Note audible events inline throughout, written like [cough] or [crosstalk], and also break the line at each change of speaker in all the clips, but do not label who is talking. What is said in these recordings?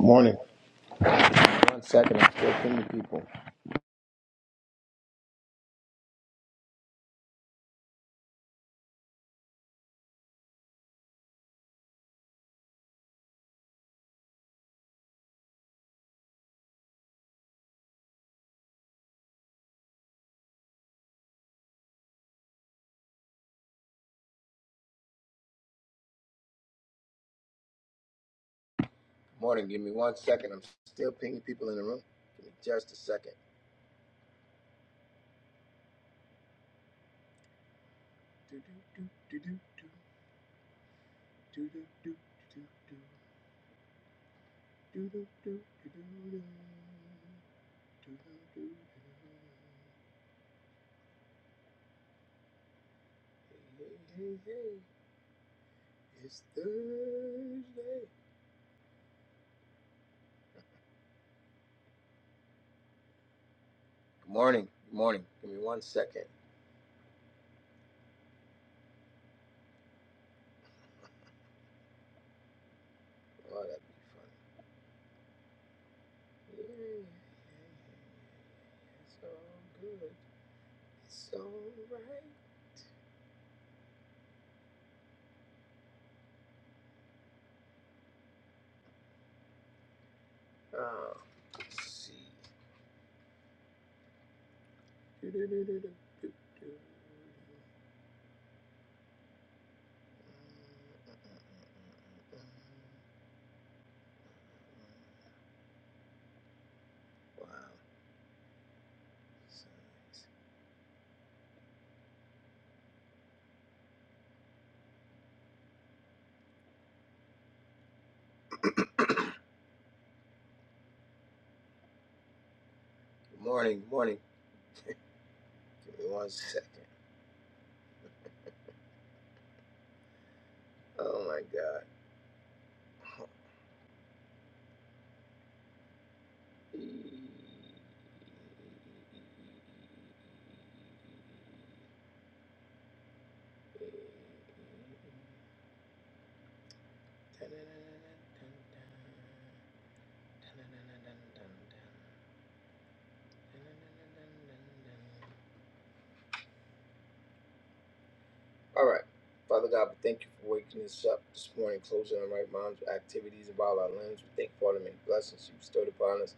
Morning. One second, I'm still pinging people. Morning, give me one second. I'm still pinging people in the room. Give me just a second. Hey, hey, hey. hey. It's Thursday. Good morning. Good morning. Give me one second. Oh, that'd be fun. Yeah. yeah, yeah, yeah. It's all good. It's all right. Oh, let's see. Wow. Good morning, good morning. Give me one second. Oh my god. All right. Father God, we thank you for waking us up this morning, closing our right minds with activities of all our limbs. We thank you for all the many blessings you bestowed upon us.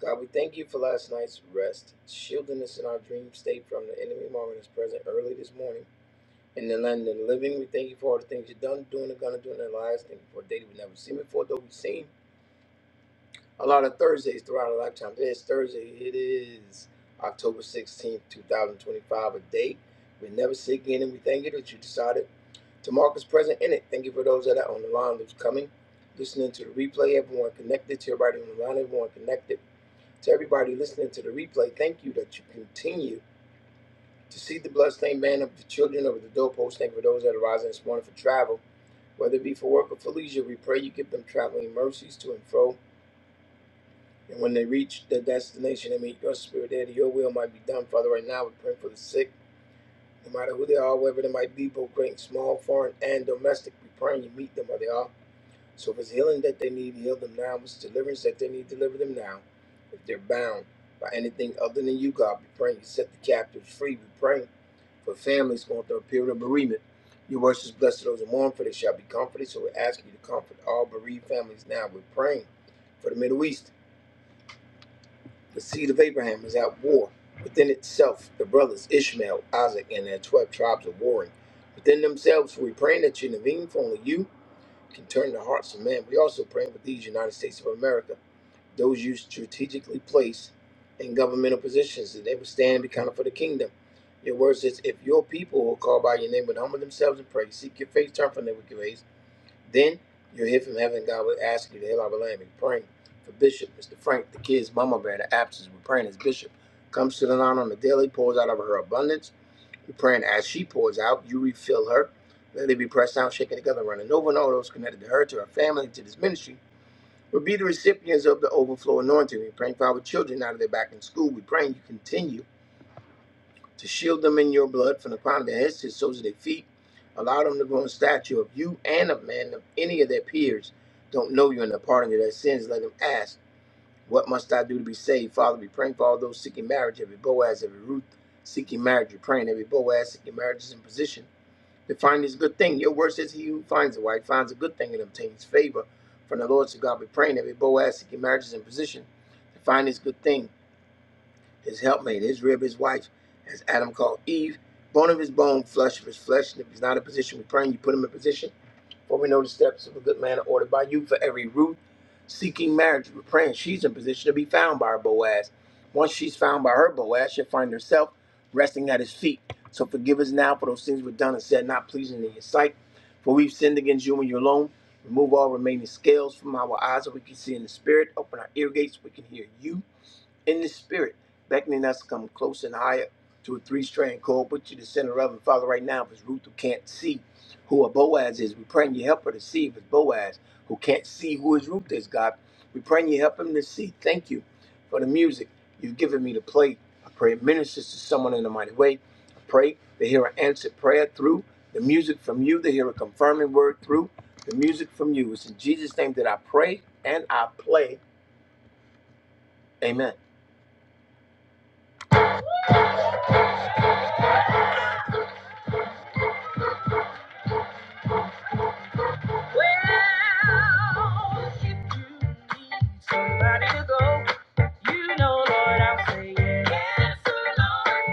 God, we thank you for last night's rest, shielding us in our dream state from the enemy moment is present early this morning. in the land of the living. We thank you for all the things you've done, doing, and gonna do in our lives. Thank you for a day that we've never seen before, though we've seen a lot of Thursdays throughout our lifetime. Today is Thursday. It is October 16th, 2025, a day we never see again, and we thank you that you decided to mark us present in it. Thank you for those that are on the line, those coming, listening to the replay, everyone connected to everybody on the line, everyone connected to everybody listening to the replay. Thank you that you continue to see the bloodstained man of the children over the doorpost. Thank you for those that are rising this morning for travel. Whether it be for work or for leisure, we pray you give them traveling mercies to and fro. And when they reach their destination, they meet your spirit there, that your will might be done. Father, right now we pray for the sick, no matter who they are, wherever they might be, both great and small, foreign and domestic. We pray and you meet them where they are. So if it's healing that they need, heal them now. If it's deliverance that they need, deliver them now. If they're bound by anything other than you, God, we pray you set the captives free. We pray for families going through a period of bereavement. Your words is blessed to those who mourn, for they shall be comforted. So we're asking you to comfort all bereaved families now. We're praying for the Middle East. The seed of Abraham is at war within itself. The brothers Ishmael, Isaac, and their 12 tribes are warring within themselves. We're praying that you intervene, for only you can turn the hearts of men. We also praying for these United States of America those you strategically place in governmental positions, that they would stand and be counted for the kingdom. Your word says, if your people will call by your name would humble themselves and pray, seek your face, turn from their wicked ways, then you'll hear from heaven. God will ask you to heal our land. We're praying for Bishop, Mr. Frank, the kids, Mama Bear, the absence. We're praying as Bishop comes to the line on the daily, pours out of her abundance. We're praying as she pours out, you refill her. Let it be pressed down, shaken together, running over, and all those connected to her, to her family, to this ministry. We'll be the recipients of the overflow anointing. We're praying for our children out of their back in school. We're praying you continue to shield them in your blood from the crown of their heads to the soles of their feet. Allow them to grow in stature of you and of man. If any of their peers don't know you and the pardon of their sins, let them ask, What must I do to be saved? Father, we praying for all those seeking marriage, every Boaz, every Ruth seeking marriage. We're praying every Boaz seeking marriage is in position to find this good thing. Your word says he who finds a wife finds a good thing and obtains favor from the Lord. So God be praying every we Boaz seeking marriage is in position to find his good thing, his helpmate, his rib, his wife, as Adam called Eve, bone of his bone, flesh of his flesh. And if he's not in position, we praying. you put him in position for we know the steps of a good man are ordered by you. For every root seeking marriage, we're praying she's in position to be found by her Boaz. Once she's found by her Boaz, she'll find herself resting at his feet. So forgive us now for those things we've done and said not pleasing in your sight. For we've sinned against you and you alone. Remove all remaining scales from our eyes so we can see in the spirit. Open our ear gates so we can hear you in the spirit, beckoning us to come close and higher to a three-strand cord. Put you to the center of it, Father, right now, if it's Ruth who can't see who a Boaz is, we praying you help her to see if it's Boaz who can't see who his Ruth is, God. We praying you help him to see. Thank you for the music you've given me to play. I pray it ministers to someone in a mighty way. I pray they hear an answered prayer through the music from you. They hear a confirming word through the music from you. It's in Jesus' name that I pray and I play. Amen. Well, if you need somebody to go, you know, Lord, I'll say yes. Yes,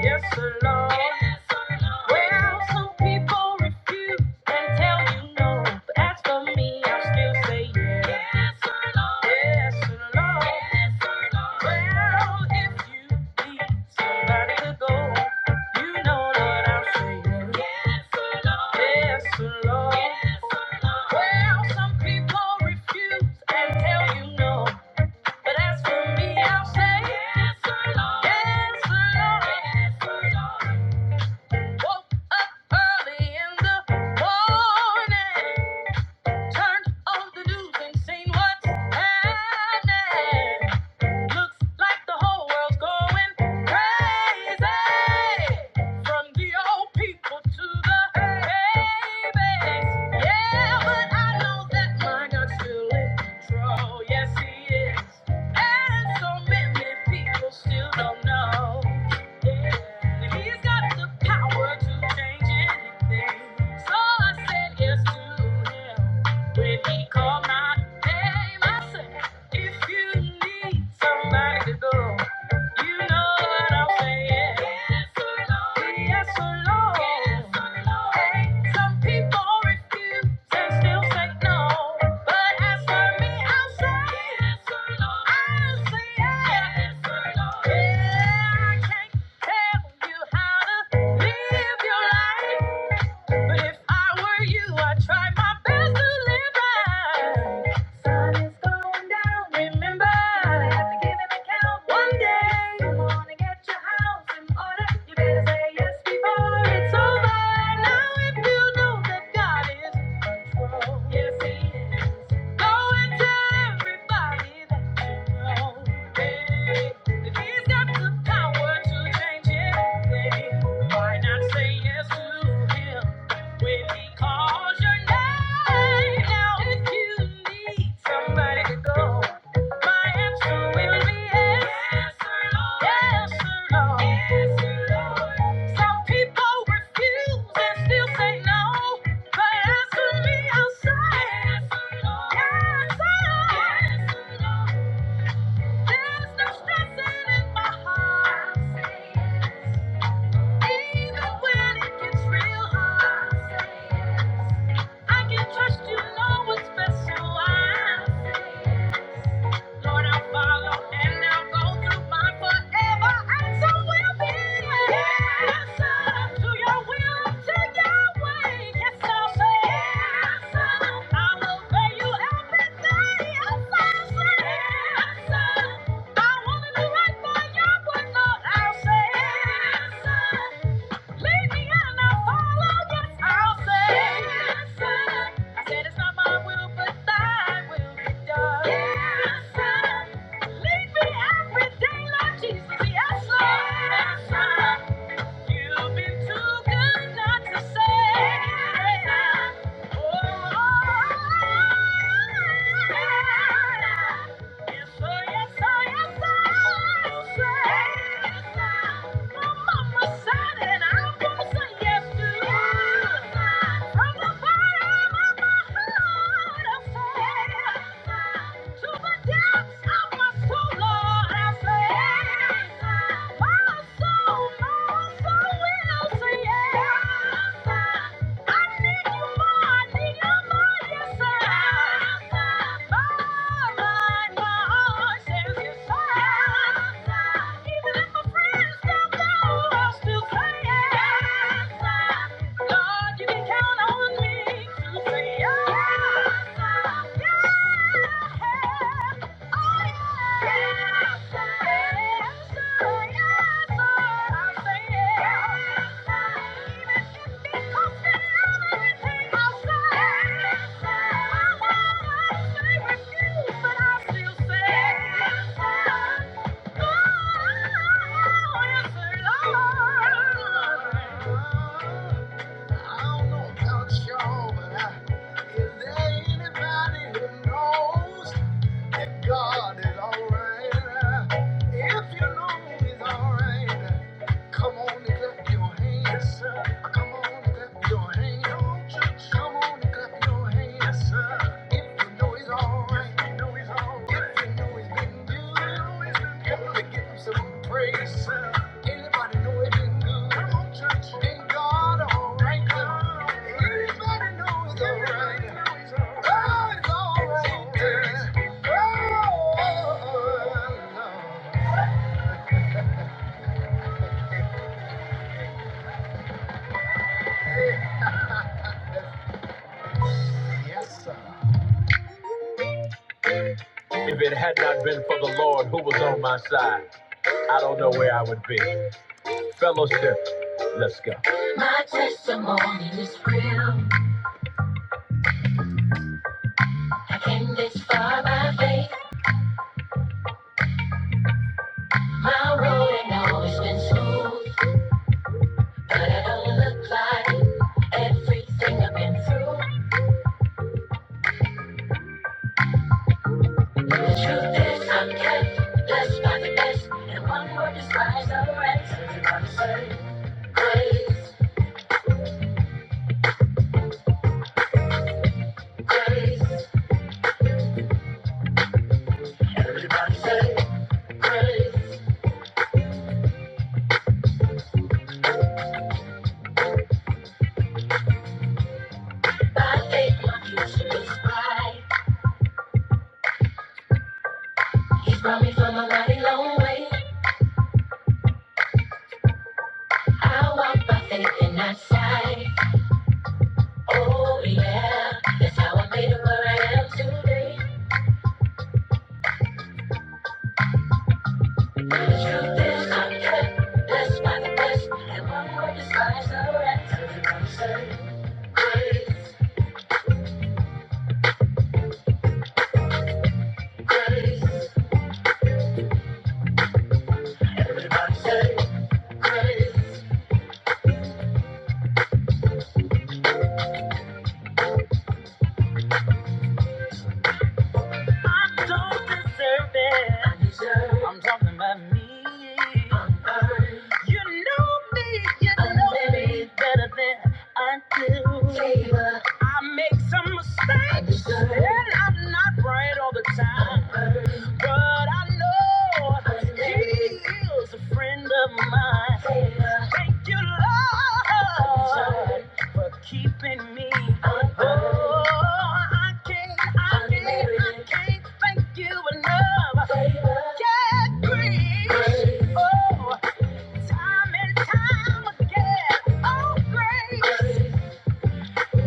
Yes, sir, Yes, sir, Well, some people refuse and tell you no. But as for me, i still say yes. Yes, Yes, sir, Yes, sir, Well, if you need somebody to go. You know what I'm saying. Yes, Lord. Yes, Lord. Yes, Lord. Well, some people refuse and tell you no. But as for me, I'll say, Yes, Lord. Yes, Lord. Yes, Lord. Woke up early in the morning. Turned on the news and seen what's happening. Looks like the whole world's going crazy. From the old people to the babies. Yeah, but I know that my God's still in control. Yes, he is. And so many people still don't know. Yeah. He's got the power to change anything. So I said yes to him. When he called my name, I said. If you need somebody to go, you know what I'm saying. Yes, oh Lord. Yes, oh Lord. Yes, oh Hey, some people refuse and still say no. But as for me, i say, i say yes. Yes, oh Yeah, I can't tell you how to live your life. But if I were you, I'd try my best to live right. Sun is going down, remember. You have to give an account one day. You wanna get your house in order. You better say yes before it's over. Now, if you know that God is in control, yes, He is. Go tell everybody that you know. Hey, He's got the power to change anything, why not say yes to Him? When he calls your name, now if you need somebody to go, my answer will be yes, yes, Lord, yes, Lord. Some people refuse and still say no, but as me, I'll say yes, Lord, yes, Lord. There's no stressing in my heart. Even when it gets real hard, say yes. I can trust you know what's best, so I say yes. Lord, I'll follow and I'll go through mine forever, and so will be. Yes, to your will, to your way. Yes, I'll say yes, I'll obey you every day. Yes, I'll say yes, I wanna do right by your word, Lord. I'll say yes, sir. Lead me and I'll follow. Yes, I'll say yes, sir. I said it's not my will, but Thy will be done. Yes, sir. Lead me every day, Lord Jesus. Yes, Lord. Yes, sir. You've been too good not to say yes, sir. Oh, oh, oh, oh, oh. Yes, sir, yes, sir, yes, sir. My mama said it, I'm gonna say yes to it. From the bottom of my heart, I say, to the depths of my soul, Lord, I say, my soul, yeah. Thank you. I don't know about you but is there anybody who knows? God is alright. If you know He's alright, come on and clap your hands. Yes, sir. Come on and clap your hands. Come on, church. Come on and clap your hands. Yes, sir. If you know He's alright. If you know He's alright. If you know He's been good. If you Come on and give Him some praise. Yes, sir. Anybody know He's been good? Come on, church. Ain't God alright? Ain't God alright? Anybody know He's alright? God is alright. Yes, sir. If it had not been for the Lord who was on my side, I don't know where I would be. Fellowship, let's go. My testimony is real. I came this far by faith. My road ain't always been smooth, but it don't look like it. Everything I've been through. The Truth is, I'm kept blessed by the best, and one word describes the rest. Everybody say grace, grace. Everybody say grace. By faith, my future is bright. He's brought me from a mighty long way. I walk by faith and not sight. Oh yeah, that's how I made it where I am today. The truth is, I'm kept blessed by the best, and one word describes the rest. Everybody say grace. Grace, grace, I don't deserve it. I am talking about me. You know me, you know better than I do. I make some mistakes, and I'm not right all the time. But I know He is a friend of mine. Thank you, Lord. keeping me. Oh, I can't, I can't, I can't thank you enough. Yeah, grace. Oh, time and time again. Oh, grace.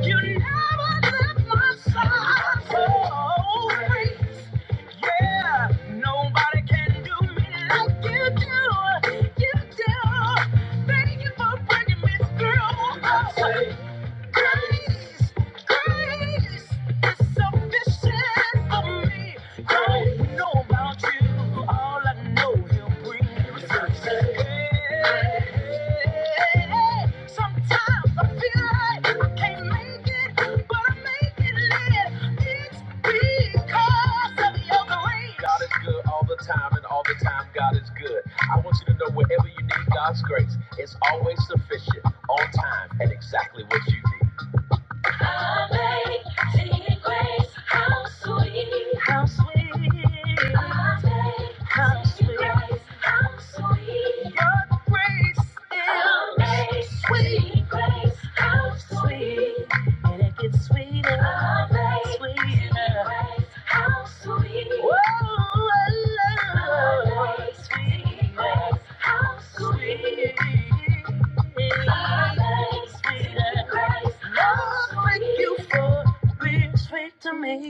You never left my side. Oh, grace. Yeah, nobody can do me like you do. You do. Thank you for bringing me through. Oh. Grace, grace is sufficient for me. I don't know about you, all I know He'll bring me through. Hey, sometimes I feel like I can't make it, but I make it live. It's because of Your grace. God is good all the time, and all the time God is good. I want you to know wherever you need God's grace, it's always sufficient, on time, and exactly what you need. Amazing grace, how sweet, how sweet. Amazing grace, how sweet. Your grace, sweet, sweet, Amazing grace, Whoa. amazing grace, sweet. Amazing grace, Sweet. grace, how sweet. Thank you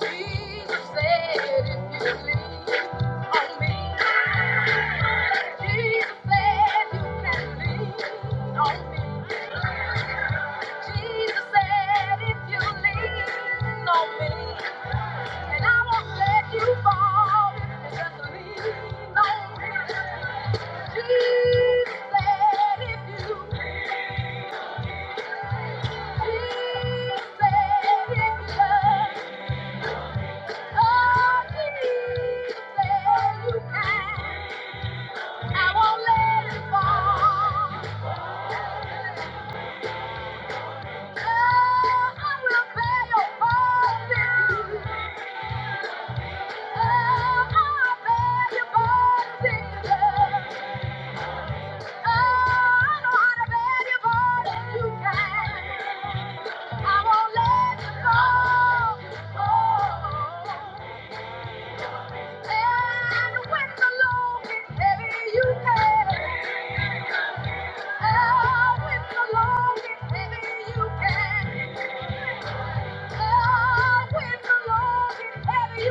Jesus said, if you lean on me, Jesus said you can lean on me. Jesus said, if you lean on me, and I won't let you fall if you just lean on me. Jesus said, if you, Jesus said, if you love, oh, Jesus said you can. I won't let it fall. Oh, I will bear your burdens. Oh, I'll bear your burdens. Oh, I know how to bear your burdens. You can. I won't let you go. Oh, and when the load gets heavy, you can. Oh, when the load gets heavy, you can. I won't let go.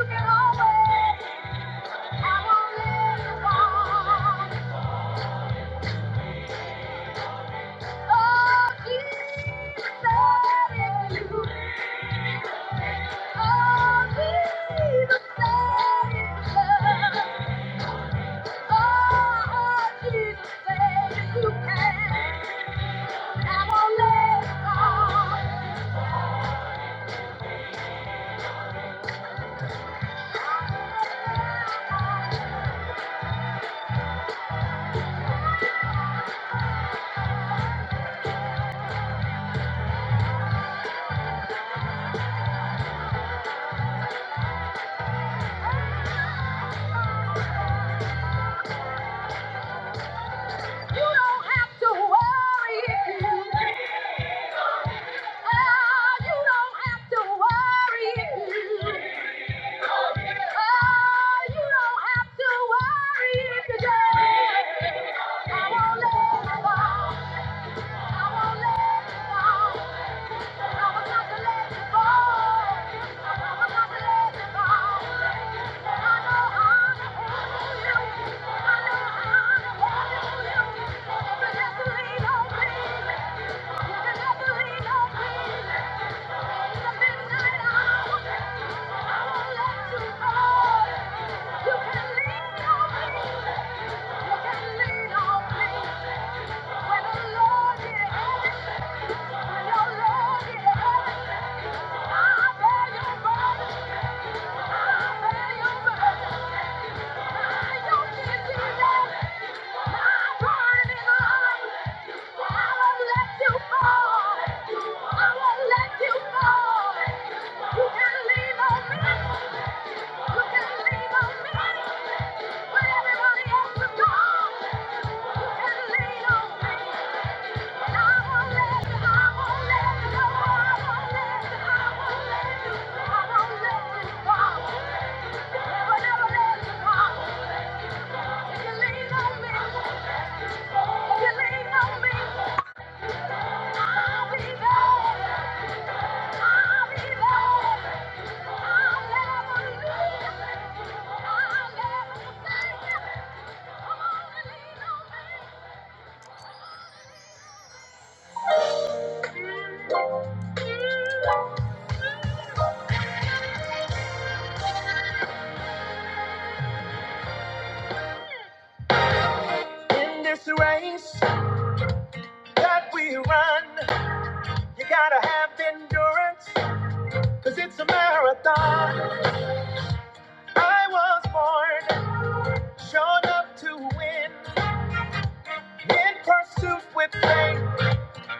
You don't have to worry. if you Ah, you don't have to worry. Oh, you don't have to worry you don't. I won't let you fall. I won't let you fall. I will not let you fall. I will not let you fall. I know how to hold you. I know how to hold you. You can never leave, no, You can never leave, no, you can lean on me. In this race that we run, You gotta have endurance, cause it's a marathon. I was born, shown up to win. In pursuit with faith,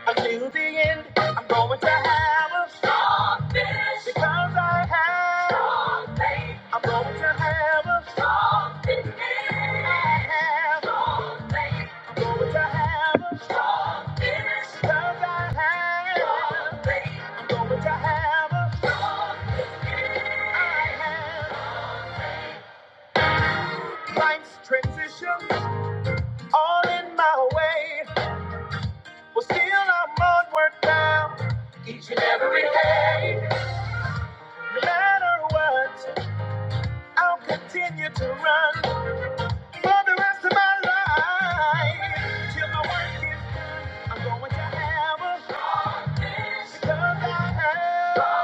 until the end. I'm going to have a strong finish. Because I have strong faith. I'm going to have a strong finish. I have strong faith. I'm going to have a because I have. I'm going to have a life's transition. all in my way. Well, still I'm onward bound. No matter what, I'll continue to run for the rest of my life. Till my work is, I'm going to have a because I have.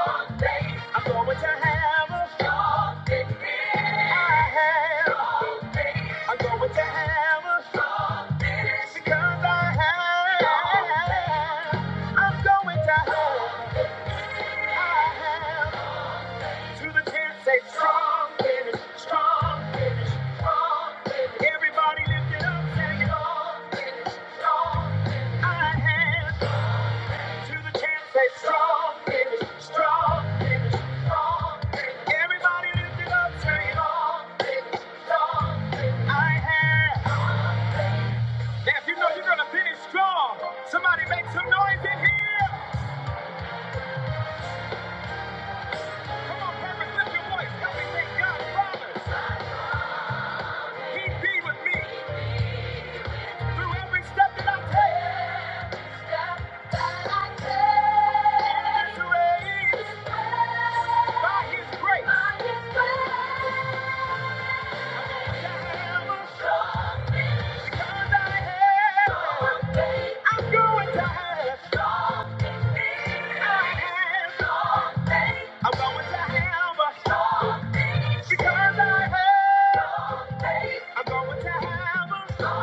I'm going to have a have. I'm going to have a because I have. I'm going to have to the kids say strong, finish strong. Everybody lift it up, say it all. Somebody make some noise in here. Because I have. because I want to have a- because I have- I'm going to have a-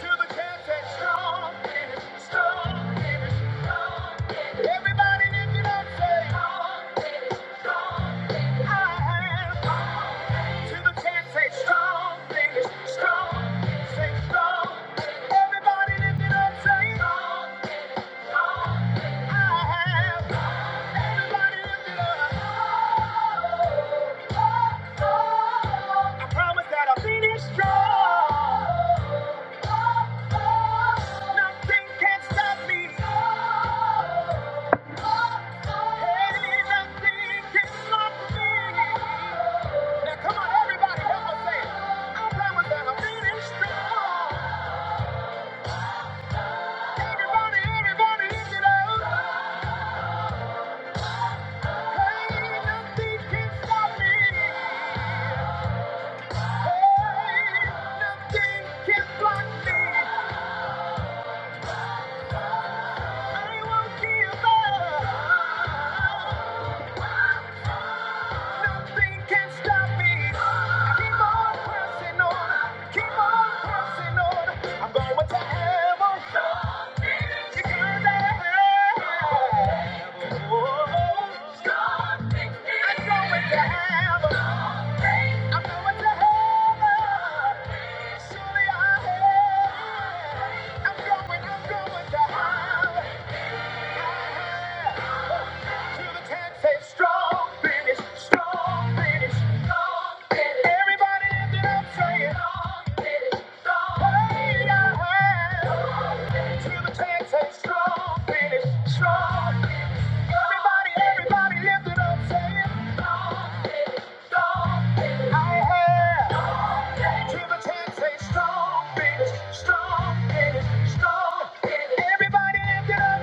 till the cat says, "Strong finish, strong finish." Everybody lift it up, say, I have. Till the cat says, "Strong finish, strong," say, "Strong." Everybody lift it up, say, Everybody, everybody, lift it up. Nothing can block me. I won't give up. Nothing can stop me. Keep on pressing on. Keep on pressing on. I'm going to heaven. Because I have. I'm going to heaven. I'm going to heaven. Surely I'm going to heaven. Strong finish, strong finish, strong finish. Everybody lift it up,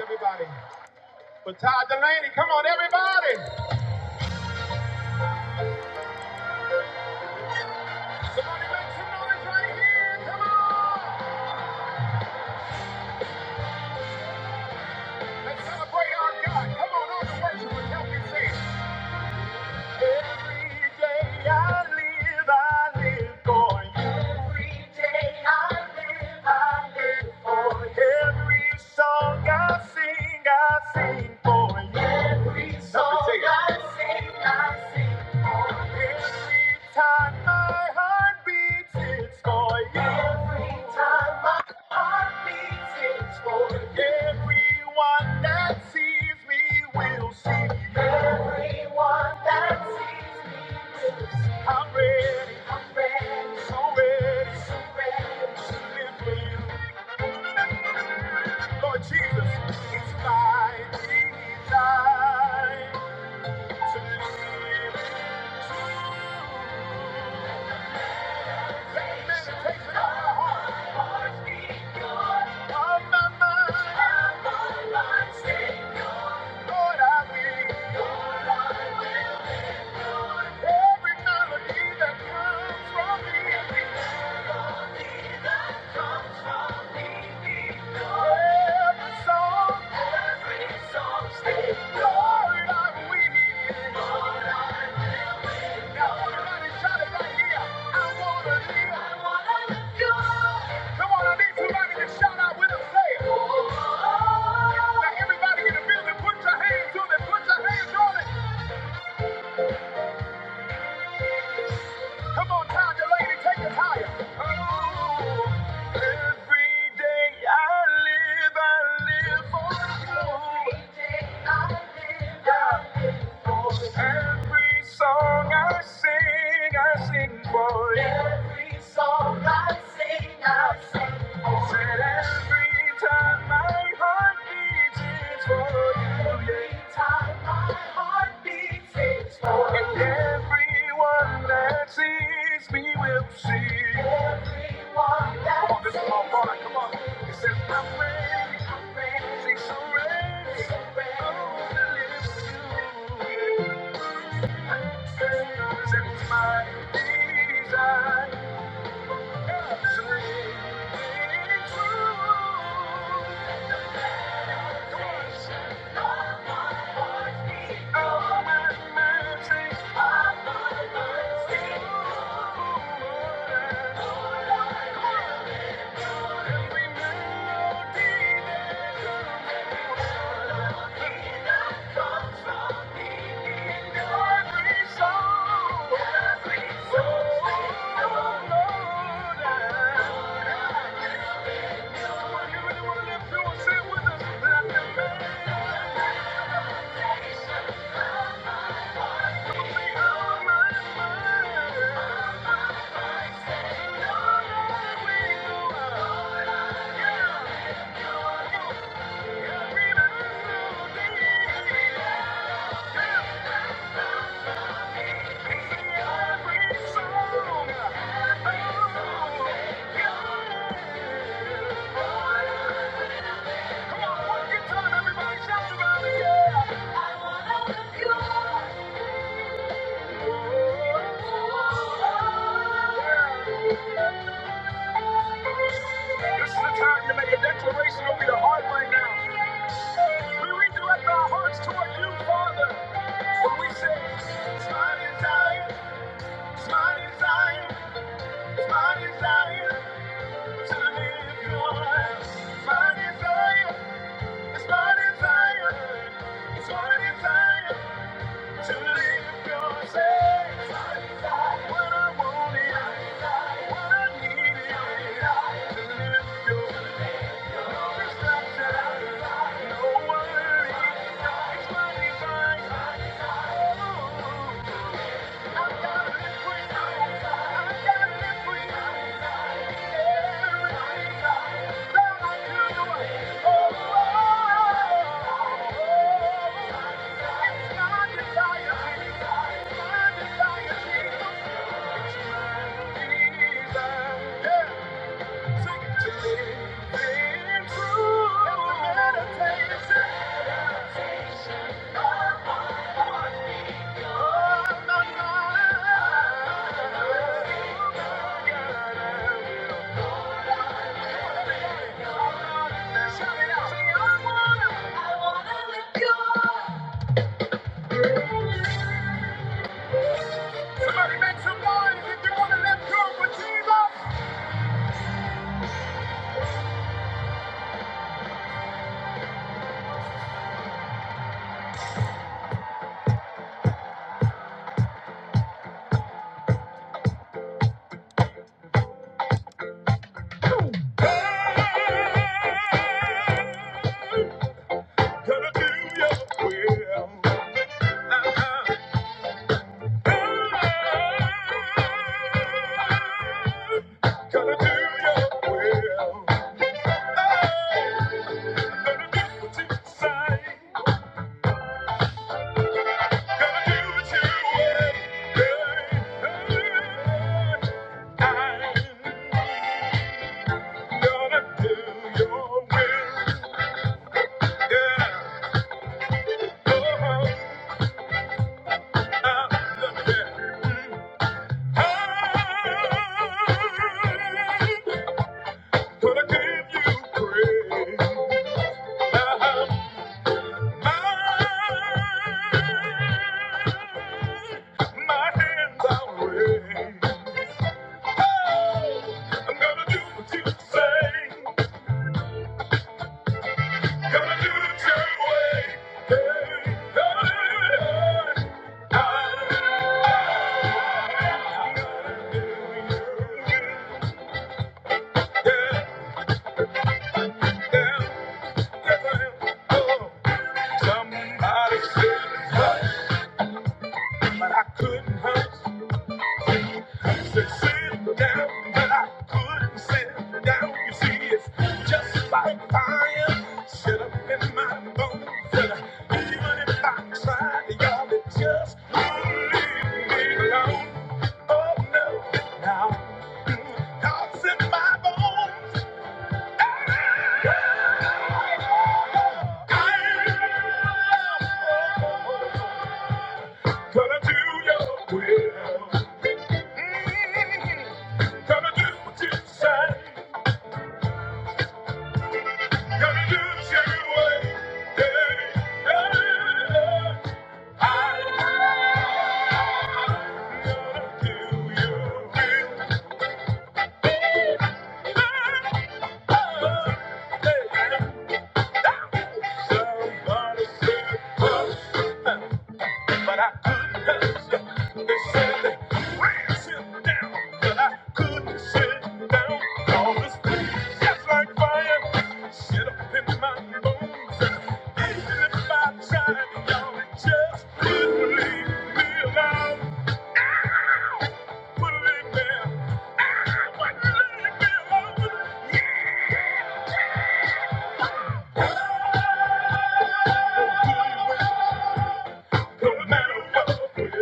Everybody, somebody make some noise right here. Come on. Let's celebrate our God. Come on, all the worshipers help me sing. Everyone that, everyone that sees me Lord Jesus, it's my desire to live. Meditation on my heart, of my mind. on my mind. Lord, I will. Lord, I will. Every Every melody that comes from thee. Every song. Every song Lord, I will. Lord, I will. Now everybody shout it right here. I wanna live. I wanna live your Now every song I sing, I sing. Every song I sing, Every time my heart beats, it's for you. Everyone that Oh, this is my voice. sings, surrenders. It's my desire. Thank you. Thank you. Come on, one good time, everybody shout about it, yeah! It's fire, it's fire, it's fire. Thank you. Gonna do your will. I'm gonna do what you say. Hey, I'm gonna do what you say. Somebody said, it was, but I couldn't hurt. to sit down, but I couldn't sit down. You see, it's just like fire set in my bones. even if I tried, y'all, it just won't leave me alone. Oh no, now mm, dogs in my bones. I am gonna do your will. Gotta do what you say. Gotta do your way. Yeah, yeah. I to do your will. Hey, hey. Somebody said, but I couldn't help him. They said they pressed him down, but I couldn't sit down. All this pain, just like fire, shit up in my bones. And even if I tried, y'all it just wouldn't leave me alone. Wouldn't leave me alone. Wouldn't leave me alone. No matter what, yeah.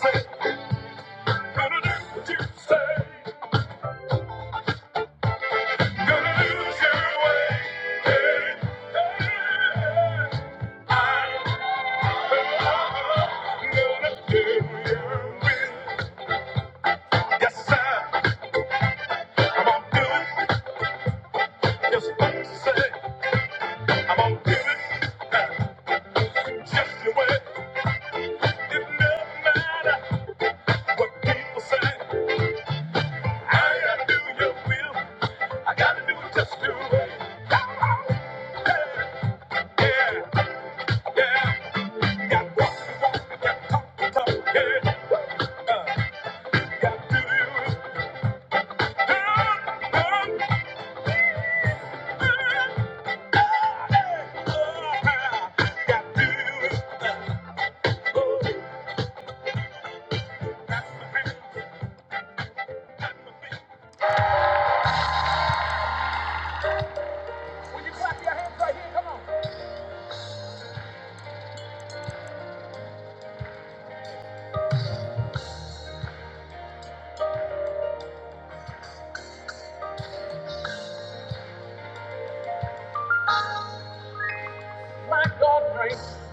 Say, gonna do what you say. Gonna lose your way, I'm gonna do your will. Yes, sir. I'm gonna do it. Just what you say. I'm gonna do it. Uh, Just your way. doesn't matter what people say. I gotta do your will. I gotta do it just your way. Yeah, yeah. Got walk, walk, got talk, talk. Yeah. God reigns.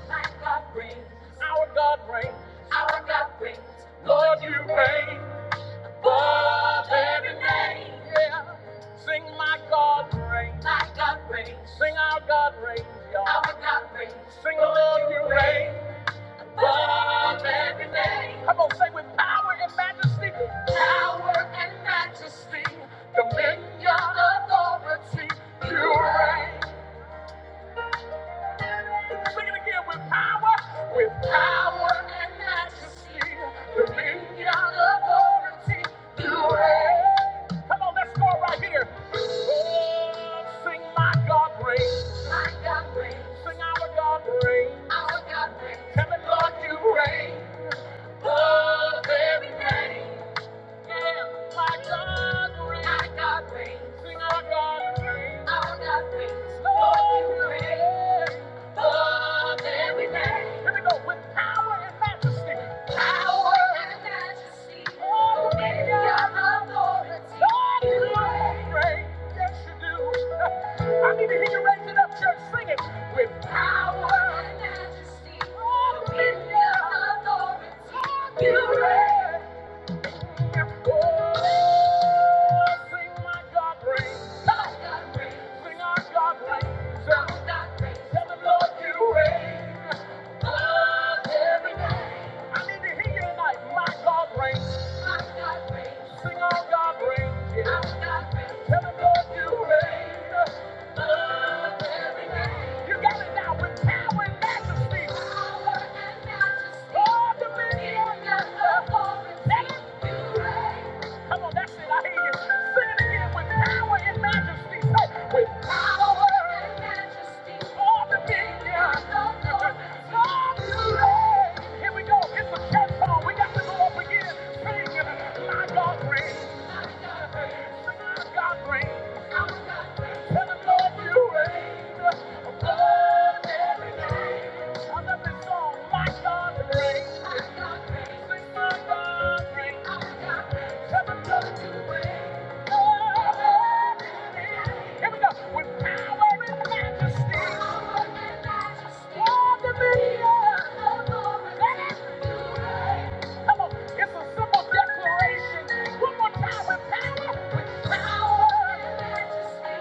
My God reigns. Our God reigns. Our God reigns. Reigns above every name. Yeah. Sing my God reigns. My God reigns. Sing our God reigns, y'all. Our God reigns. Sing Lord, you reign. Come on, say with power and majesty. Power and majesty. Dominion, authority. You reign. Sing it again with power. With power and majesty. Dominion, authority. You reign. Come on, let's go right here. Oh, sing my God reigns. Sing our God reigns. Heaven, Lord, you reign. Oh, very reign. I need to hear you raise up, church. Sing with power and majesty, dominion, authority. You reign. Thank you. Come on, that's it. I hear you. Sing it again with power and majesty. Say, with power and all dominion. Glory. Here we go. It's a church song. We got to go up again. Sing, my God reigns. Sing, my God reigns. Heaven, Lord, you reign above every name. I love this song, my God reigns. Sing my God reigns. Heaven, Lord, you reign above every name. Here we go. With power and majesty. All dominion. Let it do it. Come on, it's a simple declaration. One more time with power, with power.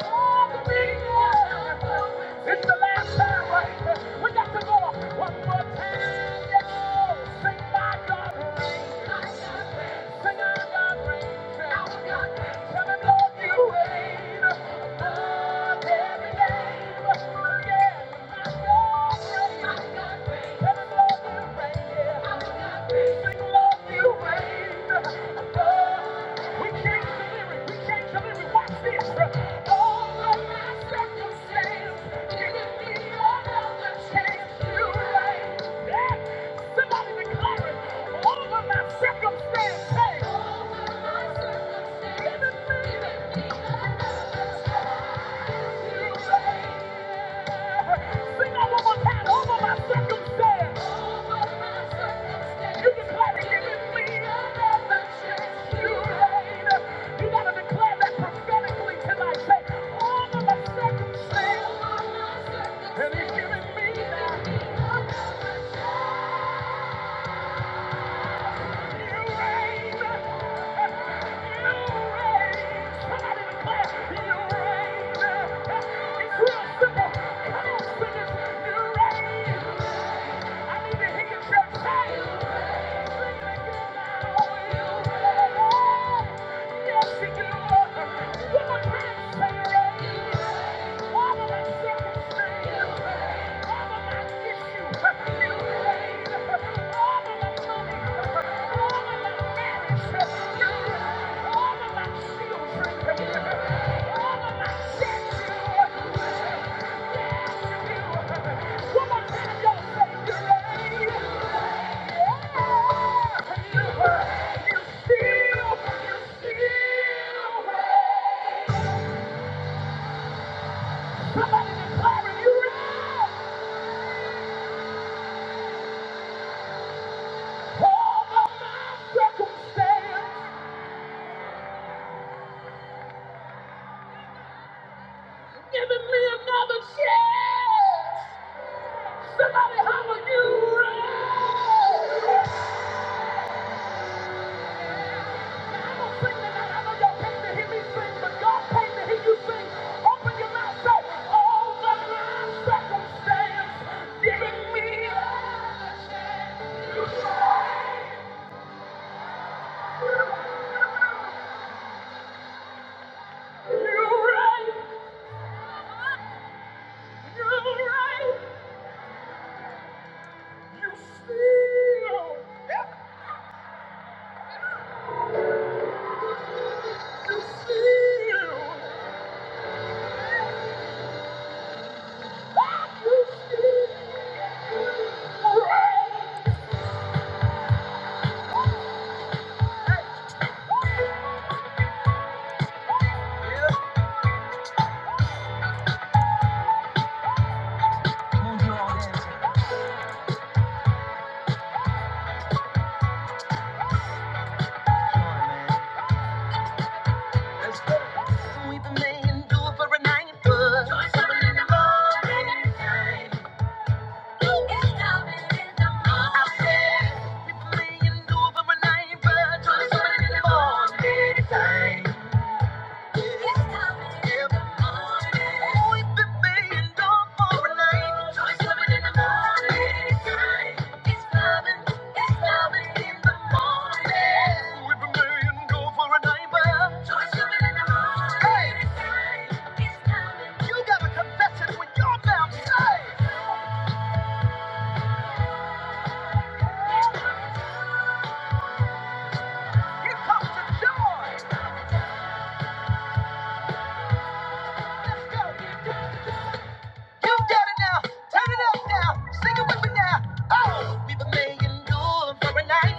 All the people. It's the last time, right? We got to go on one more time. y'all. Sing my God reigns. Sing our God reigns. Our God reigns. Tell him, Lord, you reign above every name. Yeah. Somebody declare it over my circumstance. Hey. Over my circumstance. And he's giving me that. Thank you. are. One more time, say it. Somebody declare you right! Hold on my circumstance, Giving me another chance. Somebody holler you. right. I don't sing tonight. I know y'all came to hear me sing, but God came to hear you sing. Open your mouth, say, "Oh, the line circumstance giving me another chance." You right. You right. You right. You still. Time. You got it now. Turn it up now. Sing it with me now. Oh, we've been making do for a night.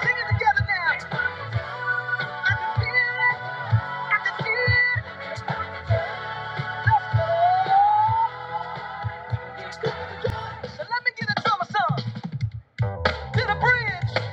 Sing it together now. So let me get a drummer song to the bridge.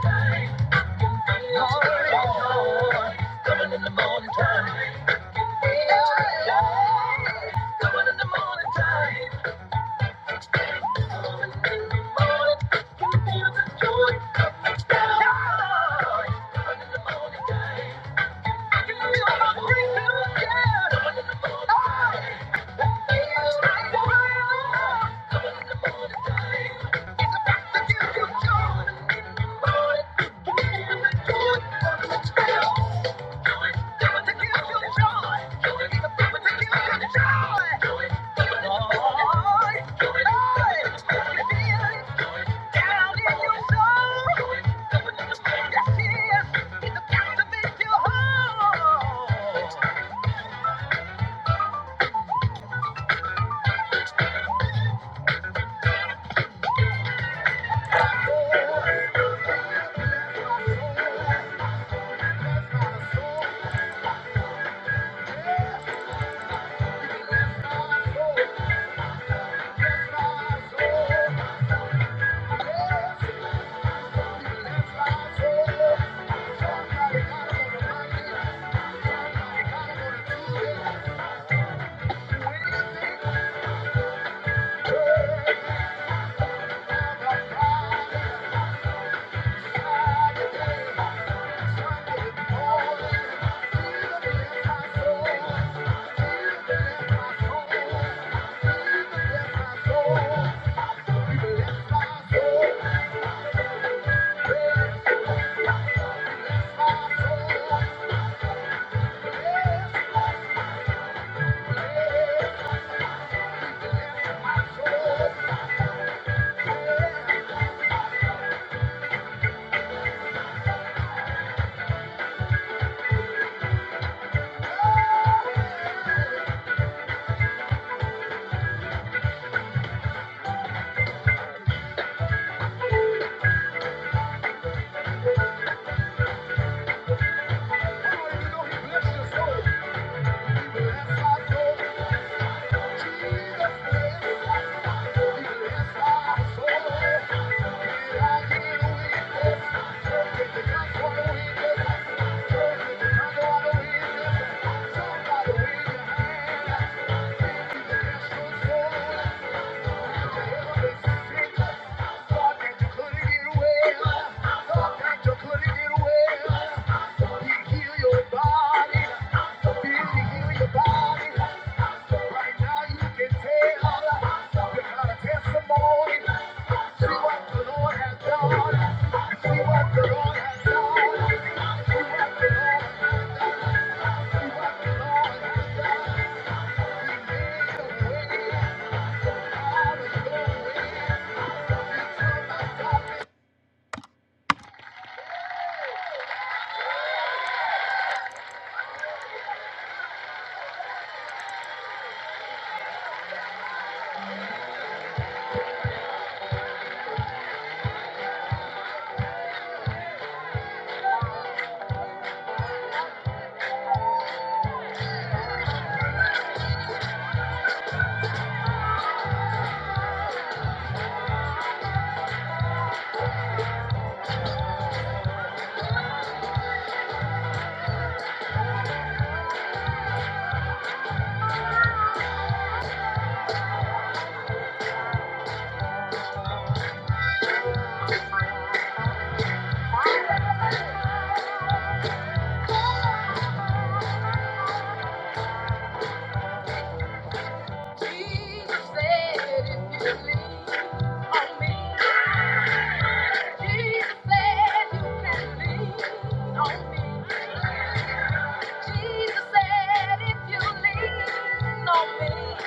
Thank you. Coming in the morning time. Coming in the morning time. Coming in the morning. Can feel the joy of the sky. Coming in the morning time. Joy. Thank you. Somebody wave your hand, yes, your soul. Thank you. Jesus said, if you lean on me, Jesus said you can lean on me. Jesus said, if you lean on me.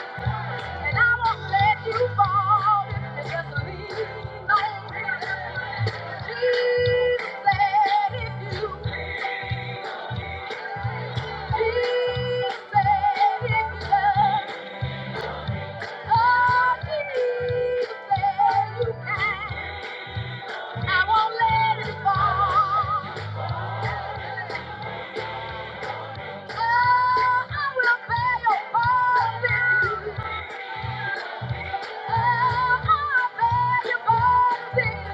And I won't let you fall just lean on me. Jesus said if you, Jesus said if you love, oh, Jesus said you can. I won't let you fall. Oh, I will bear your burdens oh, i bear your burdens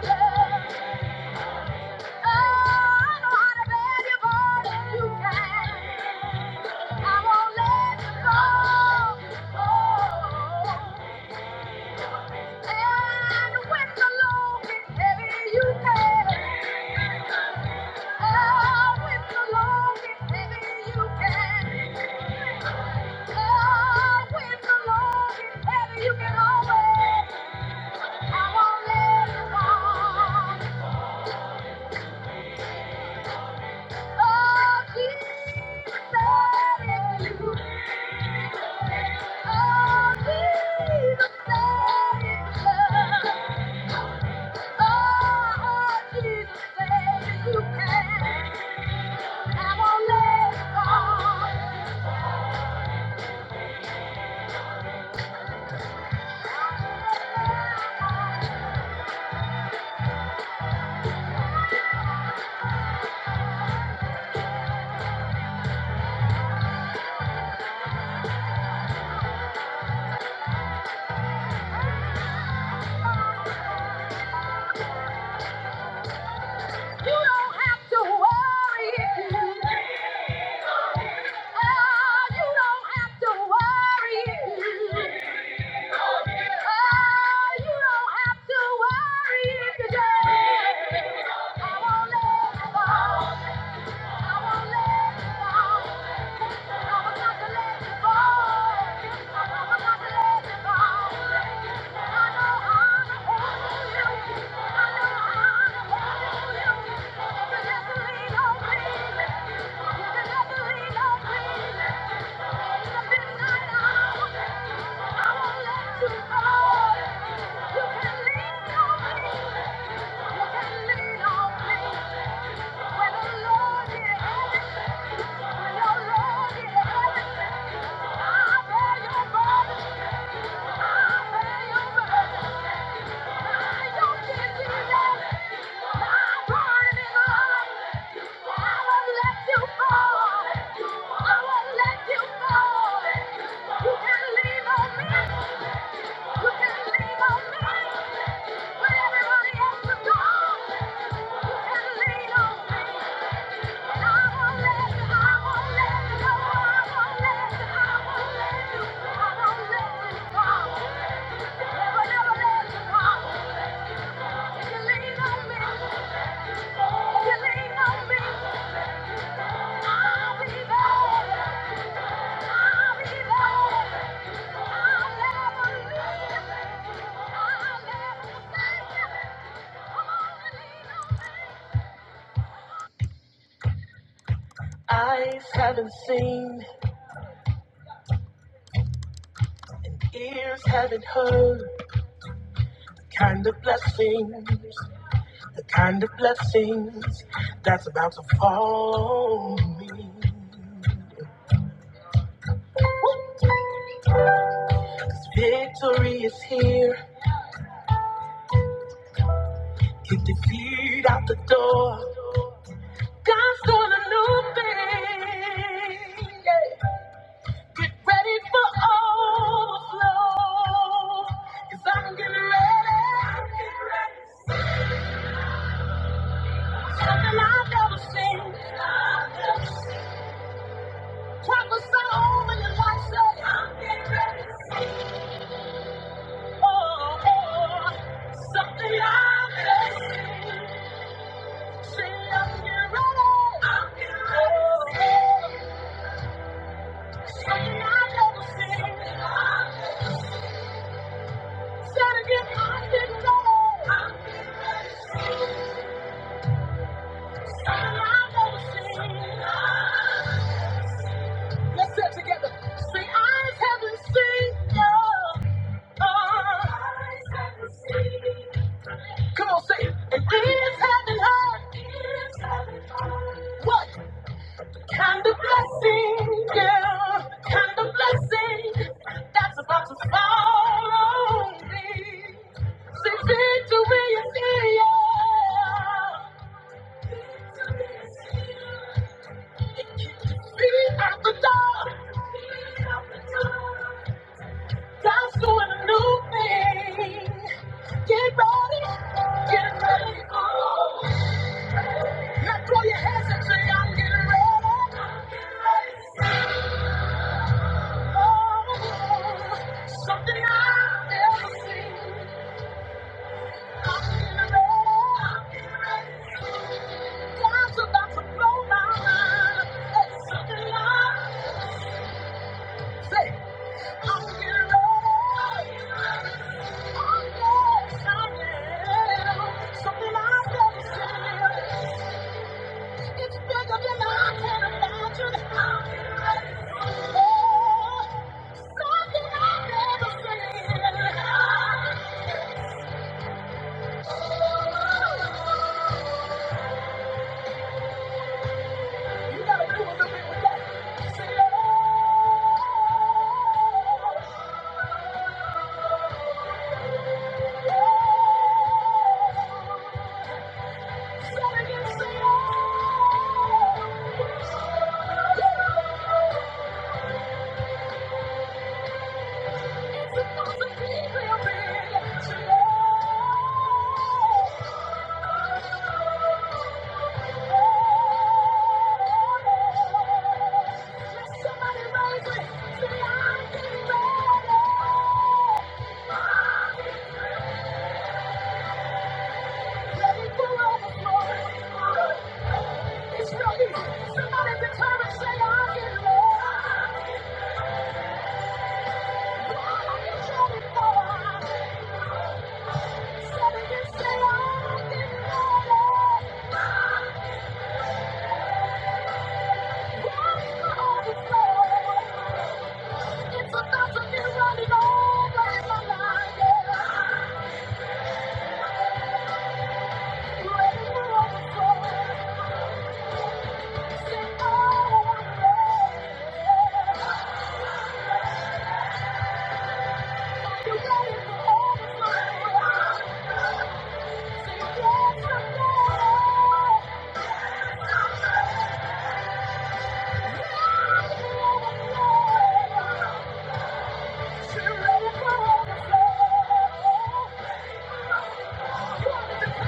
Oh, Jesus, if you can't I won't let Yeah. Thank you. Everybody else is gone. You can lean on me. Eyes haven't seen and ears haven't heard the kind of blessings The kind of blessings that's about to fall on me. 'Cause victory is here. Kick defeat out the door. God's doing a new thing. Yeah. Get ready for overflow. i I'm getting ready. Something I've never seen. Prophesy over your life. Say, I'm getting ready. Let's sit together. See, eyes haven't seen. your- Eyes haven't seen. Come on, say it. And having her. What kind of blessing, yeah, kind of blessing that's about to fall on me? Say victory is here. Feet out the door. God's doing a new thing. Get ready, get ready. Now throw your hands and say, I'm getting ready. Oh, something I've never seen. I'm getting ready. God's about to blow my mind. It's something I say. I'm getting ready. Oh, yes, I am. Something I've never seen. It's bigger than I can imagine. I'm getting ready. Oh, Somebody determined, say, I'm getting ready. for you shouting for? Yeah. Oh,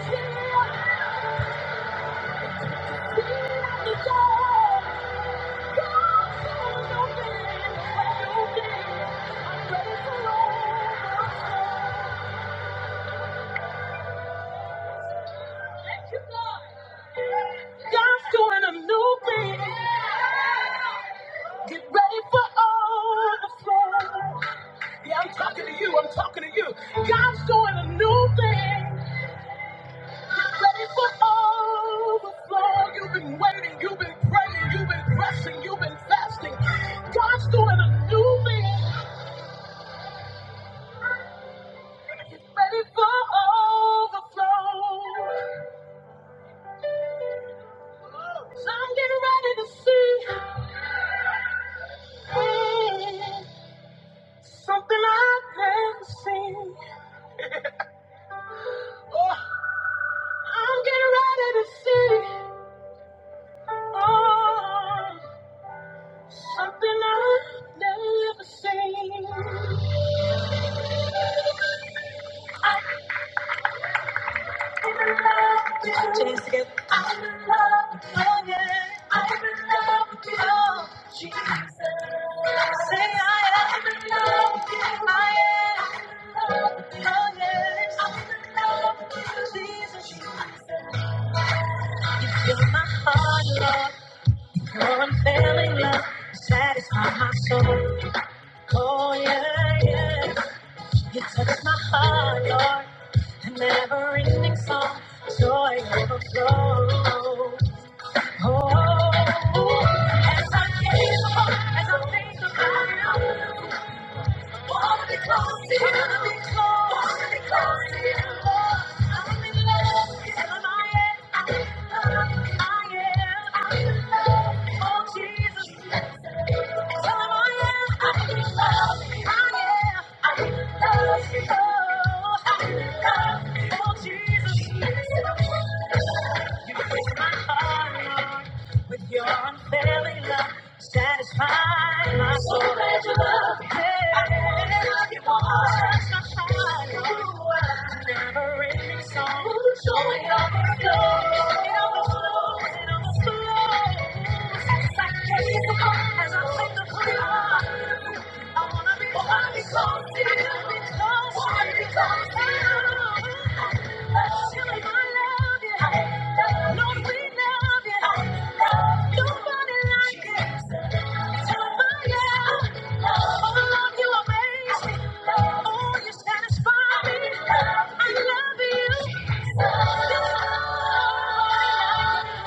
Thank you. God's doing a new thing. Get ready for overflow. Yeah, I'm talking to you. I'm talking to you. God's doing a new thing. Get ready for overflow. You've been waiting. You've been praying. You've been pressing. You've been fasting. God's doing a new thing. Ready for overflow. I'm getting ready to see mm, something I've never seen. Oh, I'm getting ready to see oh, something I've never seen. Chains together. I'm in love, oh yeah. I'm in love with you, Jesus. Say I am. in love with you. I am. in Oh yes. I'm in love with you, Jesus. You fill my heart, Lord. Your unfailing love. satisfies my soul. Oh yeah, yeah. You touch my heart, Lord. A never-ending song. Joy overflows. Jesus, you fix my heart, Lord. Failing love. So glad you love me. I love you more. Never ending song. Joy overflows. It flows. It overflows. It overflows. I gaze upon as I think of who you are. I wanna be close to you. I wanna be close to you. Satisfy me. I love you.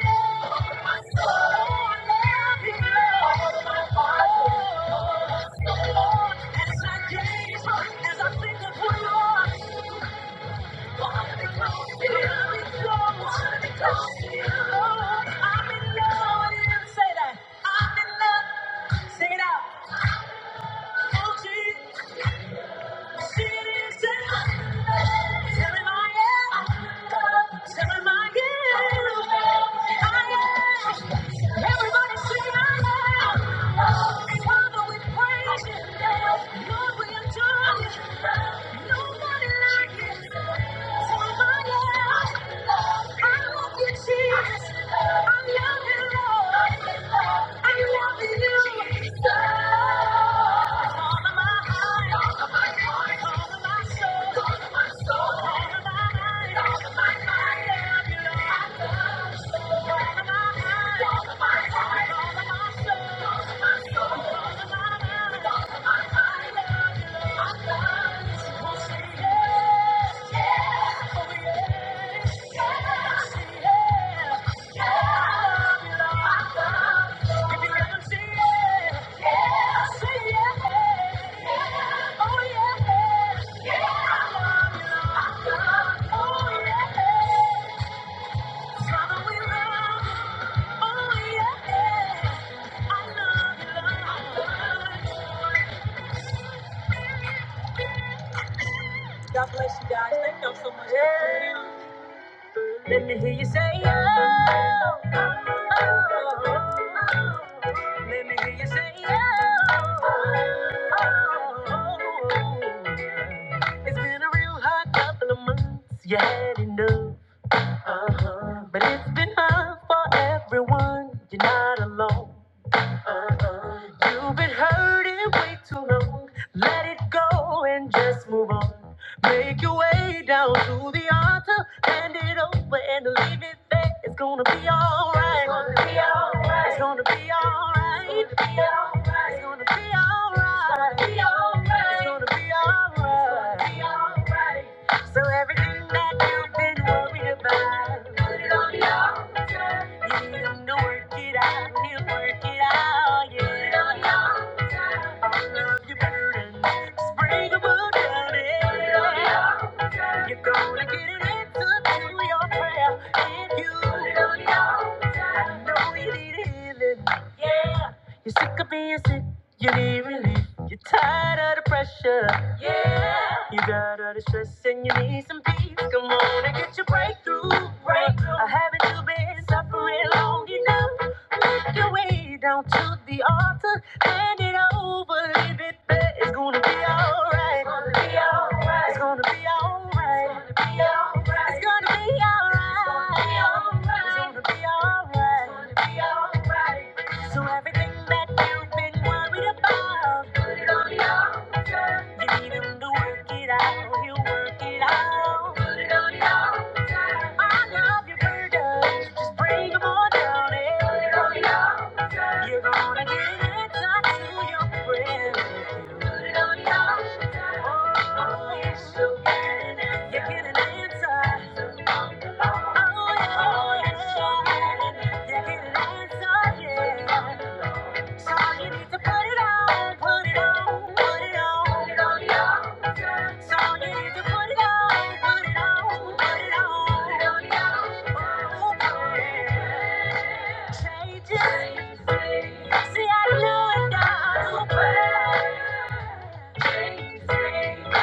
Yeah. Jeremiah, Jeremiah, I am. Everybody sing out loud. Father, we praise you. Lord, we adore you. Nobody like you. I All of my heart. All of my soul. All of my soul. All of my mind. I love you, Lord. Oh, Yeah. Let me hear you say oh, oh, oh. Let me hear you say oh, oh, oh. It's been a real hot couple of months. You had enough, uh huh. But it's been hard for everyone. You're not alone. You've been hurting way too long. Let it go and just move on. Make your way down to the altar, hand it over and leave it there. It's gonna be alright. It's gonna be alright. It's gonna be alright. It's gonna be alright. It's gonna be alright. So everything that you've been worried about, you need to work it out. you will work it out. Yeah. Love your burden. Just bring them all You're gonna get an answer your prayer if you put it on I know you need healing. Yeah. You're sick of being sick. You need relief. You're tired of the pressure. You got all the stress and you need some peace. Come on and get your breakthrough. breakthrough. Or haven't you been suffering long enough? Make your way down to the altar. Hand it over, leave it there. It's gonna be alright. It's gonna be alright. It's gonna be alright. It's gonna be alright. It's gonna be alright. It's gonna be alright. It's gonna be alright. So everything that you've been worried about. Need him to work it out, he'll work it out. I love your burdens, just bring 'em on down. yeah. You're gonna get an answer to your prayer. Oh, yes, you get an answer. Oh, yeah, you get an answer, yeah. So you need to put it on, put it on, put it on.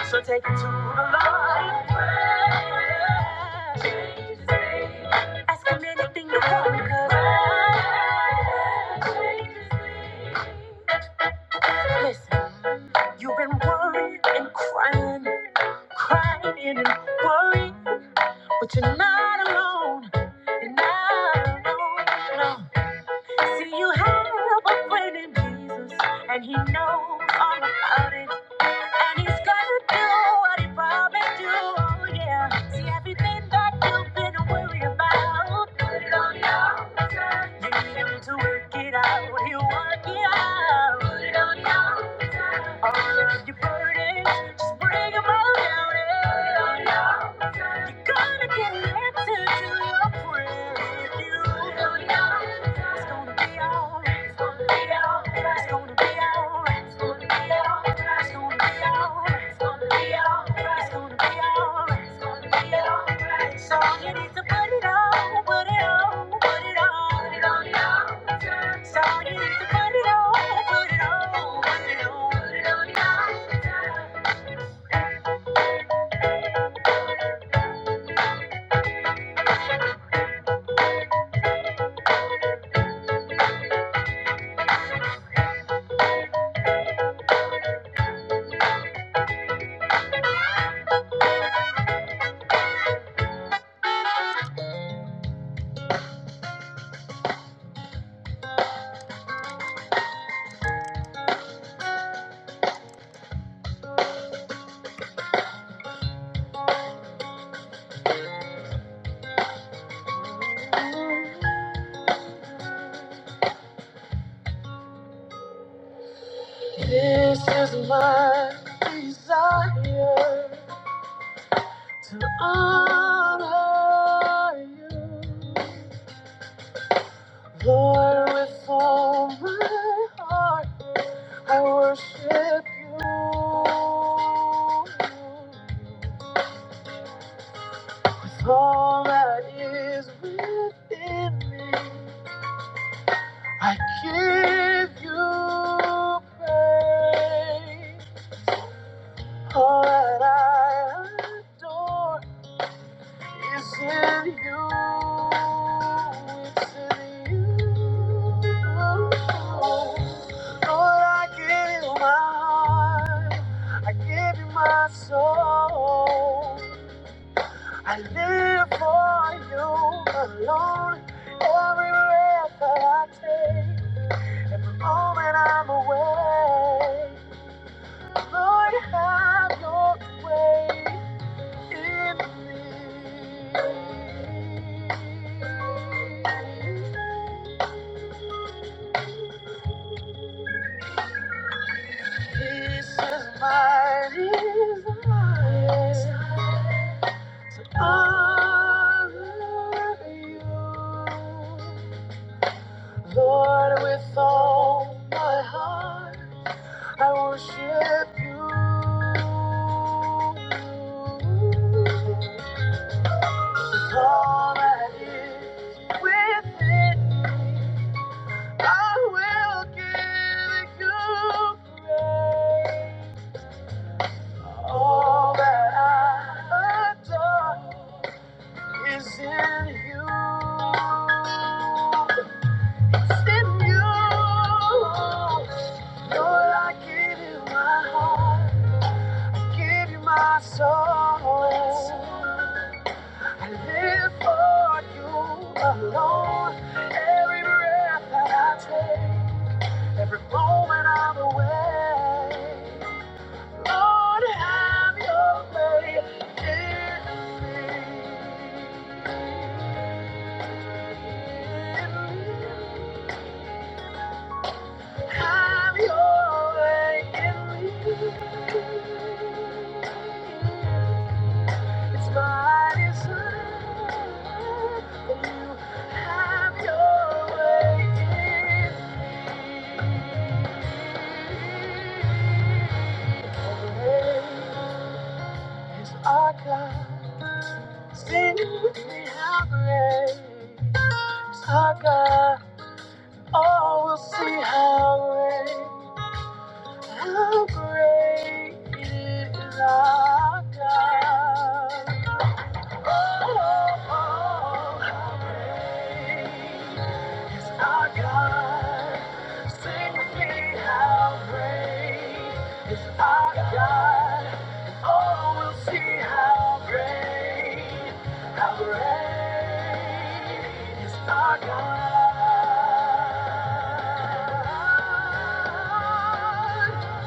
So take it to the Lord. Ask him anything you want, 'cause- Listen. You've been worrying and crying, crying and worrying, but you're not alone. You're not alone. No. See, you have a friend in Jesus, and He knows all about it, and He's gonna do what He promised to. Oh yeah. See, everything that you've been worried about, oh, yeah. Need to work it out. You work it out. Put it on your time. All of your burdens, just bring 'em all down. Put it on your Gonna get an answer to a prayer with you. It's gonna be alright. It's gonna be alright. It's gonna be alright. It's gonna be alright. It's gonna be alright. It's gonna be alright. It's gonna be alright. It's gonna be alright. So you need to put it on, put it on, put it on, put it on the altar. So you need to put it on, put it on, put it on, put it on the altar. This is my desire to honor you, Lord, with all my heart. I worship you with all that is within me. I give you praise, all that I adore. It's in you. It's in you. Lord, I give you my heart. I give you my soul. I live for you alone. Every breath that I take, every moment I'm away. Lord, have your way. This is my desire. Honor you. Lord, with all my heart, I worship you. With all that is within me, I will give you praise. All that I adore is in you. It's in you. Lord, I give you my heart, give you my soul. I live for you alone. Every breath that I take. Every moment I'm away, Lord, have your way in me. Have your way in me. It's my desire that you have your way in me. It's our God. Sing with me how great our God. Oh, we'll see how great, how great is our God. Oh, oh, how great is our God. Sing with me how great is our God. Oh, we'll see how great. How great is our God?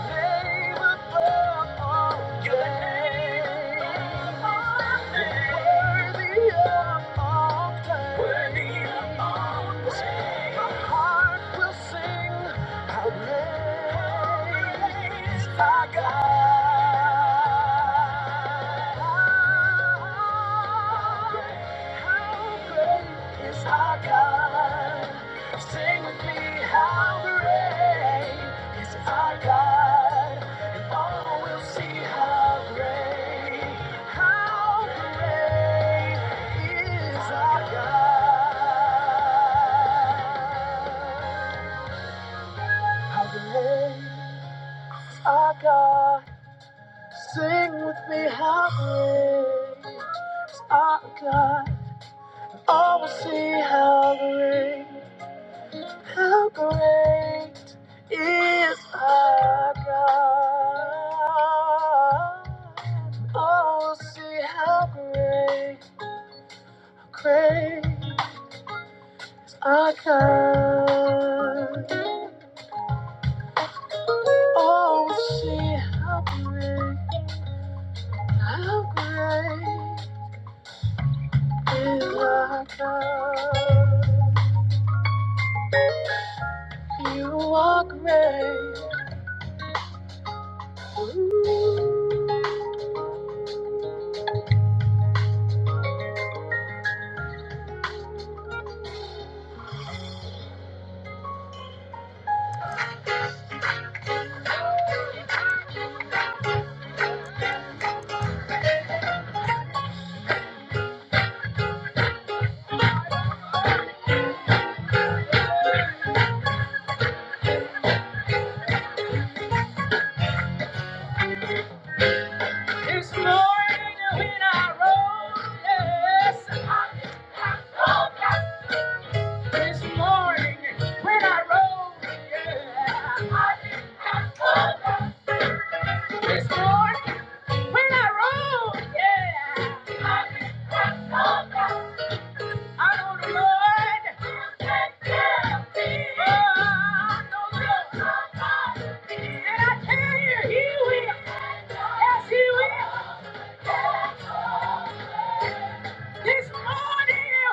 Name above all names. Worthy of all praise. all praise. My heart will sing. How How how how how great great great great, great is is is is our our our God? God? God? Sing with me, how great is our God? And all will see how great, how great is our God. How great is our God? Sing with me, how great is our God? Oh, we'll see how great, how great is our God. Oh, we'll see how great, great is our God. Oh, we'll see how great, how great. You are God. You are great. This morning when I rose, yes. This morning when I rose, yeah. I did This morning when I rose, yeah. This morning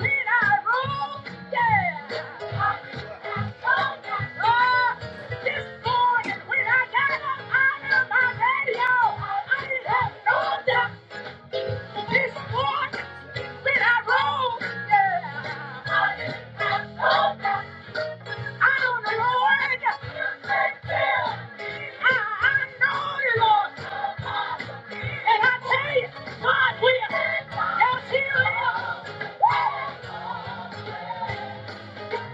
when I rose, yeah. Oh, this morning when I got up out of my bed, y'all, I didn't have no this morning when I rose, yeah, I don't know, Lord. I, know you, Lord. And I tell you, God will. Yes, He will.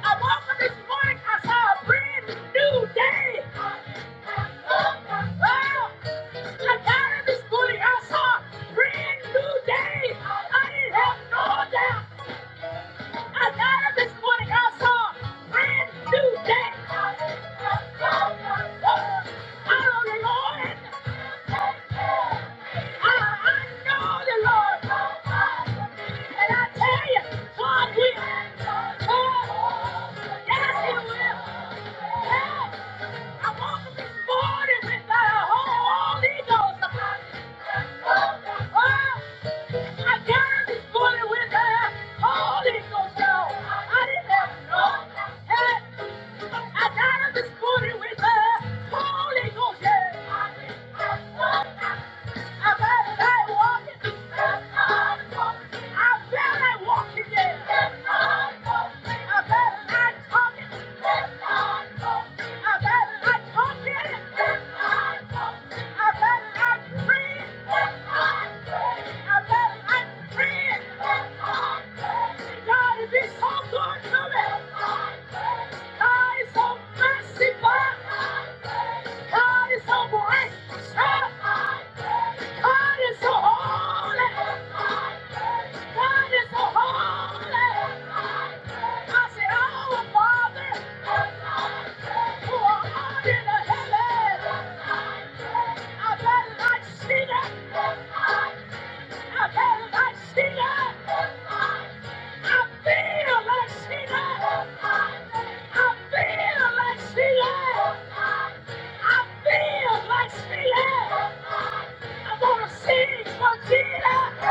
I woke up this morning, I saw a brand new day. Oh, I got in this morning. I saw brand new day. I didn't have no doubt. I got in this morning. I saw brand new day. I know the Lord. I, know the Lord. And I tell you, God will. God, yes, He will. Yeah. I woke up this morning with the Holy Ghost. I died this morning with the Holy Ghost. on. I didn't have no help. I died this morning with the Holy Ghost. yeah. God, it is so good to me. God is so merciful. God is so gracious. God is so holy. God is so holy. I say, our Father, who art in the heavens, I better not see that. I better not see that. I feel like see I feel like see I feel like see I'm to sing for Jesus.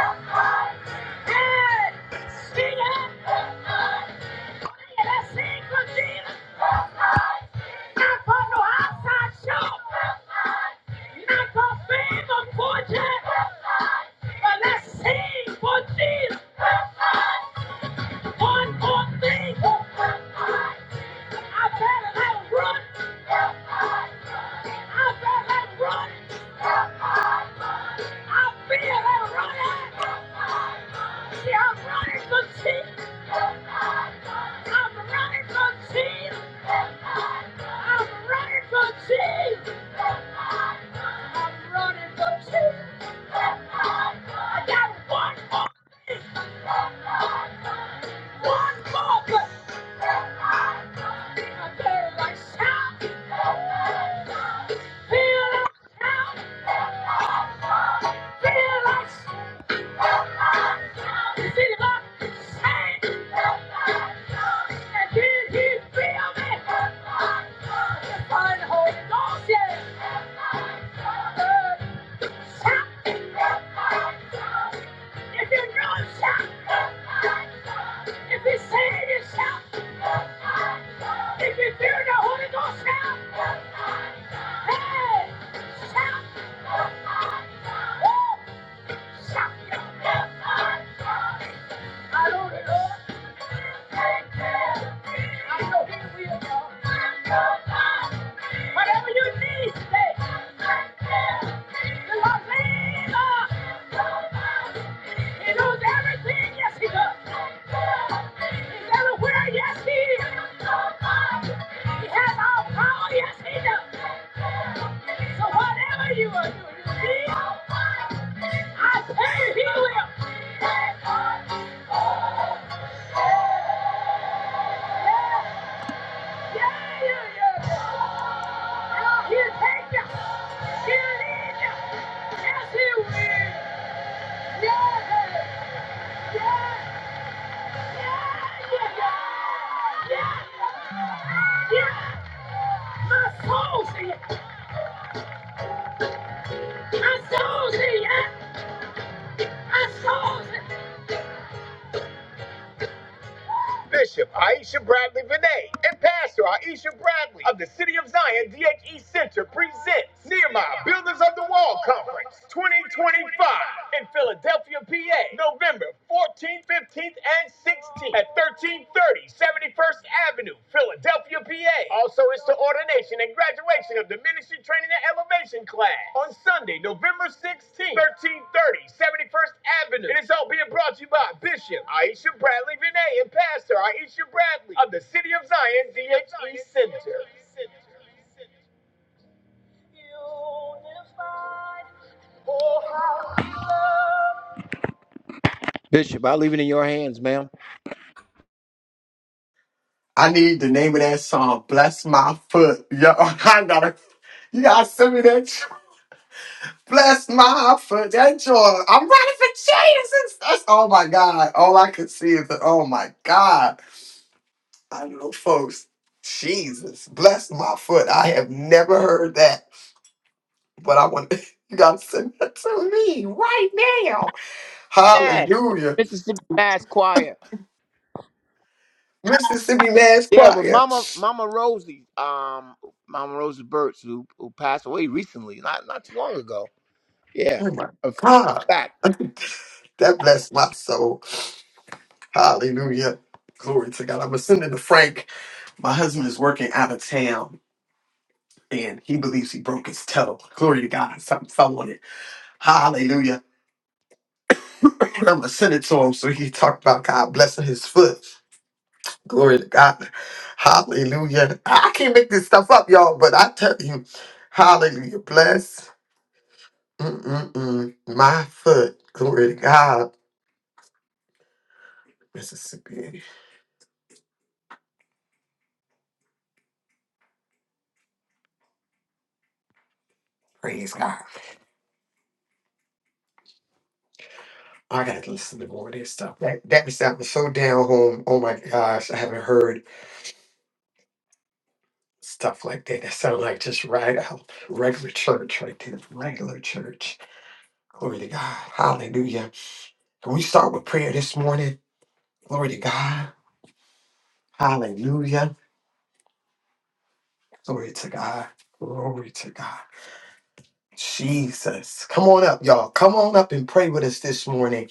Hey, sing it. Can I sing for Jesus? Not for no outside show. Not for fame or fortune. But let's sing for Jesus. One more thing. I better let run. I better let like running. See, I'm running for Jesus. I'm running for Jesus. I'm running for Jesus. I'm running from you. I got one one more good I feel like shouting. Feel like shouting, feel like shouting. You see the Lord saying, and did he feel The Holy Ghost, yeah. Uh, Shout. If you know, shout. If he's saying it, shout. If you feel the Holy Ghost, shout. Whatever you need, say. The Lord leads us. He knows everything, yes he does. everywhere, yes he is. He has all power, yes he does. So whatever you are doing, you feel, I tell you, he will. Yeah, yeah, yeah, yeah. He'll he'll take you. He'll lead you. Yes, he will. Yeah, yeah, yeah, yeah, yeah, yeah. My soul see it. My soul see it. My soul see it. Bishop Aisha Bradley Vinay and Pastor Aisha Bradley of the City of Zion DHE Center presents Nehemiah Builders of the Wall Conference 2025 in Philadelphia, PA, November 14th, 15th, and 16th at 1330 71st Avenue Philadelphia, PA. Also, it's the ordination and graduation of the Ministry Training and Elevation class on Sunday, November 16th, 1330, 71st Avenue. And it's all being brought to you by Bishop Aisha Bradley Vinay and Pastor Aisha Bradley of the City of Zion DHE Center. Bishop, I leave it in your hands, ma'am.
I need the name of that song, Bless My Foot. Yo, [laughs] I gotta, you gotta send me that. j- Bless My Foot. That joint. I'm running for Jesus. That's, oh my God. All I could see is, the, oh my God. I know folks, Jesus, bless my foot. I have never heard that, but I want [laughs] you gotta send that to me right now.
Mass,
Hallelujah.
Mississippi Mass Choir.
Mississippi Mass
Yeah, with
Choir.
Mama Mama Rosie, um, Mama Rosie Burtz, who who passed away recently, not not too long ago. Yeah,
Oh my
a
God.
fact.
[laughs] That blessed my soul. Hallelujah. Glory to God. I'm going to to Frank. My husband is working out of town and he believes he broke his toe. Glory to God. Something fell on it. Hallelujah. [clears throat] I'm going to send it to him so he can talk about God blessing his foot. Glory to God. Hallelujah. I I can't make this stuff up, y'all, but I tell you, hallelujah. Bless mm-mm-mm, my foot. Glory to God. Mississippi. Praise God. I gotta listen to more of this stuff. That that was that was so down home. Oh my gosh, I haven't heard stuff like that. That sounded like just right out regular church right there. Regular church. Glory to God. Hallelujah. Can we start with prayer this morning? Glory to God. Hallelujah. Glory to God. Glory to God. Jesus. Come on up, y'all. Come on up and pray with us this morning.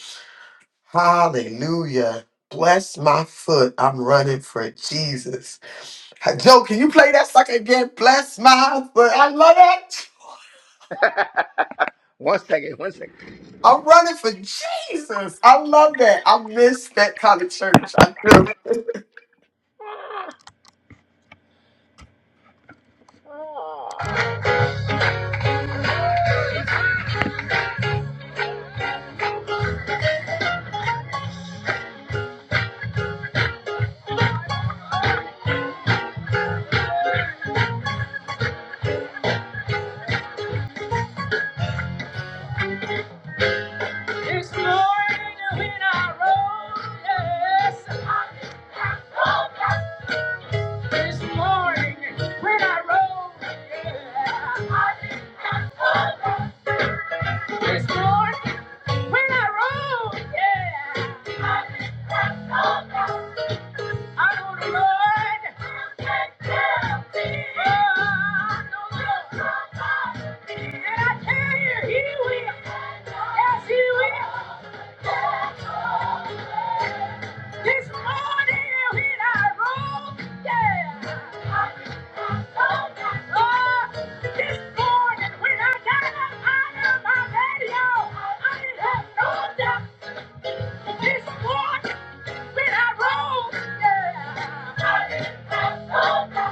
Hallelujah. Bless my foot. I'm running for Jesus. Hey, Joe, can you play that sucker again? Bless my but I love that.
One second, one second.
I'm running for Jesus. I love that. I miss that kind of church. I do.
This morning when I rose, yes. This morning when I rose, yeah. This morning when I rose, yeah. I know the Lord. I know the Lord. And I tell you, He will. Yes, He will. This morning when I rose, yeah. Oh, this morning when I got up out of my bed, y'all, I didn't have no doubt. This morning when I rose, yeah. I didn't have no doubt.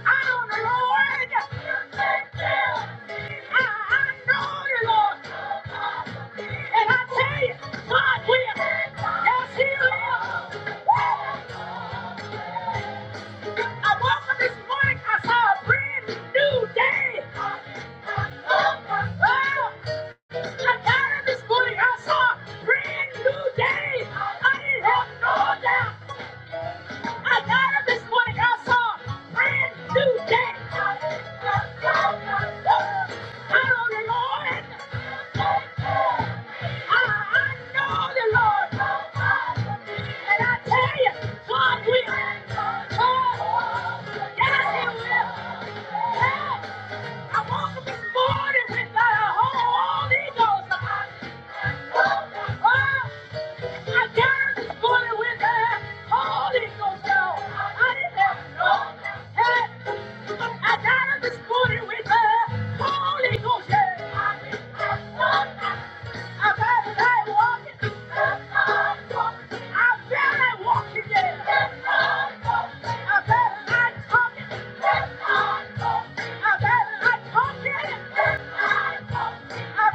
Brand new day! I didn't have no doubt! I got up this morning. I saw brand new day. Hallelujah, Lord. I, know the Lord. And I tell you, God will. God, yes, He will. Yeah. I woke up this morning with the Holy Ghost. Oh, oh, oh. I got this morning with the Holy Ghost no. I didn't have no I got this morning with the Holy Ghost. Yeah. I felt like walking. I felt like walking. Yeah. I felt like talking. I felt like talking. I say,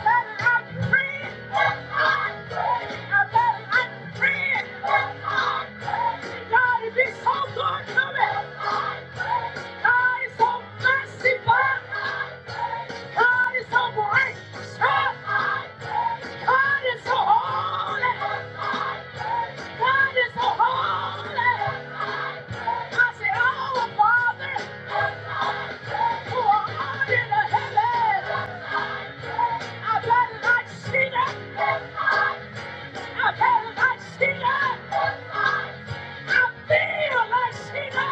oh, Father, who art in the heavens. I've it like Sheila. I've it like Sheila. I feel like Sheila.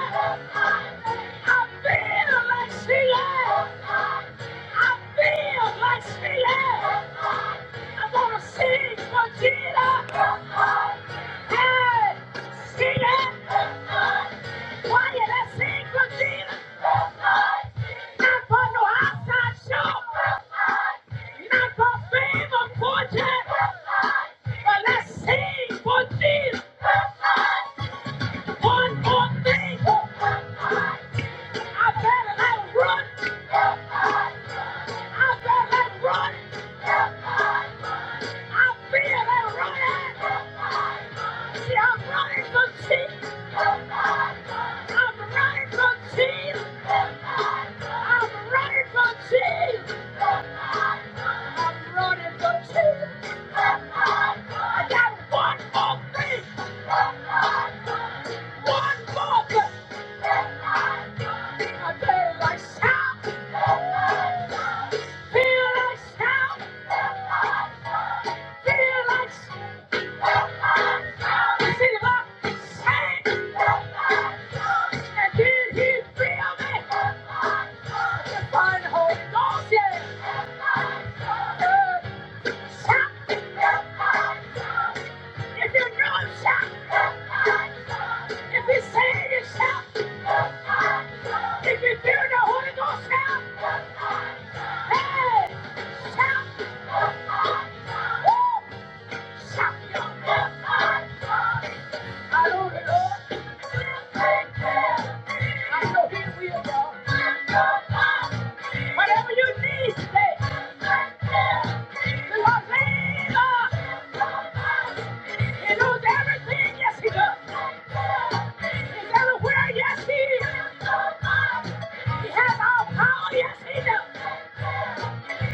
I feel like Sheila. I feel like Sheila. I'm to sing for Sheila. Hey, Sheila. Why did I sing for Sheila? Not for no outside show. Not for fame or fortune. But let's sing for this one more thing. I better let run. I better let run. I feel like running. See, I'm running for Jesus. I'm running for Jesus. I'm running for Jesus. I'm running for Jesus. I got one more thing. One more thing. I better like shout. Feel like shout. Feel like shout. see the Lord shake. And did he feel me? The Holy Ghost, yeah. Uh, Shout. If you know shout. If he's saying it, shout. If you feel the Holy Ghost, shout. Hey, shout. Woo! Shout your best. Hallelujah. I know He will, y'all. Whatever you need today, the Lord labor. He knows everything. Yes, He does. He's everywhere. Yes, He is. He has all power. Yes, He does.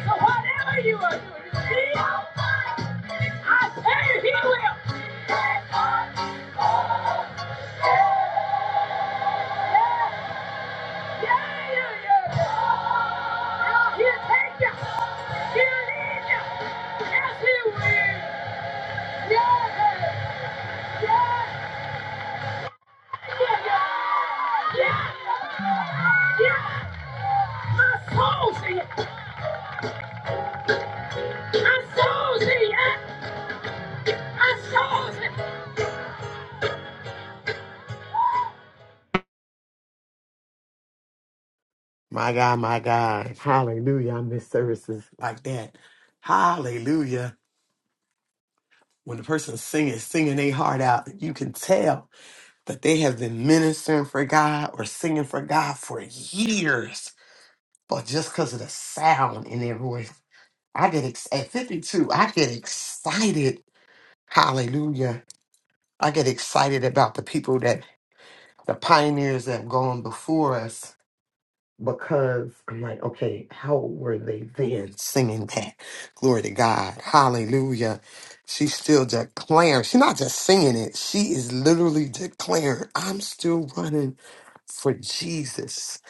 So whatever you are doing, you need. I tell you, He will. Yeah.
My God, my God. Hallelujah. I miss services like that. Hallelujah. When the person singing, singing their heart out, you can tell that they have been ministering for God or singing for God for years. But just because of the sound in their voice, I get ex- at 52, I get excited. Hallelujah I get excited about the people that the pioneers that have gone before us because I'm like, okay, how were they then singing that? Glory to God. Hallelujah. She's still declaring. She's not just singing it. She is literally declaring, I'm still running for Jesus.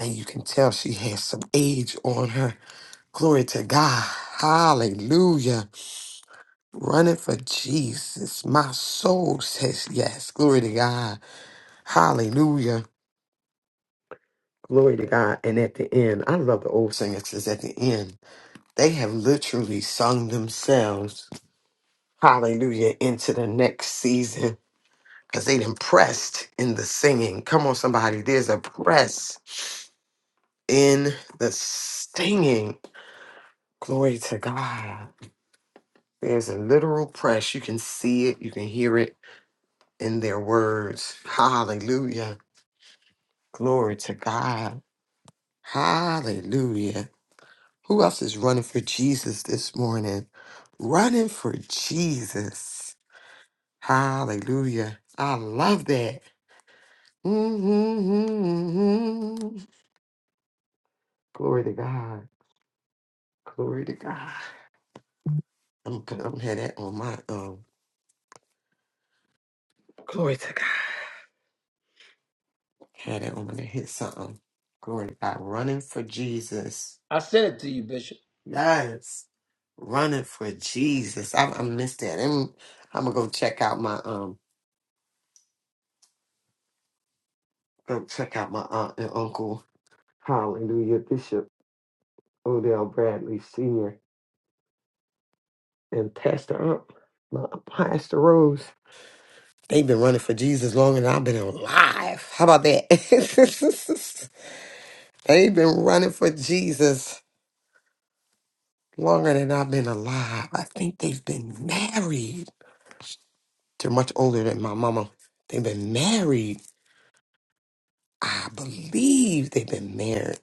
And you can tell she has some age on her. Glory to God. Hallelujah. Running for Jesus. My soul says yes. Glory to God. Hallelujah. Glory to God. And at the end, I love the old singers because at the end, they have literally sung themselves, hallelujah, into the next season because they done pressed in the singing. Come on, somebody. There's a press in the singing. Glory to God. There's a literal press. You can see it, you can hear it in their words. Hallelujah. Glory to God. Hallelujah. Who else is running for Jesus this morning? Running for Jesus. Hallelujah. I love that. Mm-hmm. Glory to God. Glory to God. I'm gonna I'm gonna have that on my um glory to God. Had that on my hit something. Glory to God. Running for Jesus. Yes. Running for Jesus. I, I missed that. I'm, I'm gonna go check out my um go check out my aunt and uncle Hallelujah, Bishop Odell Bradley Sr. and Pastor Ump, my Pastor Rose. They've been running for Jesus longer than I've been alive. How about that? [laughs] they've been running for Jesus longer than I've been alive. I think they've been married. They're much older than my mama. They've been married. I believe they've been married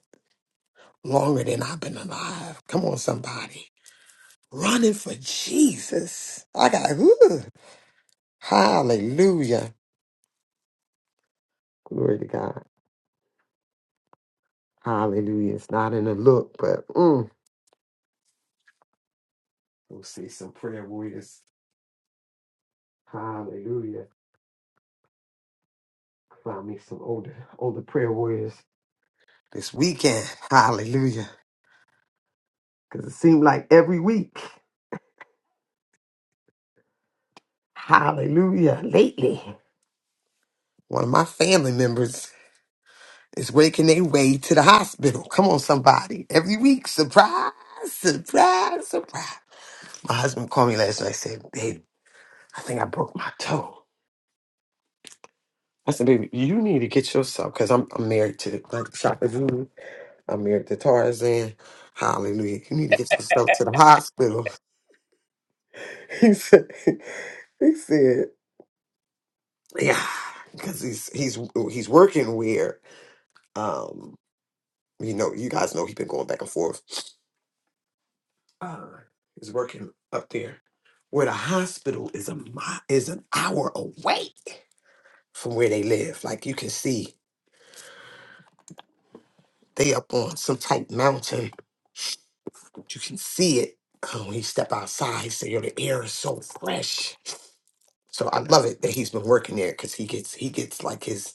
longer than I've been alive. Come on, somebody. Running for Jesus. I got, ooh. Hallelujah. Glory to God. Hallelujah. It's not in the look, but mm, we'll see some prayer warriors. Hallelujah. Find me some older older prayer warriors this weekend. Hallelujah. Because it seemed like every week. Hallelujah. Lately, one of my family members is waking their way to the hospital. Come on, somebody. Every week. Surprise, surprise, surprise. My husband called me last night and said, Babe, I think I broke my toe. I said, baby, you need to get yourself because I'm, I'm married to like Shaka Zulu. I'm married to Tarzan. Hallelujah. You need to get yourself to the hospital. [laughs] He said, he said, yeah, because he's he's he's working where um you know you guys know he's been going back and forth. Uh, he's working up there where the hospital is a mi- is an hour away from where they live. Like you can see they up on some type mountain You can see it oh, when you step outside. So you know, the air is so fresh. So I love it that he's been working there because he gets he gets like his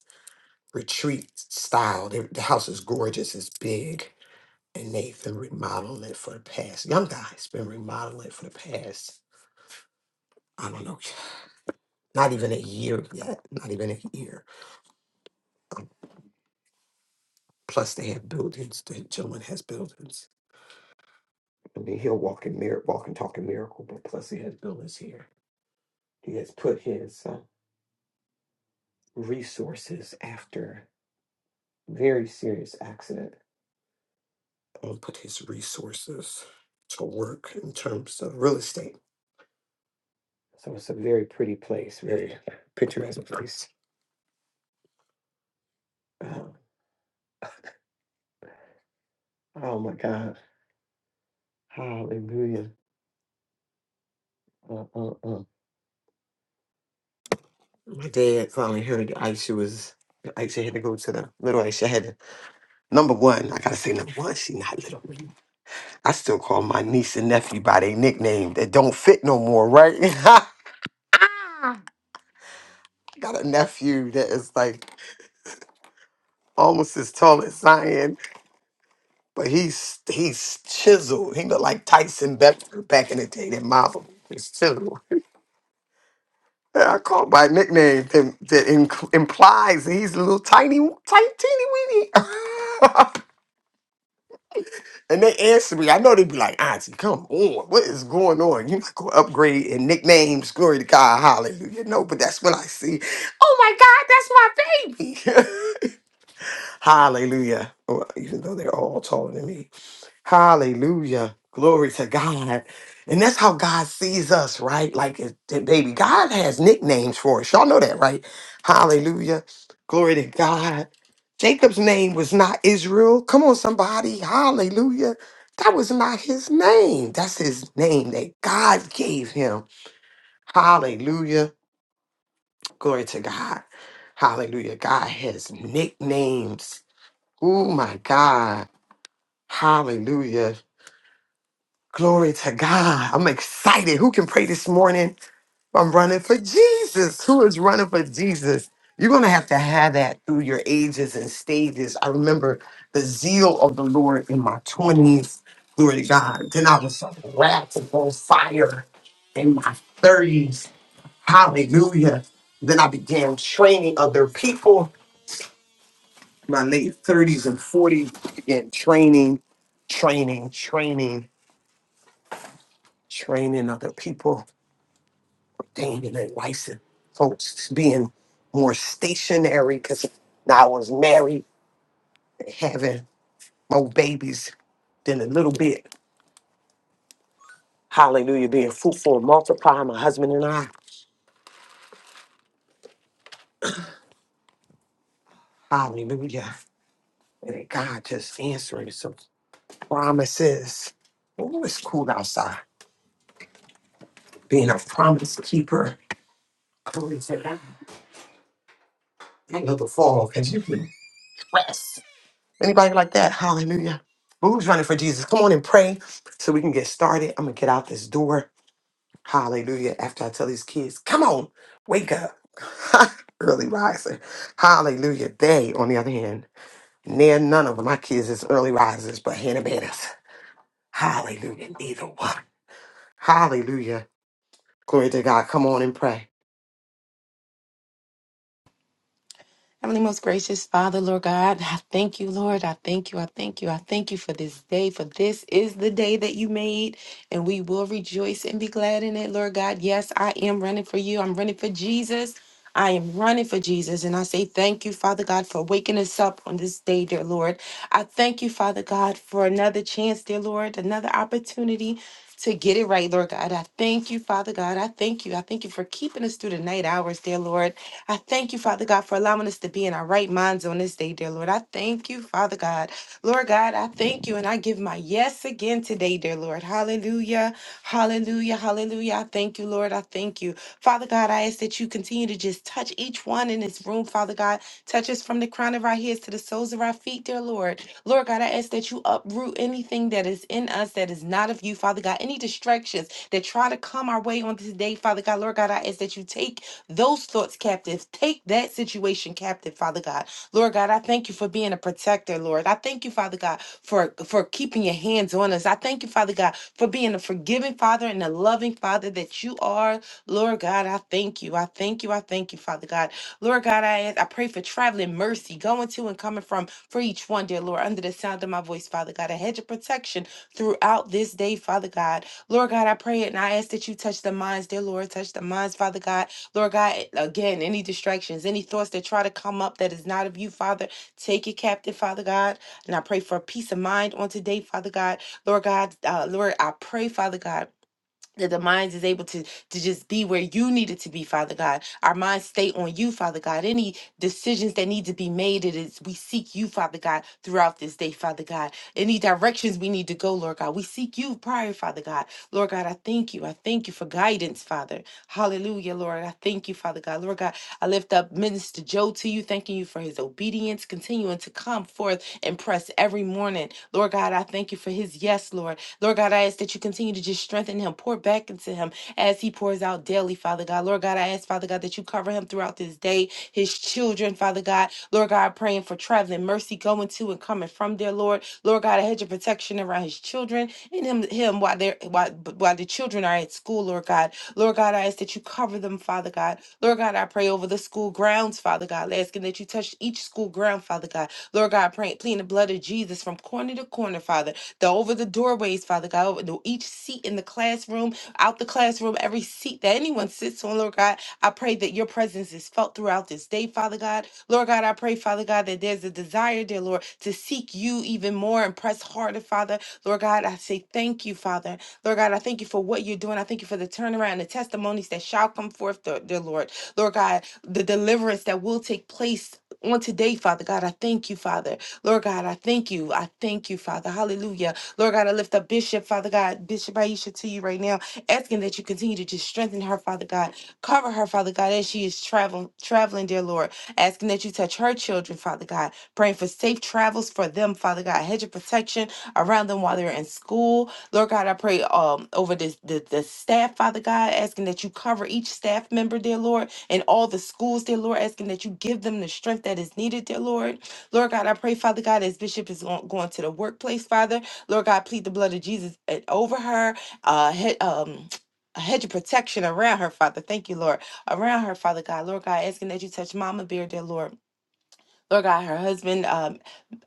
retreat style. The, the house is gorgeous. It's big, and they've been remodeling it for the past. Young guy's been remodeling it for the past. I don't know, not even a year yet. Not even a year. Plus, they have buildings. The gentleman has buildings. I mean, he'll walk in mir- walk and talk in miracle, but plus he has buildings here. He has put his uh, resources after. very serious accident and put his resources to work in terms of real estate. So it's a very pretty place, very Yeah. picturesque place. Um, oh my God. Hallelujah. Uh, uh, uh. My dad finally heard that Aisha was, Aisha had to go to the little Aisha had to, number one, I gotta say number one, she not little. I still call my niece and nephew by their nickname that don't fit no more, right? [laughs] I got a nephew that is like almost as tall as Zion, but he's he's chiseled. He looked like Tyson Beckford back in the day. That marvel is chiseled. [laughs] I call it by a nickname that, that inc- implies that he's a little tiny, tiny, teeny weeny. [laughs] and they answer me. I know they be like, Auntie, come on, what is going on? You're not going to upgrade and nicknames. Glory to God, hallelujah. No, but that's when I see, oh my God, that's my baby. [laughs] hallelujah. Well, even though they're all taller than me. Hallelujah. Glory to God. And that's how God sees us, right? Like, it- it- baby, God has nicknames for us. Y'all know that, right? Hallelujah. Glory to God. Jacob's name was not Israel. Come on, somebody. Hallelujah. That was not his name. That's his name that God gave him. Hallelujah. Glory to God. Hallelujah. God has nicknames. Oh, my God. Hallelujah. Glory to God. I'm excited. Who can pray this morning? I'm running for Jesus. Who is running for Jesus? You're going to have to have that through your ages and stages. I remember the zeal of the Lord in my 20s. Glory to God. Then I was wrapped on fire in my 30s. Hallelujah. Then I began training other people. My late 30s and 40s, began training, training, training, training other people Damn, and then folks being more stationary because now I was married, having more babies than a little bit. Hallelujah, being fruitful and multiplying, my husband and I. Hallelujah. And God just answering some promises. Oh, it's cool outside. Being a promise keeper. Glory to God. I love the fall because you can press. Anybody like that? Hallelujah. Who's running for Jesus? Come on and pray so we can get started. I'm going to get out this door. Hallelujah. After I tell these kids, come on, wake up. [laughs] early riser. Hallelujah. They, on the other hand, near none of my kids is early risers, but Hannah Banners. Hallelujah. Neither one. Hallelujah. Glory to God. Come on and pray.
Heavenly, most gracious Father, Lord God, I thank you, Lord. I thank you. I thank you. I thank you for this day, for this is the day that you made, and we will rejoice and be glad in it, Lord God. Yes, I am running for you. I'm running for Jesus. I am running for Jesus. And I say thank you, Father God, for waking us up on this day, dear Lord. I thank you, Father God, for another chance, dear Lord, another opportunity to get it right, Lord God. I thank you, Father God. I thank you. I thank you for keeping us through the night hours, dear Lord. I thank you, Father God, for allowing us to be in our right minds on this day, dear Lord. I thank you, Father God. Lord God, I thank you and I give my yes again today, dear Lord. Hallelujah. Hallelujah. Hallelujah. I thank you, Lord. I thank you. Father God, I ask that you continue to just touch each one in this room, Father God. Touch us from the crown of our heads to the soles of our feet, dear Lord. Lord God, I ask that you uproot anything that is in us that is not of you, Father God. Any distractions that try to come our way on this day, Father God. Lord God, I ask that you take those thoughts captive. Take that situation captive, Father God. Lord God, I thank you for being a protector, Lord. I thank you, Father God, for, for keeping your hands on us. I thank you, Father God, for being a forgiving Father and a loving Father that you are, Lord God. I thank you. I thank you. I thank you, Father God. Lord God, I ask, I pray for traveling mercy going to and coming from for each one, dear Lord, under the sound of my voice, Father God. A hedge of protection throughout this day, Father God. Lord God, I pray it and I ask that you touch the minds, dear Lord. Touch the minds, Father God Lord God, again, any distractions, any thoughts that try to come up that is not of you, Father, take it captive, Father God. And I pray for peace of mind on today, Father God. Lord God, uh, Lord, I pray, Father God that the minds is able to to just be where you need it to be father god our minds stay on you father god any decisions that need to be made it is we seek you father god throughout this day father god any directions we need to go lord god we seek you prior father god lord god i thank you i thank you for guidance father hallelujah lord i thank you father god lord god i lift up minister joe to you thanking you for his obedience continuing to come forth and press every morning lord god i thank you for his yes lord Lord God, I ask that you continue to just strengthen him, pour back into him as he pours out daily, Father God. Lord God, I ask, Father God, that you cover him throughout this day, his children, Father God. Lord God, praying for traveling mercy going to and coming from there, Lord. Lord God, I hedge your protection around his children and him, him while they're while, while the children are at school, Lord God. Lord God, I ask that you cover them, Father God. Lord God, I pray over the school grounds, Father God, asking that you touch each school ground, Father God. Lord God, praying, pleading the blood blood of Jesus from corner to corner, Father, the over the doorways, Father God, over the, each seat in the classroom, out the classroom, every seat that anyone sits on, Lord God, I pray that your presence is felt throughout this day, Father God. Lord God, I pray, Father God, that there's a desire, dear Lord, to seek you even more and press harder, Father. Lord God, I say thank you, Father. Lord God, I thank you for what you're doing. I thank you for the turnaround and the testimonies that shall come forth, dear dear Lord. Lord God, the deliverance that will take place on today, Father God. I thank you, Father. Lord God, I thank you. I thank you, Father. Hallelujah. Lord God, I lift up Bishop, Father God, Bishop Aisha to you right now, asking that you continue to just strengthen her, Father God. Cover her, Father God, as she is traveling, traveling, dear Lord. Asking that you touch her children, Father God. Praying for safe travels for them, Father God. Hedge of protection around them while they're in school. Lord God, I pray um over this the, the staff, Father God, asking that you cover each staff member, dear Lord, and all the schools, dear Lord, asking that you give them the strength that is needed, dear Lord. Lord God, I pray, Father God, as Bishop is going, going to the workplace, Father, Lord God, plead the blood of Jesus uh, over her, uh, he- um, [tsk] a hedge of protection around her, Father. Thank you, Lord. Around her, Father God. Lord God, asking that you touch Mama Bear, dear Lord. Lord God, her husband, um,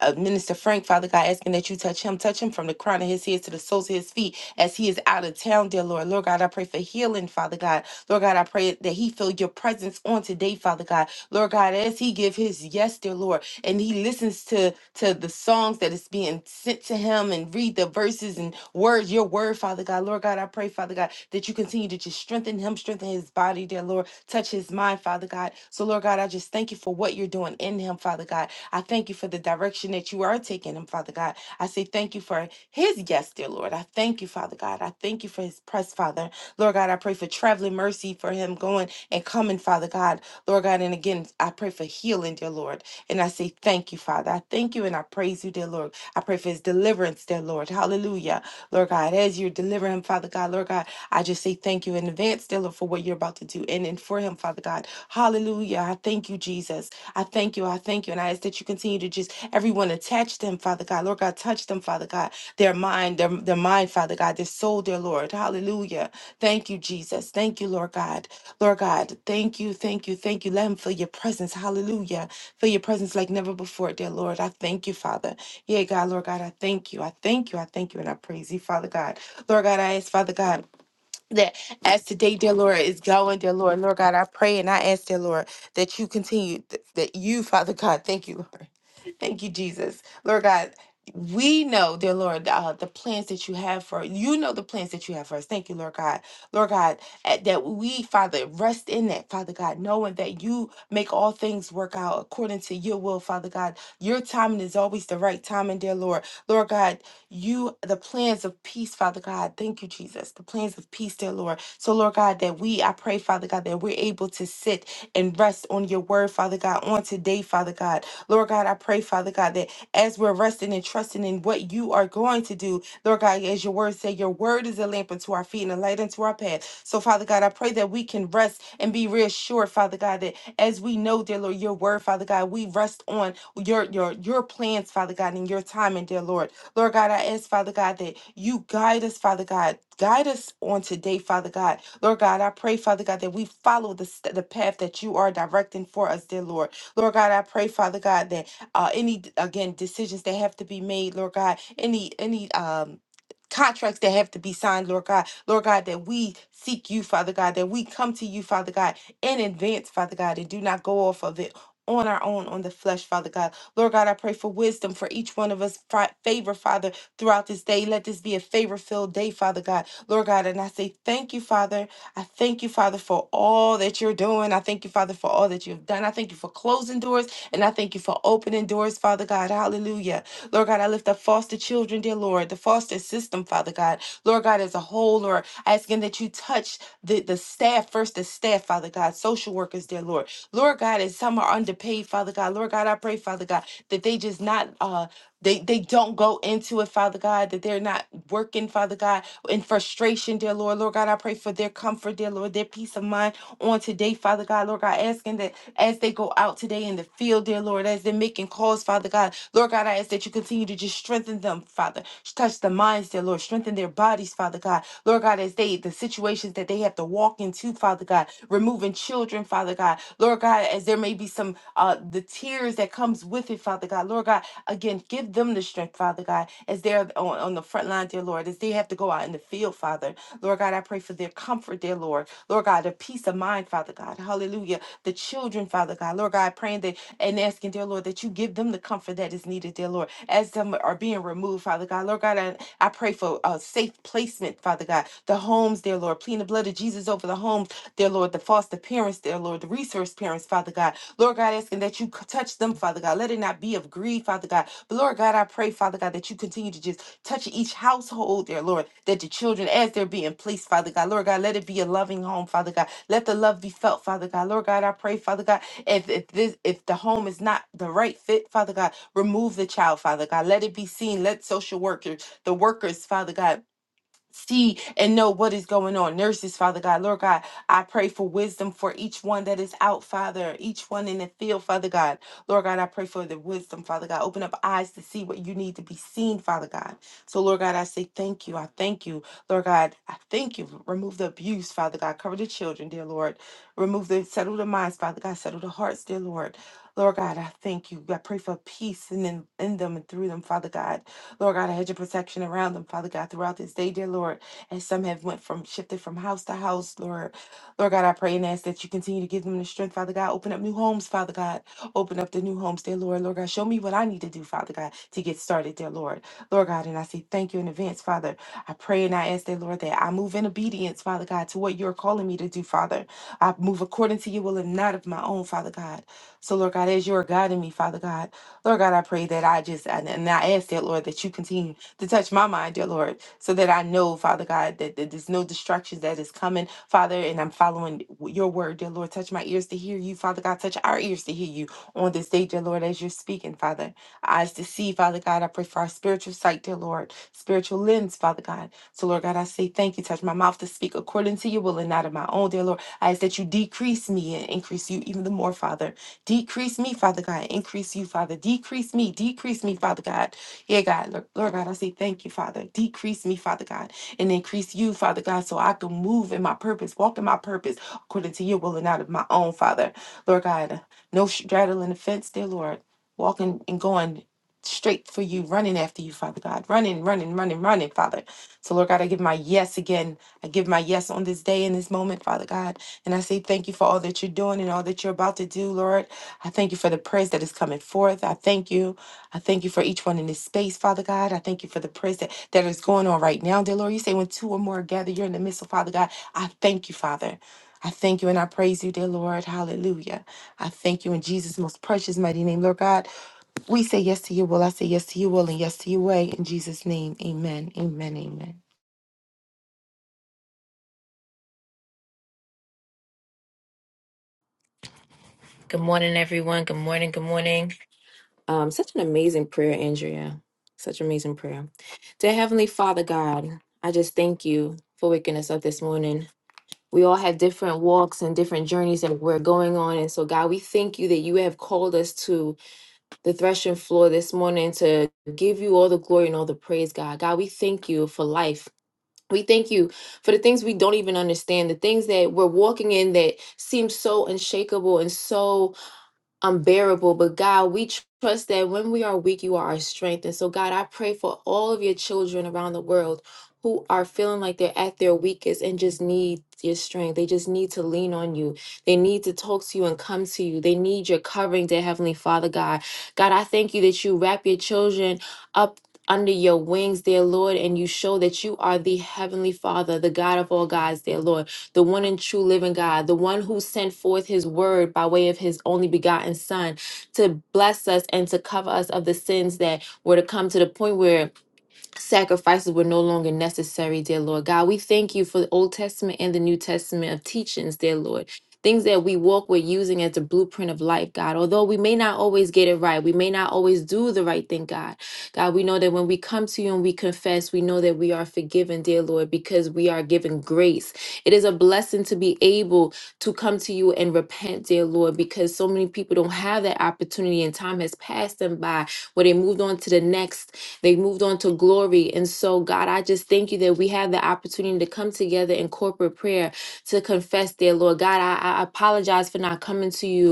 uh, Minister Frank, Father God, asking that you touch him, touch him from the crown of his head to the soles of his feet as he is out of town, dear Lord. Lord God, I pray for healing, Father God. Lord God, I pray that he feel your presence on today, Father God. Lord God, as he give his yes, dear Lord and he listens to to the songs that is being sent to him and read the verses and words your word father god lord god i pray father god that you continue to just strengthen him strengthen his body dear lord touch his mind father god so lord god i just thank you for what you're doing in him father god i thank you for the direction that you are taking him father god i say thank you for his yes dear lord i thank you father god i thank you for his press father lord god i pray for traveling mercy for him going and coming father god lord god and again i pray for healing dear lord and I say, Thank you, Father. I thank you and I praise you, dear Lord. I pray for his deliverance, dear Lord. Hallelujah. Lord God, as you deliver him, Father God, Lord God, I just say thank you in advance, dear Lord, for what you're about to do and, and for him, Father God. Hallelujah. I thank you, Jesus. I thank you. I thank you. And I ask that you continue to just everyone attach them, Father God. Lord God, touch them, Father God, their mind, their, their mind, Father God, their soul, dear Lord. Hallelujah. Thank you, Jesus. Thank you, Lord God. Lord God, thank you, thank you, thank you. Let them feel your presence. Hallelujah. Feel your presence like never before, dear Lord. I thank you, Father. Yeah, God, Lord God, I thank you. I thank you. I thank you. And I praise you, Father God. Lord God, I ask, Father God that as today, dear Lord, is going, dear Lord, Lord God, I pray and I ask, dear Lord, that you continue, th- that you, Father God, thank you, Lord. Thank you, Jesus. Lord God, we know, dear Lord, uh, the plans that you have for you know the plans that you have for us. Thank you, Lord God. Lord God, uh, that we, Father, rest in that, Father God, knowing that you make all things work out according to your will, Father God. Your timing is always the right timing, dear Lord. Lord God, you, the plans of peace, Father God. Thank you, Jesus. The plans of peace, dear Lord. So, Lord God, that we, I pray, Father God, that we're able to sit and rest on your word, Father God, on today, Father God. Lord God, I pray, Father God, that as we're resting and trusting in what you are going to do, Lord God, as your word say, your word is a lamp unto our feet and a light unto our path. So, Father God, I pray that we can rest and be reassured, Father God, that as we know, dear Lord, your word, Father God, we rest on your your your plans, Father God, and your timing, dear Lord. Lord God, I ask, Father God, that you guide us, Father God. Guide us on today, Father God. Lord God, I pray, Father God, that we follow the, st- the path that you are directing for us, dear Lord. Lord God, I pray, Father God, that uh, any, again, decisions that have to be made, Lord God, any, any, um, Contracts that have to be signed, Lord God. Lord God, that we seek you, Father God, that we come to you, Father God, in advance, Father God, and do not go off of it on our own on the flesh, Father God. Lord God, I pray for wisdom for each one of us. Fa- Favor, Father, throughout this day. Let this be a favor filled day, Father God. Lord God, and I say thank you, Father. I thank you, Father, for all that you're doing. I thank you, Father, for all that you've done. I thank you for closing doors and I thank you for opening doors, Father God. Hallelujah. Lord God, I lift up foster children, dear Lord, the foster system, Father God. Lord God, as a whole, Lord, asking that you touch the, the staff, first the staff, Father God, social workers, dear Lord. Lord God, and some are underpaid, Father God. Lord God, I pray, Father God, that they just not uh they they don't go into it, Father God, that they're not working, Father God, in frustration, dear Lord. Lord God, I pray for their comfort, dear Lord, their peace of mind on today, Father God. Lord God, asking that as they go out today in the field, dear Lord, as they're making calls, Father God, Lord God, I ask that you continue to just strengthen them, Father. Touch the minds, dear Lord. Strengthen their bodies, Father God. Lord God, as as they the situations that they have to walk into, Father God, removing children, Father God, Lord God, as there may be some uh the tears that comes with it, Father God, Lord God, again, give them the strength, Father God, as they're on, on the front line, dear Lord, as they have to go out in the field, Father, Lord God, I pray for their comfort, dear Lord, Lord God, the peace of mind, Father God, Hallelujah, the children, Father God, Lord God, praying that and asking, dear Lord, that you give them the comfort that is needed, dear Lord, as some are being removed, Father God. Lord God, I, I pray for a safe placement, Father God. The homes, dear Lord, plead the blood of Jesus over the homes, dear Lord, the foster parents, dear Lord, the resource parents, Father God. Lord God, asking that you c- touch them, Father God. Let it not be of greed, Father God. But Lord God, I pray, Father God, that you continue to just touch each household, dear Lord, that the children, as they're being placed, Father God, Lord God, let it be a loving home, Father God. Let the love be felt, Father God. Lord God, I pray, Father God, if if this if the home is not the right fit, Father God, remove the child, Father God. Let it be seen. Let social workers, the workers, Father God see and know what is going on. Nurses, Father God, Lord God, I pray for wisdom for each one that is out, Father, each one in the field, Father God. Lord God, I pray for the wisdom, Father God. Open up eyes to see what you need to be seen, Father God. So, Lord God, I say thank you. I thank you, Lord God. I thank you. Remove the abuse, Father God. Cover the children, dear Lord. Remove the, settle the minds, Father God. Settle the hearts, dear Lord. Lord God, I thank you. I pray for peace in, them- in them and through them, Father God. Lord God, I had your protection around them, Father God, throughout this day, dear Lord. And some have went from shifted from house to house, Lord. Lord God, I pray and ask that you continue to give them the strength, Father God. Open up new homes, Father God. Open up the new homes, dear Lord. Lord God, show me what I need to do, Father God, to get started, dear Lord. Lord God, and I say thank you in advance, Father. I pray and I ask, dear Lord, that I move in obedience, Father God, to what you're calling me to do, Father. I move according to your will and not of my own, Father God. So, Lord God, as you are guiding me, Father God. Lord God, I pray that I just, and and I ask that, Lord, that you continue to touch my mind, dear Lord, so that I know, Father God, that, that there's no distractions that is coming, Father, and I'm following your word, dear Lord. Touch my ears to hear you, Father God. Touch our ears to hear you on this day, dear Lord, as you're speaking, Father. Eyes to see, Father God. I pray for our spiritual sight, dear Lord, spiritual lens, Father God. So, Lord God, I say thank you. Touch my mouth to speak according to your will and not of my own, dear Lord. I ask that you decrease me and increase you even the more, Father. Decrease me, Father God. Increase you, Father. Decrease me. Decrease me, Father God. Yeah, God. Lord Lord God, I say thank you, Father. Decrease me, Father God. And increase you, Father God, so I can move in my purpose, walk in my purpose according to your will and out of my own, Father. Lord God, no straddling the fence, dear Lord. Walking and going straight for you, running after you, Father God. Running, running, running, running, Father. So, Lord God, I give my yes again. I give my yes on this day in this moment, Father God. And I say thank you for all that you're doing and all that you're about to do, Lord. I thank you for the prayers that is coming forth. I thank you. I thank you for each one in this space, Father God. I thank you for the prayers that, that is going on right now, dear Lord. You say when two or more gather, you're in the midst of Father God. I thank you, Father. I thank you and I praise you, dear Lord. Hallelujah. I thank you in Jesus' most precious, mighty name, Lord God. We say yes to your will. I say yes to your will and yes to your way. In Jesus' name, amen. Amen. Amen.
Good morning, everyone. Good morning. Good morning. Um, such an amazing prayer, Andrea. Such amazing prayer. Dear Heavenly Father God, I just thank you for waking us up this morning. We all have different walks and different journeys that we're going on. And so, God, we thank you that you have called us to the threshing floor this morning to give you all the glory and all the praise, God. God, we thank you for life. We thank you for the things we don't even understand, the things that we're walking in that seem so unshakable and so unbearable. But God, we tr- trust that when we are weak, you are our strength. And so, God, I pray for all of your children around the world who are feeling like they're at their weakest and just need your strength. They just need to lean on you. They need to talk to you and come to you. They need your covering, dear Heavenly Father, God. God, I thank you that you wrap your children up. Under your wings, dear Lord, and you show that you are the Heavenly Father, the God of all gods, dear Lord the one and true living God, the one who sent forth his word by way of his only begotten Son to bless us and to cover us of the sins that were to come to the point where sacrifices were no longer necessary, dear Lord God. We thank you for the Old Testament and the New Testament of teachings, dear Lord. Things that we walk, with, using as the blueprint of life, God. Although we may not always get it right, we may not always do the right thing, God. God, we know that when we come to you and we confess, we know that we are forgiven, dear Lord, because we are given grace. It is a blessing to be able to come to you and repent, dear Lord, because so many people don't have that opportunity and time has passed them by where they moved on to the next they moved on to glory. And so, God, I just thank you that we have the opportunity to come together in corporate prayer to confess Dear Lord. God, I, I apologize for not coming to you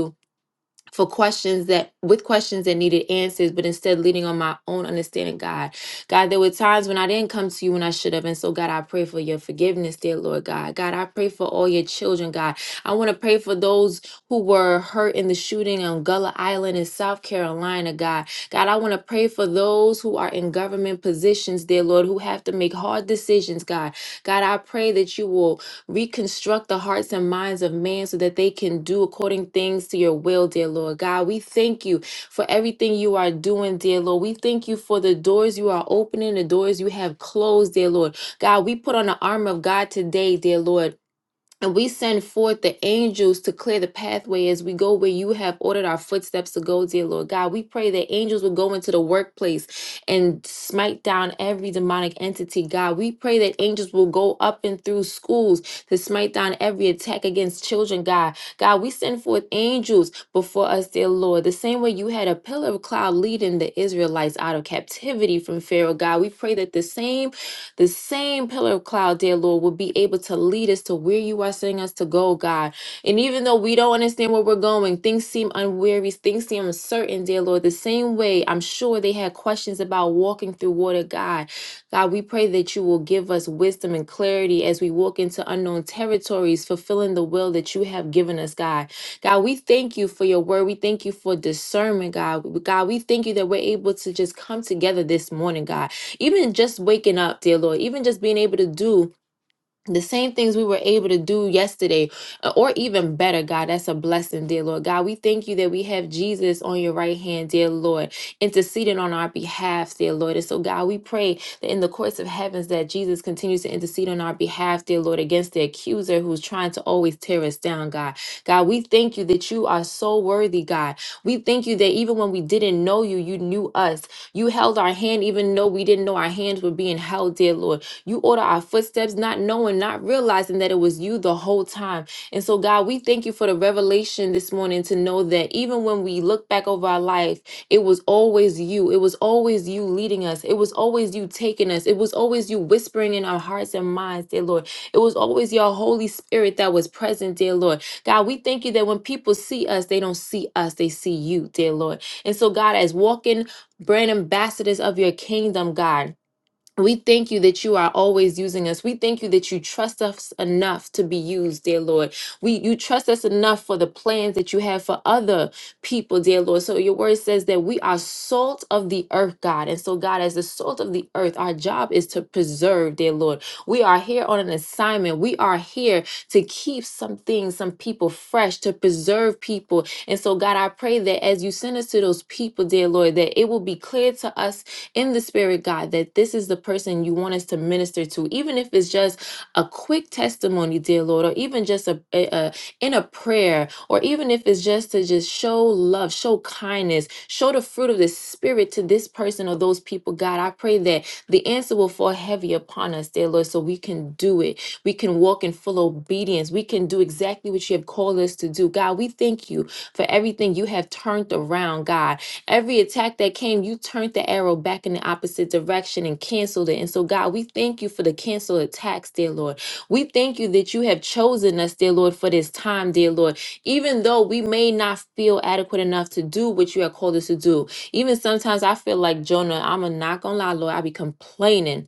for questions that with questions that needed answers, but instead leading on my own understanding, God. God, there were times when I didn't come to you when I should have. And so, God, I pray for your forgiveness, dear Lord God. God, I pray for all your children, God. I want to pray for those who were hurt in the shooting on Gullah Island in South Carolina, God. God, I want to pray for those who are in government positions, dear Lord, who have to make hard decisions, God. God, I pray that you will Reconstruct the hearts and minds of man so that they can do according things to your will, dear Lord God. We thank you for everything you are doing, dear Lord. We thank you for the doors you are opening, the doors you have closed, dear Lord. God, we put on the armor of God today, dear Lord. And we send forth the angels to clear the pathway as we go where you have ordered our footsteps to go, dear Lord God. We pray that angels will go into the workplace and smite down every demonic entity, God. We pray that angels will go up and through schools to smite down every attack against children, God. God, we send forth angels before us, dear Lord. The same way you had a pillar of cloud leading the Israelites out of captivity from Pharaoh, God. We pray that the same the same pillar of cloud, dear Lord, will be able to lead us to where you are sending us to go, God. And even though we don't understand where we're going, things seem unwary, things seem uncertain, dear Lord. The same way I'm sure they had questions about walking through water, God. God, we pray that you will give us wisdom and clarity as we walk into unknown territories, fulfilling the will that you have given us, God. God, we thank you for your word. We thank you for discernment, God. God, we thank you that we're able to just come together this morning, God. Even just waking up, dear Lord, even just being able to do the same things we were able to do yesterday, uh, or even better, God. That's a blessing, dear Lord. God, we thank you that we have Jesus on your right hand, dear Lord, interceding on our behalf, dear Lord. And so, God, we pray that in the courts of heavens that Jesus continues to intercede on our behalf, dear Lord, against the accuser who's trying to always tear us down, God. God, we thank you that you are so worthy, God. We thank you that even when we didn't know you, you knew us. You held our hand, even though we didn't know our hands were being held, dear Lord. You order our footsteps, not knowing, not realizing that it was you the whole time. And so, God, we thank you for the revelation this morning to know that even when we look back over our life, it was always you. It was always you leading us. It was always you taking us. It was always you whispering in our hearts and minds, dear Lord. It was always your Holy Spirit that was present, dear Lord. God, we thank you that when people see us, they don't see us, they see you, dear Lord. And so, God, as walking brand ambassadors of your kingdom, God. We thank you that you are always using us. We thank you that you trust us enough to be used, dear Lord. We you trust us enough for the plans that you have for other people, dear Lord. So your word says that we are salt of the earth, God. And so, God, as the salt of the earth, our job is to preserve, dear Lord. We are here on an assignment. We are here to keep some things, some people fresh, to preserve people. And so, God, I pray that as you send us to those people, dear Lord, that it will be clear to us in the spirit, God, that this is the person you want us to minister to, even if it's just a quick testimony, dear Lord, or even just a, a, a in a prayer, or even if it's just to just show love, show kindness, show the fruit of the spirit to this person or those people, God. I pray that the answer will fall heavy upon us, dear Lord, so we can do it. We can walk in full obedience. We can do exactly what you have called us to do. God, we thank you for everything you have turned around, God. Every attack that came, you turned the arrow back in the opposite direction and canceled it. And so, God, we thank you for the canceled attacks, dear Lord. We thank you that you have chosen us, dear Lord, for this time, dear Lord. Even though we may not feel adequate enough to do what you have called us to do, even sometimes I feel like Jonah, I'm a not gonna lie, Lord, I be complaining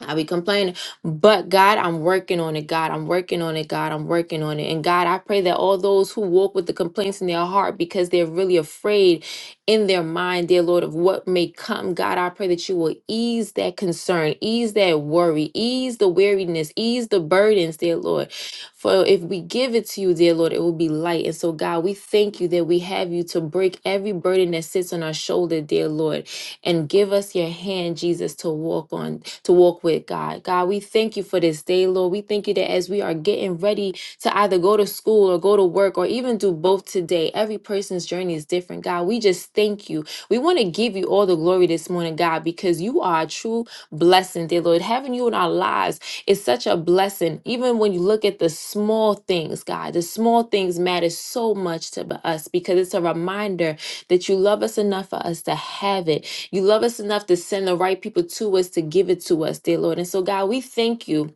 I be complaining, but God, I'm working on it. God, I'm working on it. God, I'm working on it. And God, I pray that all those who walk with the complaints in their heart because they're really afraid in their mind, dear Lord, of what may come, God, I pray that you will ease that concern, ease that worry, ease the weariness, ease the burdens, dear Lord. For if we give it to you, dear Lord, it will be light. And so, God, we thank you that we have you to break every burden that sits on our shoulder, dear Lord and give us your hand, Jesus, to walk on, to walk with God. God, we thank you for this day, Lord. We thank you that as we are getting ready to either go to school or go to work or even do both today, every person's journey is different, God. We just thank you. We want to give you all the glory this morning, God, because you are a true blessing, dear Lord. Having you in our lives is such a blessing. Even when you look at the small things, God, the small things matter so much to us because it's a reminder that you love us enough for us to have it you love us enough to send the right people to us to give it to us, dear Lord. And so, God, we thank you.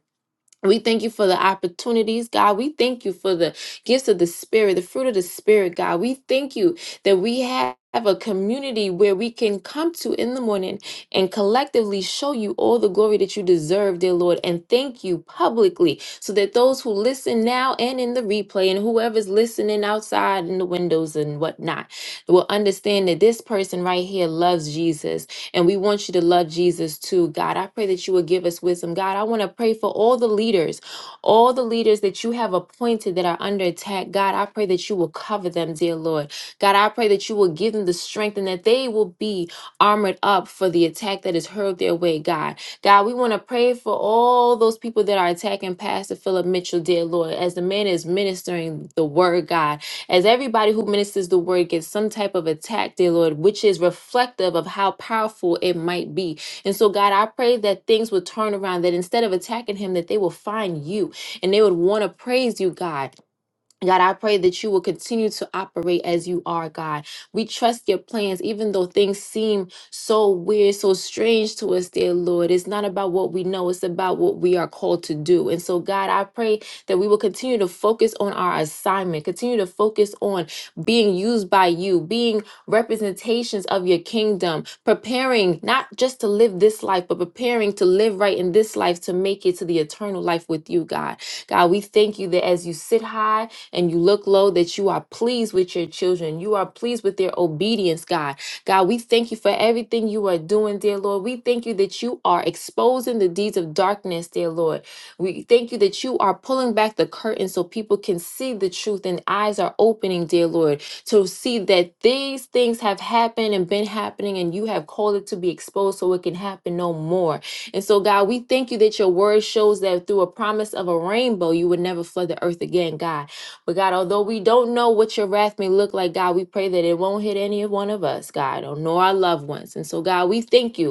We thank you for the opportunities, God. We thank you for the gifts of the Spirit, the fruit of the Spirit, God. We thank you that we have. a community where we can come to in the morning and collectively show you all the glory that you deserve, dear Lord, and thank you publicly so that those who listen now and in the replay and whoever's listening outside in the windows and whatnot will understand that this person right here loves Jesus and we want you to love Jesus too, God. I pray that you would give us wisdom. God, I want to pray for all the leaders, all the leaders that you have appointed that are under attack. God, I pray that you will cover them, dear Lord. God, I pray that you will give them the strength and that they will be armored up for the attack that is hurled their way, God. God, we want to pray for all those people that are attacking Pastor Philip Mitchell, dear Lord, as the man is ministering the word, God. As everybody who ministers the word gets some type of attack, dear Lord, which is reflective of how powerful it might be. And so, God, I pray that things would turn around, that instead of attacking him, that they will find you and they would want to praise you, God God, I pray that you will continue to operate as you are, God. We trust your plans, even though things seem so weird, so strange to us, dear Lord. It's not about what we know, it's about what we are called to do. And so, God, I pray that we will continue to focus on our assignment, continue to focus on being used by you, being representations of your kingdom, preparing not just to live this life, but preparing to live right in this life to make it to the eternal life with you, God. God, we thank you that as you sit high, and you look low that you are pleased with your children. You are pleased with their obedience, God. God, we thank you for everything you are doing, dear Lord. We thank you that you are exposing the deeds of darkness, dear Lord. We thank you that you are pulling back the curtain so people can see the truth and eyes are opening, dear Lord, to see that these things have happened and been happening and you have called it to be exposed so it can happen no more. And so, God, we thank you that your word shows that through a promise of a rainbow, you would never flood the earth again, God. But God, although we don't know what your wrath may look like, God, we pray that it won't hit any one of us, God, or nor our loved ones. And so, God, we thank you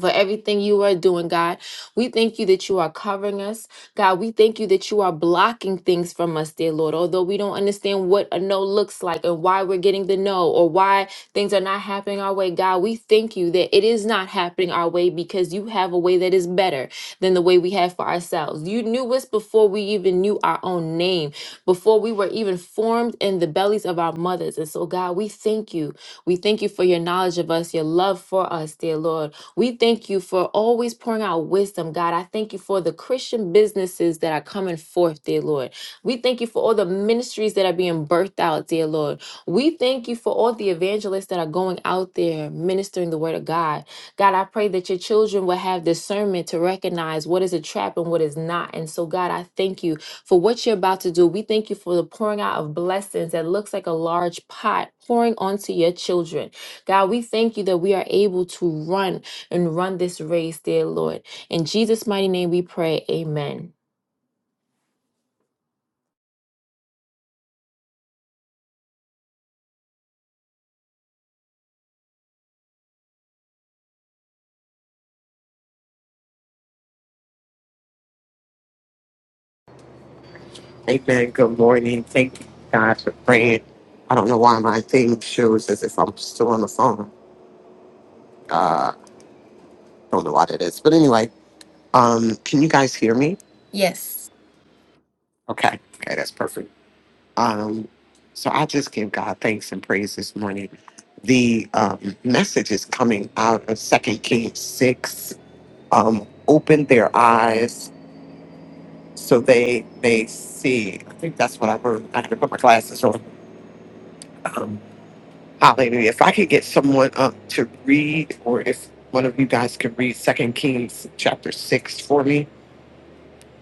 for everything you are doing, God. We thank you that you are covering us. God, we thank you that you are blocking things from us, dear Lord. Although we don't understand what a no looks like and why we're getting the no or why things are not happening our way, God, we thank you that it is not happening our way because you have a way that is better than the way we have for ourselves. You knew us before we even knew our own name, before we were even formed in the bellies of our mothers. And so, God, we thank you. We thank you for your knowledge of us, your love for us, dear Lord. We thank you for always pouring out wisdom, God. I thank you for the Christian businesses that are coming forth, dear Lord. We thank you for all the ministries that are being birthed out, dear Lord. We thank you for all the evangelists that are going out there ministering the word of God. God, I pray that your children will have discernment to recognize what is a trap and what is not. And so, God, I thank you for what you're about to do. We thank you for the pouring out of blessings that looks like a large pot pouring onto your children. God, we thank you that we are able to run and run this race, dear Lord. In Jesus' mighty name we pray, amen.
Amen. Good morning. Thank you guys for praying. I don't know why my thing shows as if I'm still on the phone. I don't know what it is. But anyway, um, can you guys hear me?
Yes.
Okay. Okay, that's perfect. Um, so I just give God thanks and praise this morning. The um, message is coming out of Second Kings six. Um, open their eyes so they they see. I think that's what I heard. I had to put my glasses on. Um, hallelujah! If I could get someone up to read, or if one of you guys could read Second Kings chapter six for me.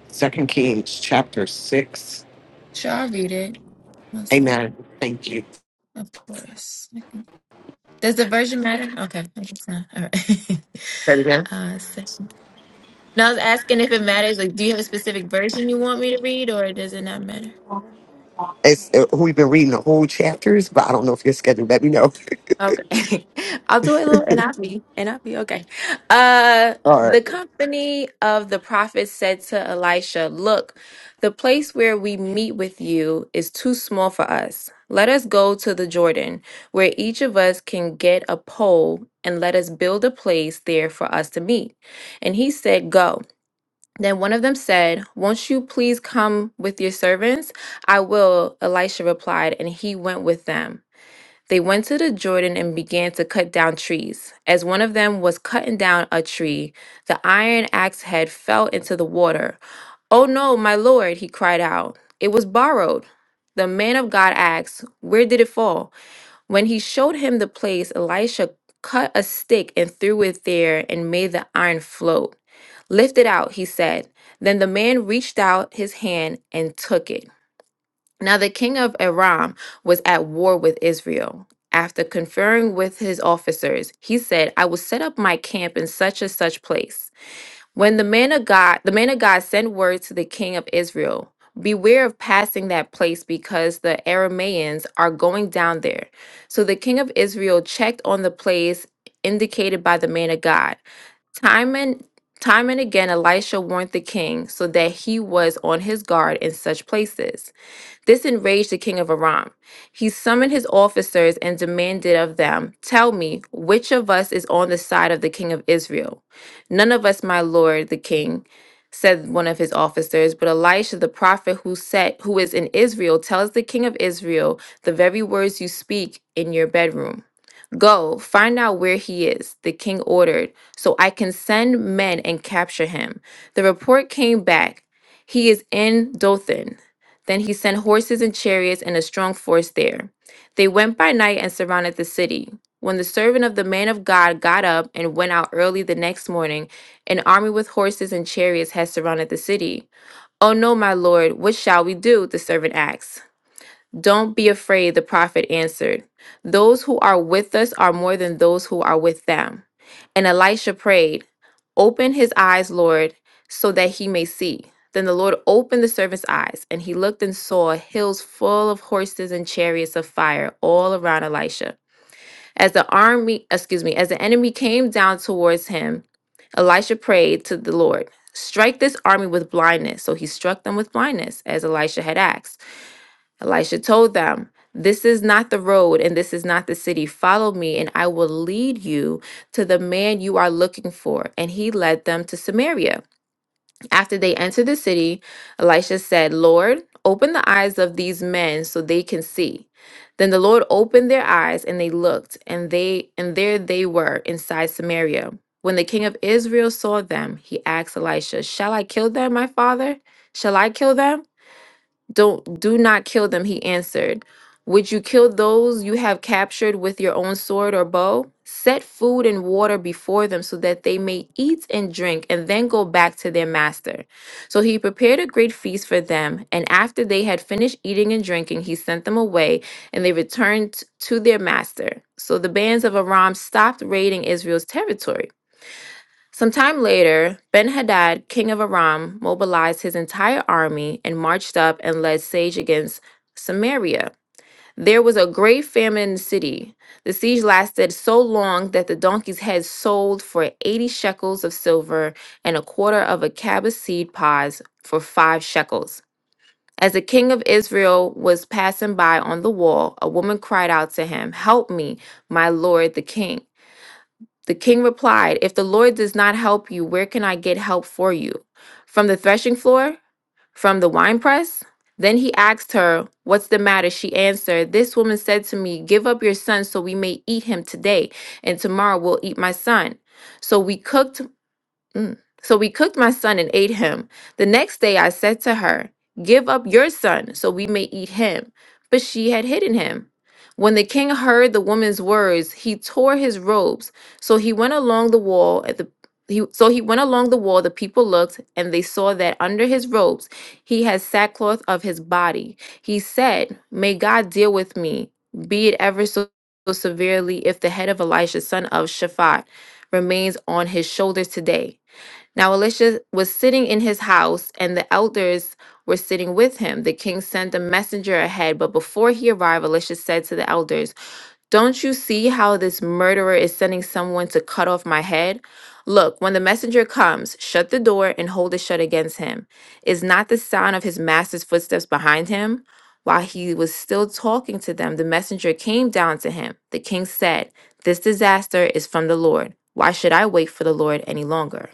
Second Kings chapter six.
Sure, I'll read it. One
Amen.
second.
Thank you.
Of course. Does the version matter? Okay. I guess not. All right. [laughs]
Say it again.
uh, so, and I was asking if it matters. Like, do you have a specific version you want me to read, or does it not matter?
It's, uh, we've been reading the whole chapters, but I don't know if you're scheduled. Let me know.
Okay. [laughs] I'll do it a little and I'll be and I'll be okay. Uh
[laughs] All right.
the company of the prophets said to Elisha, Look, the place where we meet with you is too small for us. Let us go to the Jordan, where each of us can get a pole, and let us build a place there for us to meet. And he said, Go. Then one of them said, Won't you please come with your servants? I will, Elisha replied, and he went with them. They went to the Jordan and began to cut down trees. As one of them was cutting down a tree, the iron axe head fell into the water. Oh no, my lord, he cried out. It was borrowed. The man of God asked, Where did it fall? When he showed him the place, Elisha cut a stick and threw it there and made the iron float. Lift it out, he said. Then the man reached out his hand and took it. Now, the king of Aram was at war with Israel. After conferring with his officers, he said, I will set up my camp in such and such place. When the man of God, the man of God sent word to the king of Israel, Beware of passing that place because the Arameans are going down there. So the king of Israel checked on the place indicated by the man of God. Time and time and again Elisha warned the king so that he was on his guard in such places. This enraged the king of Aram. He summoned his officers and demanded of them, Tell me, which of us is on the side of the king of Israel? None of us, my lord, the king, said one of his officers, but Elisha the prophet who said who is in Israel tells the king of Israel the very words you speak in your bedroom. Go, find out where he is, the king ordered, so I can send men and capture him. The report came back. He is in Dothan. Then he sent horses and chariots and a strong force there. They went by night and surrounded the city. When the servant of the man of God got up and went out early the next morning, an army with horses and chariots had surrounded the city. Oh no, my lord, what shall we do? The servant asked. Don't be afraid, the prophet answered. Those who are with us are more than those who are with them. And Elisha prayed, Open his eyes, Lord, so that he may see. Then the Lord opened the servant's eyes, and he looked and saw hills full of horses and chariots of fire all around Elisha. As the army, excuse me, as the enemy came down towards him, Elisha prayed to the Lord, Strike this army with blindness. So he struck them with blindness, as Elisha had asked. Elisha told them, This is not the road and this is not the city. Follow me, and I will lead you to the man you are looking for. And he led them to Samaria. After they entered the city, Elisha said, Lord, open the eyes of these men so they can see. Then the Lord opened their eyes and they looked, and they and there they were inside Samaria. When the king of Israel saw them, he asked Elisha, Shall I kill them, my father? Shall I kill them? Don't do not kill them, he answered. Would you kill those you have captured with your own sword or bow? Set food and water before them so that they may eat and drink and then go back to their master. So he prepared a great feast for them, and after they had finished eating and drinking, he sent them away, and they returned to their master. So the bands of Aram stopped raiding Israel's territory. Sometime later, Ben Hadad, king of Aram, mobilized his entire army and marched up and led siege against Samaria. There was a great famine in the city. The siege lasted so long that the donkey's heads sold for 80 shekels of silver and a quarter of a cab of seed pods for five shekels. As the king of Israel was passing by on the wall, a woman cried out to him, Help me, my lord the king. The king replied, If the Lord does not help you, where can I get help for you? From the threshing floor? From the winepress? Then he asked her, What's the matter? She answered, This woman said to me, 'Give up your son so we may eat him today, and tomorrow we'll eat my son. So we cooked Mm. So we cooked my son and ate him. The next day I said to her, Give up your son so we may eat him. But she had hidden him. When the king heard the woman's words, he tore his robes. So he went along the wall at the he, so he went along the wall, the people looked, and they saw that under his robes he had sackcloth of his body. He said, May God deal with me, be it ever so so severely, if the head of Elisha, son of Shaphat, remains on his shoulders today. Now Elisha was sitting in his house, and the elders were sitting with him. The king sent a messenger ahead, but before he arrived, Elisha said to the elders, Don't you see how this murderer is sending someone to cut off my head? Look, when the messenger comes, shut the door and hold it shut against him. Is not the sound of his master's footsteps behind him? While he was still talking to them, the messenger came down to him. The king said, This disaster is from the Lord. Why should I wait for the Lord any longer?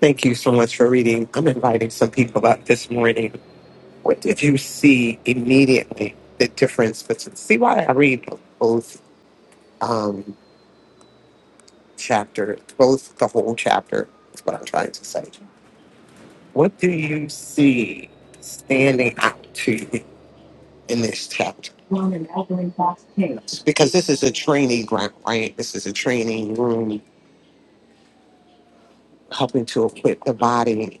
Thank you so much for reading. I'm inviting some people up this morning. What did you see immediately? The difference between see why I read both um, chapters, both the whole chapter. Is what I'm trying to say. What do you see standing out to you in this chapter? Hmm. Because this is a training ground, right? This is a training room, helping to equip the body.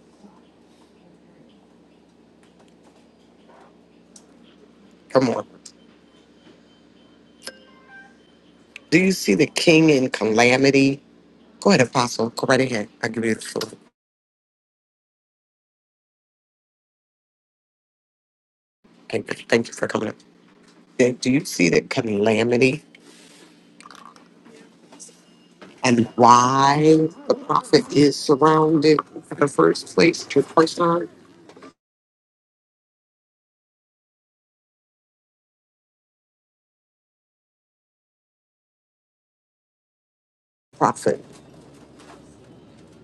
Come on. Do you see the king in calamity? Go ahead, Apostle. Go right ahead. I'll give you the floor. Thank you, thank you for coming up. Do do you see the calamity and why the prophet is surrounded in the first place? The first time, prophet.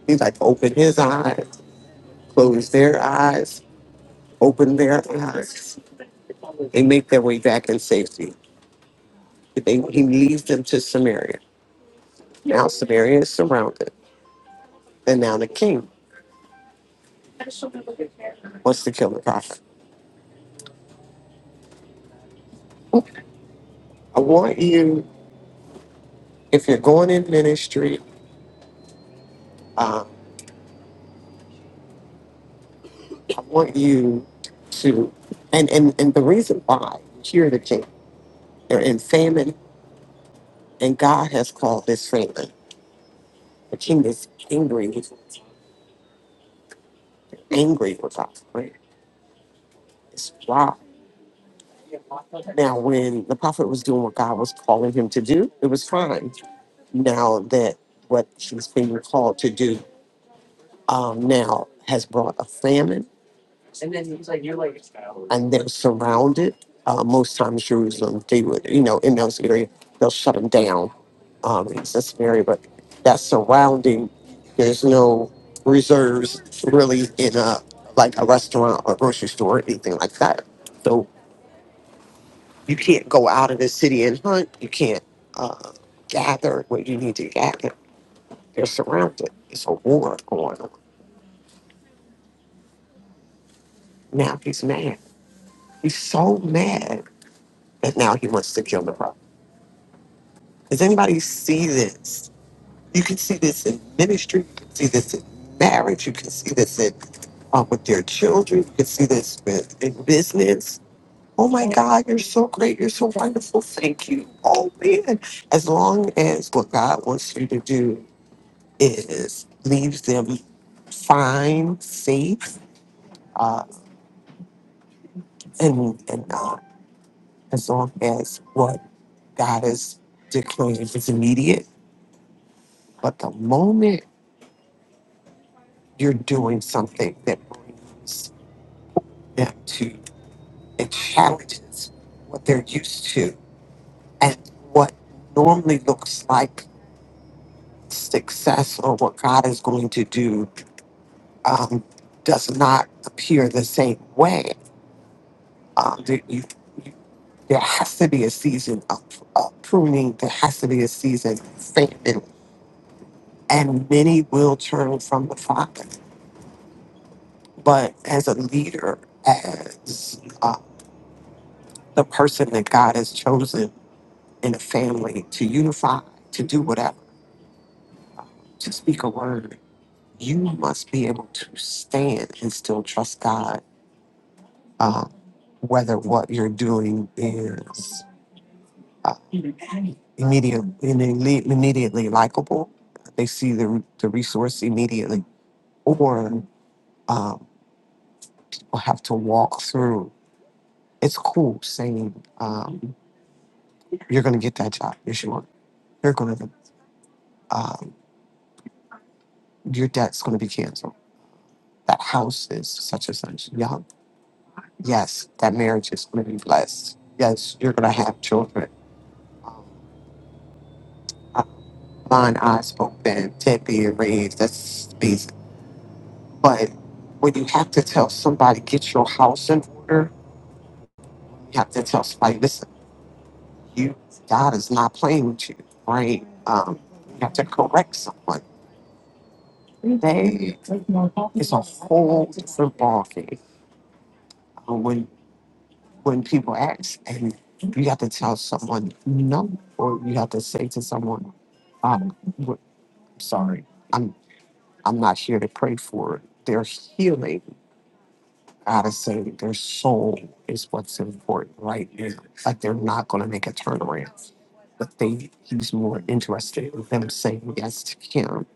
He's like, open his eyes, close their eyes, open their eyes. They make their way back in safety. They, he leads them to Samaria. Now Samaria is surrounded. And now the king wants to kill the prophet. I want you, if you're going in ministry, um, I want you to, and, and, and the reason why you hear the king, they're in famine, and God has called this famine. The king is angry, with- angry with us, right? It's wow. Now, when the prophet was doing what God was calling him to do, it was fine. Now that what he's being called to do um, now has brought a famine, And then it's like you're like and they're surrounded. Uh, most times, Jerusalem, they would, you know, in those areas, they'll shut them down. Um, it's just area, but that surrounding, there's no reserves really in a like a restaurant or grocery store or anything like that. So you can't go out of the city and hunt. You can't uh, gather where you need to gather. They're surrounded. It's a war going on. Now he's mad. He's so mad that now he wants to kill the brother. Does anybody see this? You can see this in ministry. You can see this in marriage. You can see this in uh, with their children. You can see this with in business. Oh my God, you're so great. You're so wonderful. Thank you. Oh man. As long as what God wants you to do is leaves them fine, safe, uh, and and uh, as long as what God is declaring is immediate. But the moment you're doing something that brings them to and challenges what they're used to and what normally looks like success or what God is going to do um, does not appear the same way. Um, there, you, you, there has to be a season of, of pruning. There has to be a season of famine, and many will turn from the Father. But as a leader, as uh, the person that God has chosen in a family to unify, to do whatever, to speak a word. You must be able to stand and still trust God, um, whether what you're doing is uh, immediate, immediately, immediately likable. They see the, the resource immediately, or um, will have to walk through. It's cool saying um, you're going to get that job. Yes, you are. You're going to. Um, your debt's going to be canceled that house is such and such. Yeah. Yes, that marriage is going to be blessed. Yes, you're going to have children. Um, uh, Mine eyes open, Ted being raised. That's amazing. But when you have to tell somebody, get your house in order, you have to tell somebody, listen, you, God is not playing with you, right? Um, you have to correct someone. They, it's a whole different ballgame Uh, when when people ask, and you have to tell someone no, or you have to say to someone, um, w- sorry, I'm I'm not here to pray for their healing. I gotta say their soul is what's important right now. Like they're not gonna make a turnaround. But they he's more interested in them saying yes to him.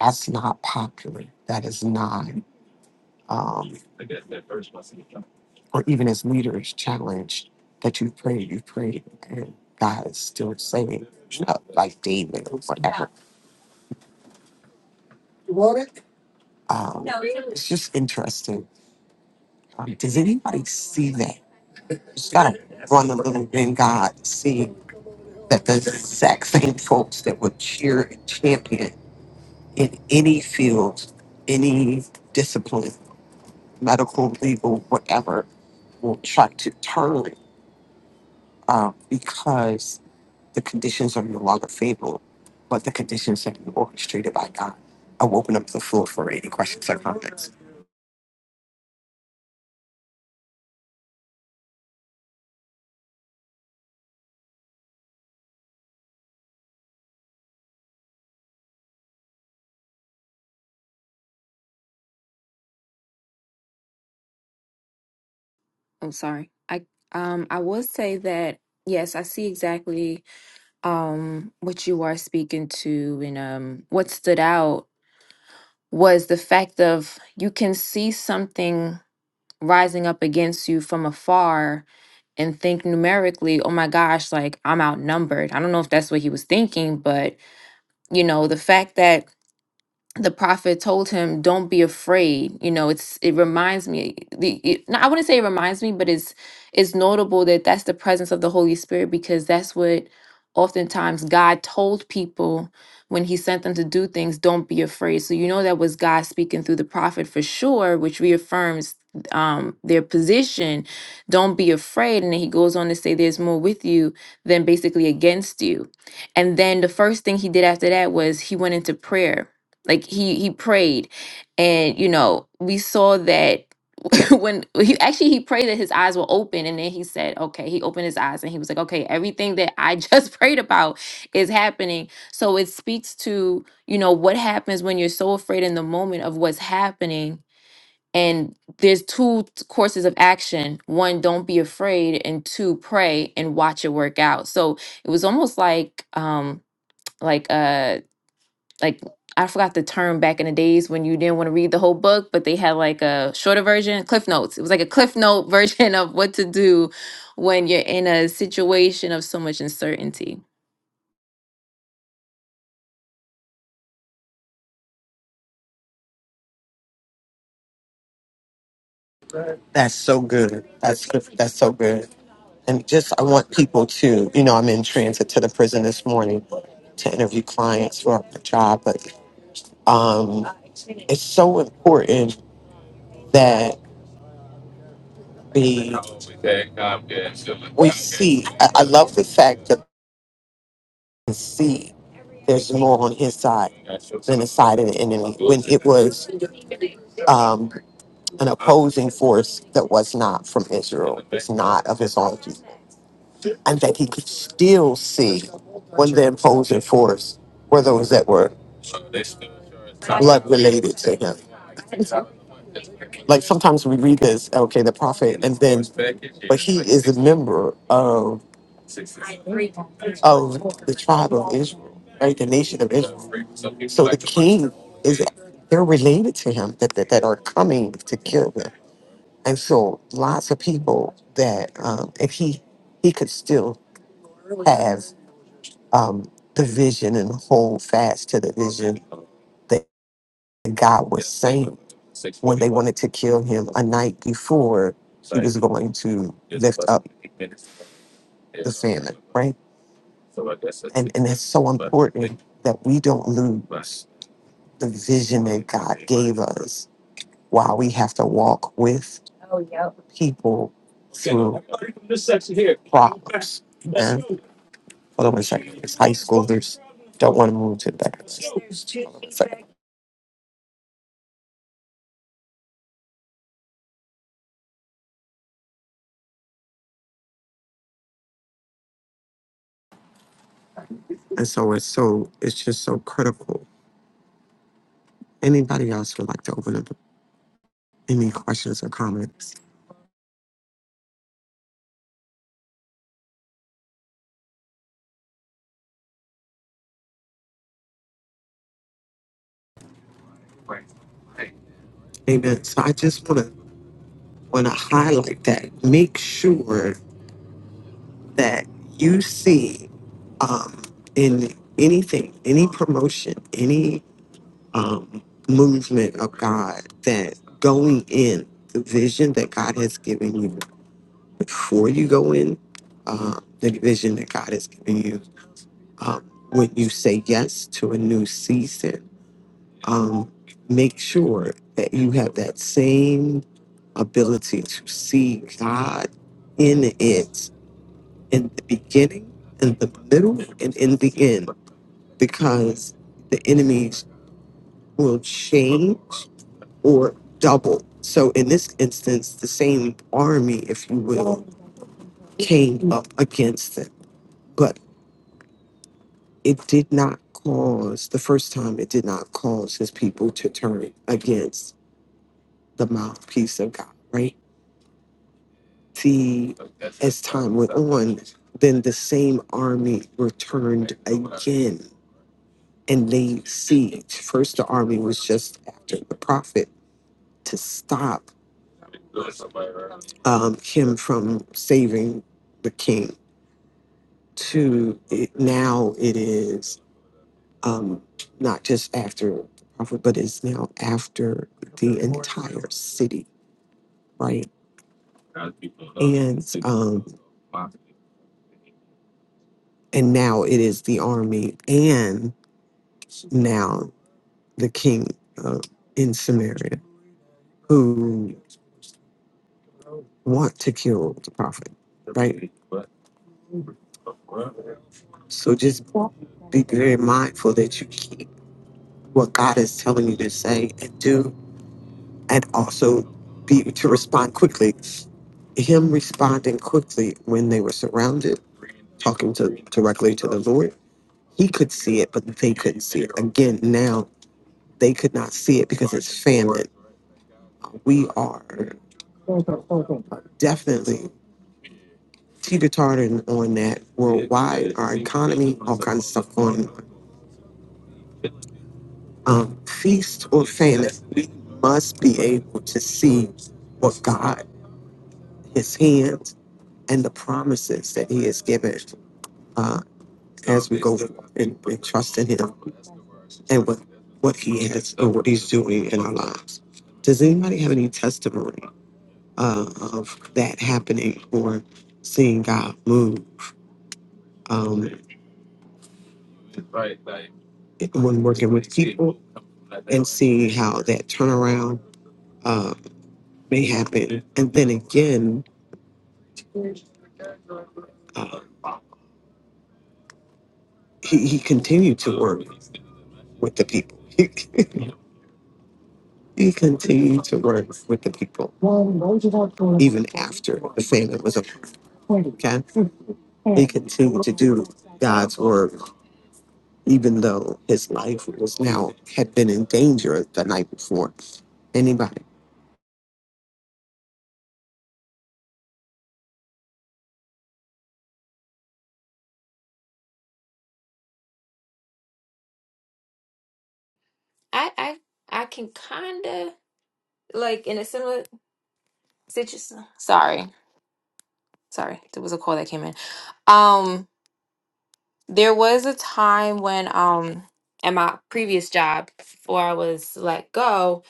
That's not popular. That is not. Um, or even as leaders challenged that you pray, you pray, and God is still saying, you know, like David or whatever. You Um, it's just interesting. Um, does anybody see that? Just gotta run a little in God, see that the exact same folks that would cheer and champion in any field, any discipline, medical, legal, whatever, will try to turn um, because The conditions are no longer favorable, but the conditions have been orchestrated by God. I will open up the floor for any questions or comments.
Oh, sorry. I um I would say that yes, I see exactly um what you are speaking to and um what stood out was the fact of you can see something rising up against you from afar and think numerically, oh my gosh, like I'm outnumbered. I don't know if that's what he was thinking, but you know, the fact that the prophet told him, "Don't be afraid." You know, it's it reminds me. The it, no, I wouldn't say it reminds me, but it's it's notable that that's the presence of the Holy Spirit because that's what oftentimes God told people when He sent them to do things. Don't be afraid. So you know that was God speaking through the prophet for sure, which reaffirms um their position. Don't be afraid, and then He goes on to say, "There's more with you than basically against you." And then the first thing He did after that was He went into prayer like he he prayed and you know we saw that [laughs] when he actually he prayed that his eyes were open and then he said okay he opened his eyes and he was like okay everything that i just [laughs] prayed about is happening so it speaks to you know what happens when you're so afraid in the moment of what's happening and there's two t- courses of action one don't be afraid and two pray and watch it work out so it was almost like um like uh like I forgot the term back in the days when you didn't want to read the whole book, but they had like a shorter version, Cliff Notes. It was like a Cliff Note [laughs] version of what to do when you're in a situation of so much uncertainty.
That's so good. That's good. That's so good. And just, I want people to, you know, I'm in transit to the prison this morning to interview clients for my job, but um, it's so important that we we see. I, I love the fact that we see there's more on his side than the side of the enemy when it was um, an opposing force that was not from Israel, was not of his own, people, and that he could still see when the opposing force were those that were blood related to him. Like sometimes we read this, okay, the prophet, and then, but he is a member of of the tribe of Israel, right? The nation of Israel. So the king is they're related to him that, that, that are coming to kill him. And so lots of people that um if he he could still have um the vision and hold fast to the vision that God was saying when they wanted to kill him a night before he was going to lift up the famine, right? And, and it's so But important that we don't lose the vision that God gave us while we have to walk with oh, yep. people through problems. Amen. Hold on one second. It's high schoolers. Don't want to move to the back. of the Hold on one second. And so it's so it's just so critical. Anybody else would like to open up any questions or comments? Amen. So I just wanna wanna highlight that. Make sure that you see um, in anything, any promotion, any um, movement of God, that going in, the vision that God has given you before you go in, uh, the vision that God has given you, um, when you say yes to a new season, um, make sure that you have that same ability to see God in it in the beginning, in the middle, and in the end, because the enemies will change or double. So in this instance, the same army, if you will, came up against them. But it did not cause, the first time, it did not cause his people to turn against the mouthpiece of God, right? See, as time went on, then the same army returned again and laid siege. First, the army was just after the prophet to stop um, him from saving the king. To it, now, it is um, not just after the prophet, but it's now after the entire city, right? And um, and now it is the army, and now the king uh, in Samaria who want to kill the prophet, right? So just be very mindful that you keep what God is telling you to say and do, and also be to respond quickly. Him responding quickly when they were surrounded, talking to directly to the Lord, he could see it, but they couldn't see it. Again, now they could not see it because it's famine. We are definitely teeter tottering on that worldwide, our economy, all kinds of stuff going um, feast or famine, we must be able to see what God, His hands, and the promises that He has given uh, as we go and, and trust in Him and what what He has and what He's doing in our lives. Does anybody have any testimony uh, of that happening or seeing God move um, when working with people and seeing how that turnaround uh, may happen? And then again, uh, he, he continued to work with the people. [laughs] he continued to work with the people even after the famine was over. Okay? He continued to do God's work, even though his life was now had been in danger the night before. Anybody?
I I I can kind of like in a similar situation. Sorry, sorry, there was a call that came in. Um, There was a time when um at my previous job before I was let go,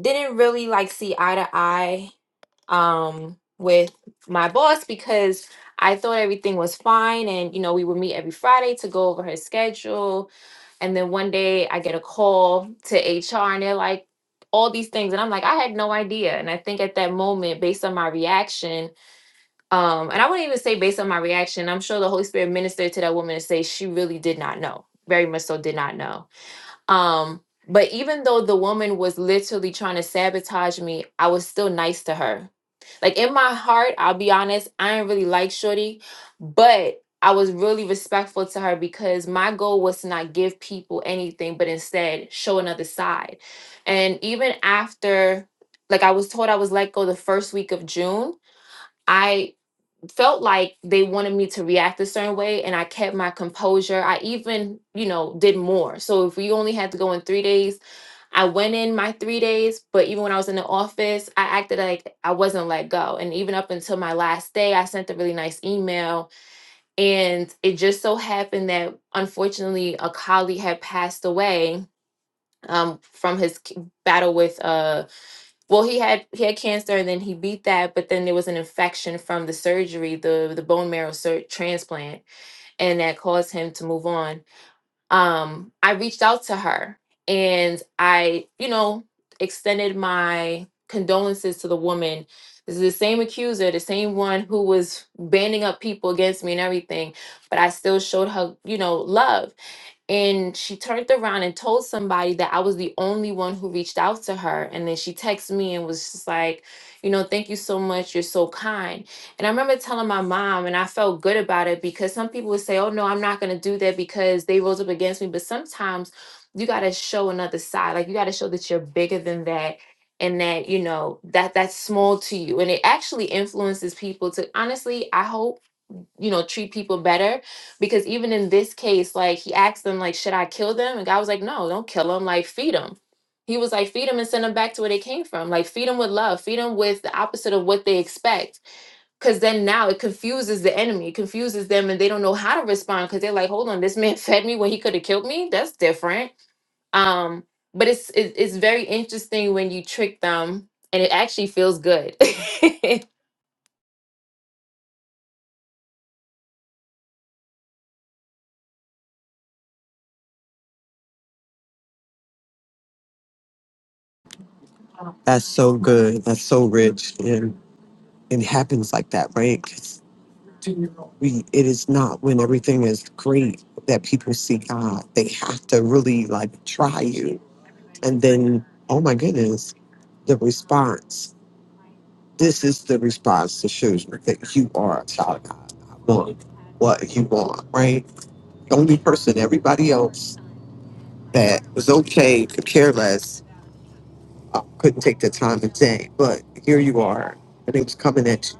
didn't really like see eye to eye um with my boss because I thought everything was fine and you know we would meet every Friday to go over her schedule and then one day I get a call to HR and they're like all these things and I'm like I had no idea and I think at that moment based on my reaction um, and I wouldn't even say based on my reaction, I'm sure the Holy Spirit ministered to that woman to say she really did not know, very much so did not know. Um, but even though the woman was literally trying to sabotage me, I was still nice to her. Like in my heart, I'll be honest, I ain't really like Shorty, but I was really respectful to her because my goal was to not give people anything, but instead show another side. And even after, like I was told I was let go the first week of June, I felt like they wanted me to react a certain way and I kept my composure. I even, you know, did more. So if we only had to go in 3 days, I went in my 3 days, but even when I was in the office, I acted like I wasn't let go. And even up until my last day, I sent a really nice email and it just so happened that unfortunately a colleague had passed away um from his c- battle with uh well, he had he had cancer, and then he beat that, but then there was an infection from the surgery, the the bone marrow sur- transplant, and that caused him to move on. Um, I reached out to her, and I, you know, extended my condolences to the woman. This is the same accuser, the same one who was banding up people against me and everything, but I still showed her, you know, love. And she turned around and told somebody that I was the only one who reached out to her. And then she texted me and was just like, you know, thank you so much. You're so kind. And I remember telling my mom, and I felt good about it because some people would say, oh, no, I'm not going to do that because they rose up against me. But sometimes you got to show another side. Like you got to show that you're bigger than that and that, you know, that that's small to you. And it actually influences people to honestly, I hope you know treat people better because even in this case like he asked them like should i kill them and god was like no don't kill them like feed them he was like feed them and send them back to where they came from like feed them with love feed them with the opposite of what they expect because then now it confuses the enemy it confuses them and they don't know how to respond because they're like hold on this man [laughs] fed me when he could have killed me that's different um but it's it, it's very interesting when you trick them and it actually feels good [laughs]
That's so good. That's so rich. And it happens like that, right? We, it is not when everything is great that people see God. They have to really like try you. And then, oh my goodness, the response. This is the response that shows me that you are a child of God. I want what you want, right? The only person, everybody else that was okay, could care less, uh, couldn't take the time to say, but here you are, and it was coming at you.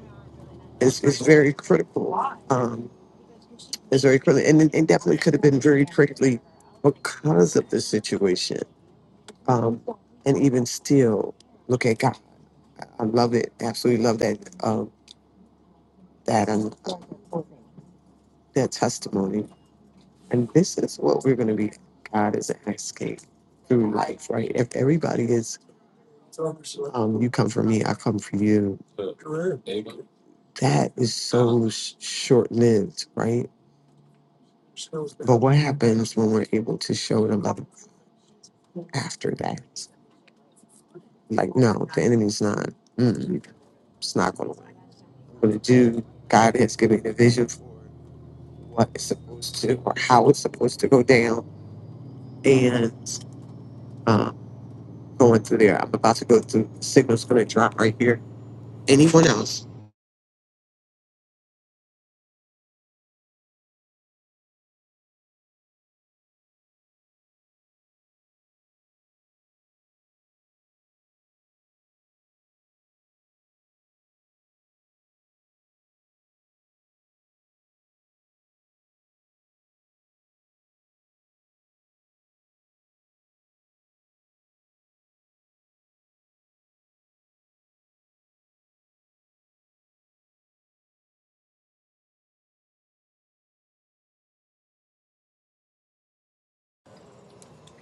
It's, it's very critical. Um, It's very quickly, and it, it definitely could have been very quickly because of the situation. Um, and even still, look at God. I love it. Absolutely love that. Um, that and that testimony. And this is what we're going to be. God is asking through life, right? If everybody is, um, you come for me, I come for you. That is so sh- short lived, right? But what happens when we're able to show the love after that? Like, no, the enemy's not. Mm, it's not going to work. I'm going to do. God has given me the vision for what it's supposed to or how it's supposed to go down. And um, going through there, I'm about to go through. The signal's going to drop right here. Anyone else?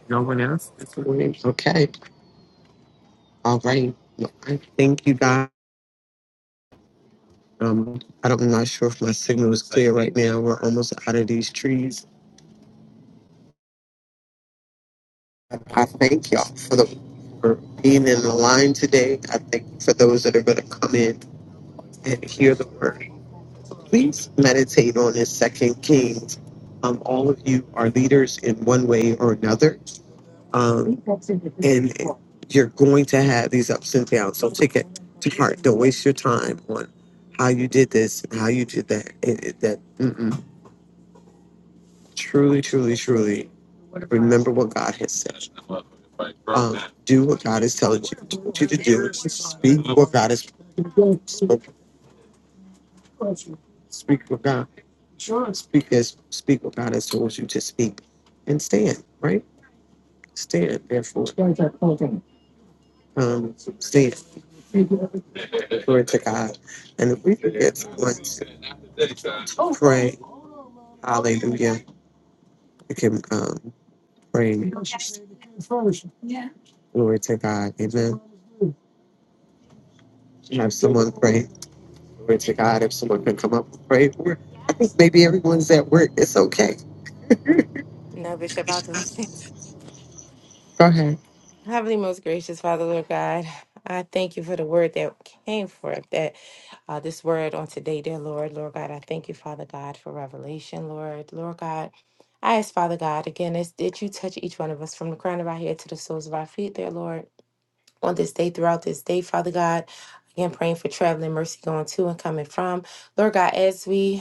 No one else this morning? Okay. All right. Well, I thank you, God. Um, I don't, I'm not sure if my signal is clear right now. We're almost out of these trees. I thank y'all for the for being in the line today. I thank you for those that are going to come in. and hear the word. Please meditate on this Second Kings. Um, all of you are leaders in one way or another, um, and you're going to have these ups and downs. So take it to heart. Don't waste your time on how you did this and how you did that. It, it, that mm-mm. truly, truly, truly, remember what God has said. Um, do what God is telling you to do. Speak what God has spoken. Speak for God. Sure. Speak as speak what God has told you to speak. And stand, right? Stand, therefore. Stand Um stand. Glory to God. And if we forget get someone pray, hallelujah. We can um pray. Glory to God. Amen. Have someone pray. Glory to God. If someone can come up and pray. for, I think maybe everyone's at work. It's okay.
No, Bishop, I'll do it.
Go ahead.
Heavenly, most gracious Father, Lord God, I thank you for the word that came forth, that uh, this word on today, dear Lord, Lord God, I thank you, Father God, for revelation, Lord, Lord God. I ask, Father God, again, is that you touch each one of us from the crown of our head to the soles of our feet, dear Lord, on this day, throughout this day, Father God. Again, praying for traveling mercy going to and coming from. Lord God, as we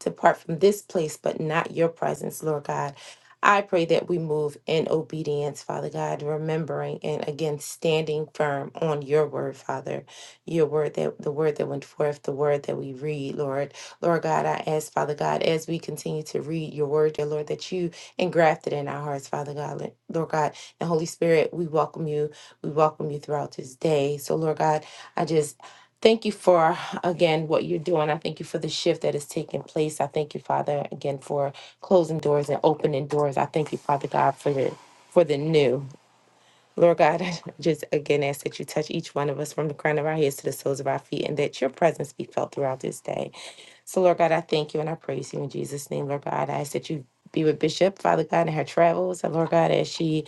depart from this place, but not your presence, Lord God. I pray that we move in obedience, Father God, remembering and again standing firm on your word, Father. Your word that the word that went forth, the word that we read, Lord. Lord God, I ask, Father God, as we continue to read your word, dear Lord, that you engrafted in our hearts, Father God, Lord God, and Holy Spirit, we welcome you. We welcome you throughout this day. So, Lord God, I just Thank you for, again, what you're doing. I thank you for the shift that is taking place. I thank you, Father, again, for closing doors and opening doors. I thank you, Father God, for the, for the new. Lord God, [laughs] I just again ask that you touch each one of us from the crown of our heads to the soles of our feet and that your presence be felt throughout this day. So, Lord God, I thank you and I praise you in Jesus' name, Lord God. I ask that you be with Bishop, Father God, in her travels. And Lord God, as she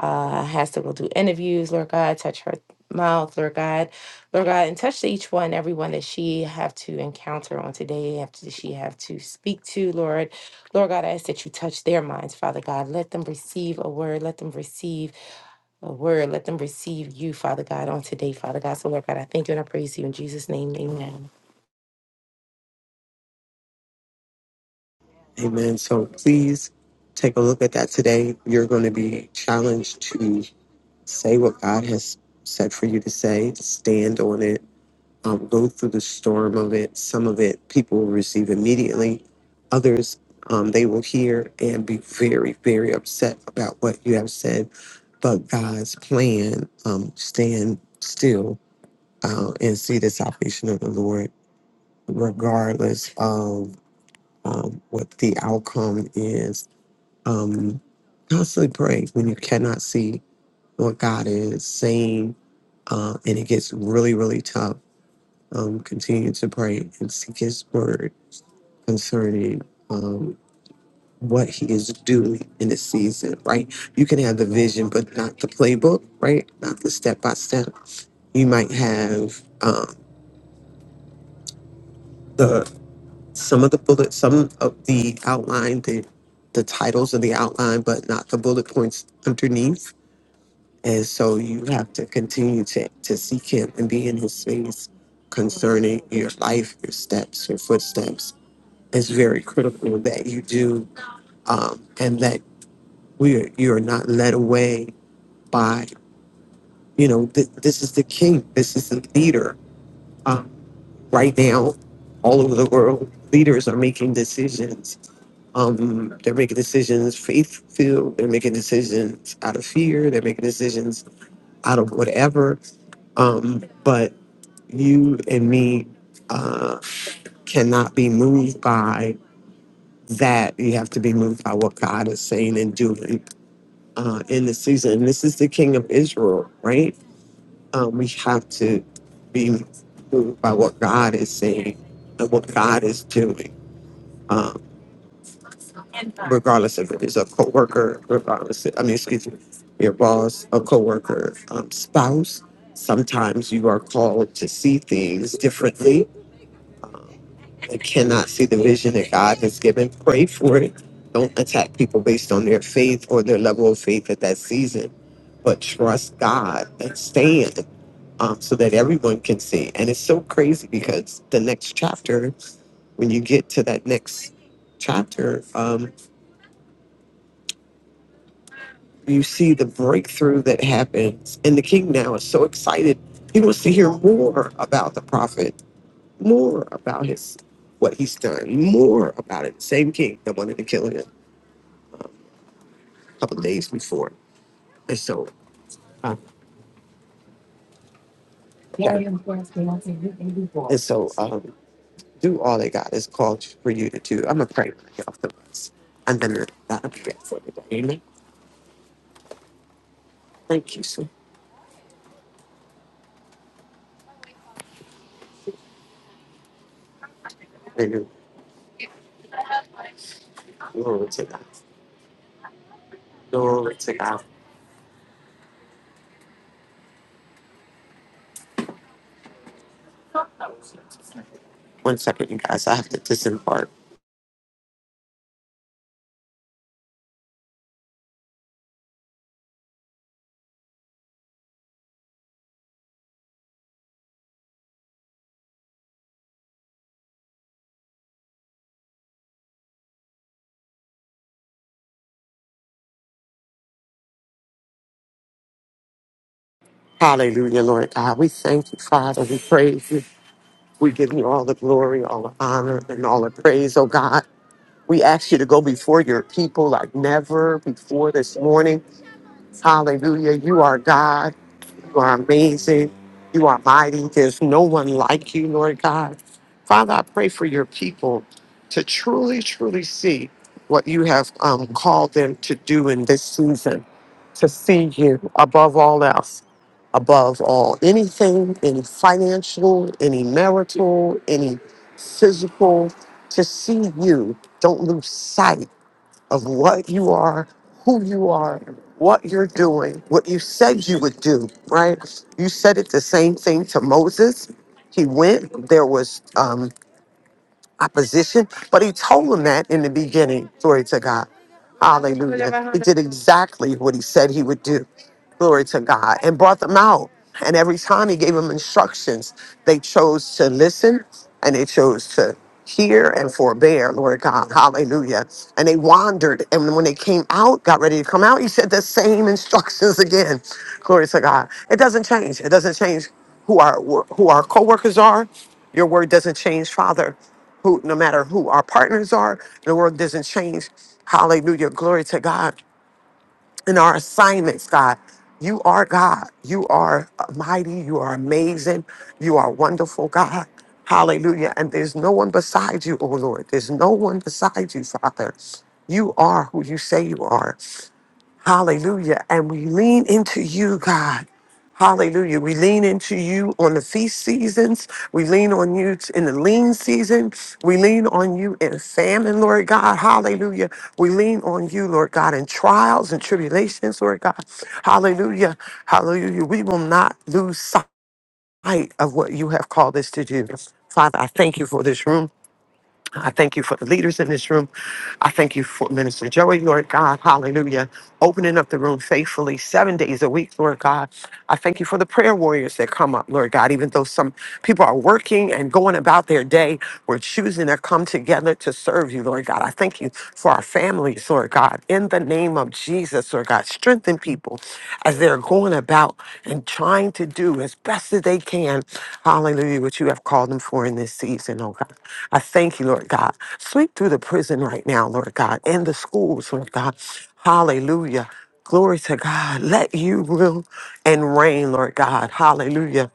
uh, has to go do interviews, Lord God, touch her mouth, Lord God, Lord God, and touch each one, everyone that she have to encounter on today, have to, she have to speak to, Lord. Lord God, I ask that you touch their minds, Father God. Let them receive a word. Let them receive a word. Let them receive you, Father God, on today, Father God. So, Lord God, I thank you and I praise you in Jesus' name. Amen.
Amen. So please take a look at that today. You're going to be challenged to say what God has said for you to say, stand on it, um, go through the storm of it. Some of it people will receive immediately, others um, they will hear and be very, very upset about what you have said. But God's plan, um, stand still uh, and see the salvation of the Lord, regardless of um, what the outcome is um, constantly pray when you cannot see what God is saying, uh, and it gets really, really tough. Um, continue to pray and seek His word concerning um, what He is doing in this season. Right? You can have the vision, but not the playbook. Right? Not the step by step. You might have um, the some of the bullet, some of the outline, the the titles of the outline, but not the bullet points underneath And so you have to continue to, to seek him and be in his face concerning your life, your steps, your footsteps. It's very critical that you do um, and that we are, you are not led away by, you know, th- this is the king, this is the leader. Um, right now, all over the world, leaders are making decisions. Um, they're making decisions faith filled, they're making decisions out of fear, they're making decisions out of whatever. Um, but you and me uh, cannot be moved by that. You have to be moved by what God is saying and doing uh, in the season. And this is the King of Israel, right? Um, we have to be moved by what God is saying and what God is doing, um, regardless if it is a coworker, regardless, I mean, excuse me, your boss, a coworker, um, spouse. Sometimes you are called to see things differently um, that cannot see the vision that God has given, pray for it. Don't attack people based on their faith or their level of faith at that season, but trust God and stand um, so that everyone can see. And it's so crazy because the next chapter, when you get to that next chapter, um, you see the breakthrough that happens. And the king now is so excited. He wants to hear more about the prophet, more about his what he's done, more about it. Same king that wanted to kill him a couple of days before. And so, uh, yeah. And so, um, do all that God has called for you to do. I'm going to pray for y'all for us. And then that'll be it for today. Amen. Thank you, sir. Hallelujah. Glory to God. Glory to God. One second, you guys. I have to disembark. Hallelujah, Lord God. We thank you, Father. We praise you. We give you all the glory, all the honor, and all the praise, oh God. We ask you to go before your people like never before this morning. Hallelujah. You are God. You are amazing. You are mighty. There's no one like you, Lord God. Father, I pray for your people to truly, truly see what you have um, called them to do in this season, to see you above all else, above all anything, any financial, any marital, any physical, to see you. Don't lose sight of what you are, who you are, what you're doing, what you said you would do, right? You said it the same thing to Moses. He went, there was um, opposition, but he told him that in the beginning. Glory to God. Hallelujah. He did exactly what he said he would do. Glory to God. And brought them out. And every time he gave them instructions, they chose to listen and they chose to hear and forbear, Lord God. Hallelujah. And they wandered. And when they came out, got ready to come out, he said the same instructions [laughs] again. Glory to God. It doesn't change. It doesn't change who our who our co-workers are. Your word doesn't change, Father. Who no matter who our partners are, the word doesn't change. Hallelujah. Glory to God in our assignments, God. You are God. You are mighty. You are amazing. You are wonderful, God. Hallelujah. And there's no one beside you, oh Lord. There's no one beside you, Father. You are who you say you are. Hallelujah. And we lean into you, God. Hallelujah. We lean into you on the feast seasons. We lean on you t- in the lean season. We lean on you in famine, Lord God. Hallelujah. We lean on you, Lord God, in trials and tribulations, Lord God. Hallelujah. Hallelujah. We will not lose sight of what you have called us to do. Father, I thank you for this room. I thank you for the leaders in this room. I thank you for Minister Joey, Lord God. Hallelujah. Opening up the room faithfully seven days a week, Lord God. I thank you for the prayer warriors that come up, Lord God. Even though some people are working and going about their day, we're choosing to come together to serve you, Lord God. I thank you for our families, Lord God. In the name of Jesus. Jesus, Lord God. Strengthen people as they're going about and trying to do as best as they can, hallelujah, what you have called them for in this season, oh God. I thank you, Lord God. Sweep through the prison right now, Lord God, and the schools, Lord God. Hallelujah. Glory to God. Let you rule and reign, Lord God. Hallelujah.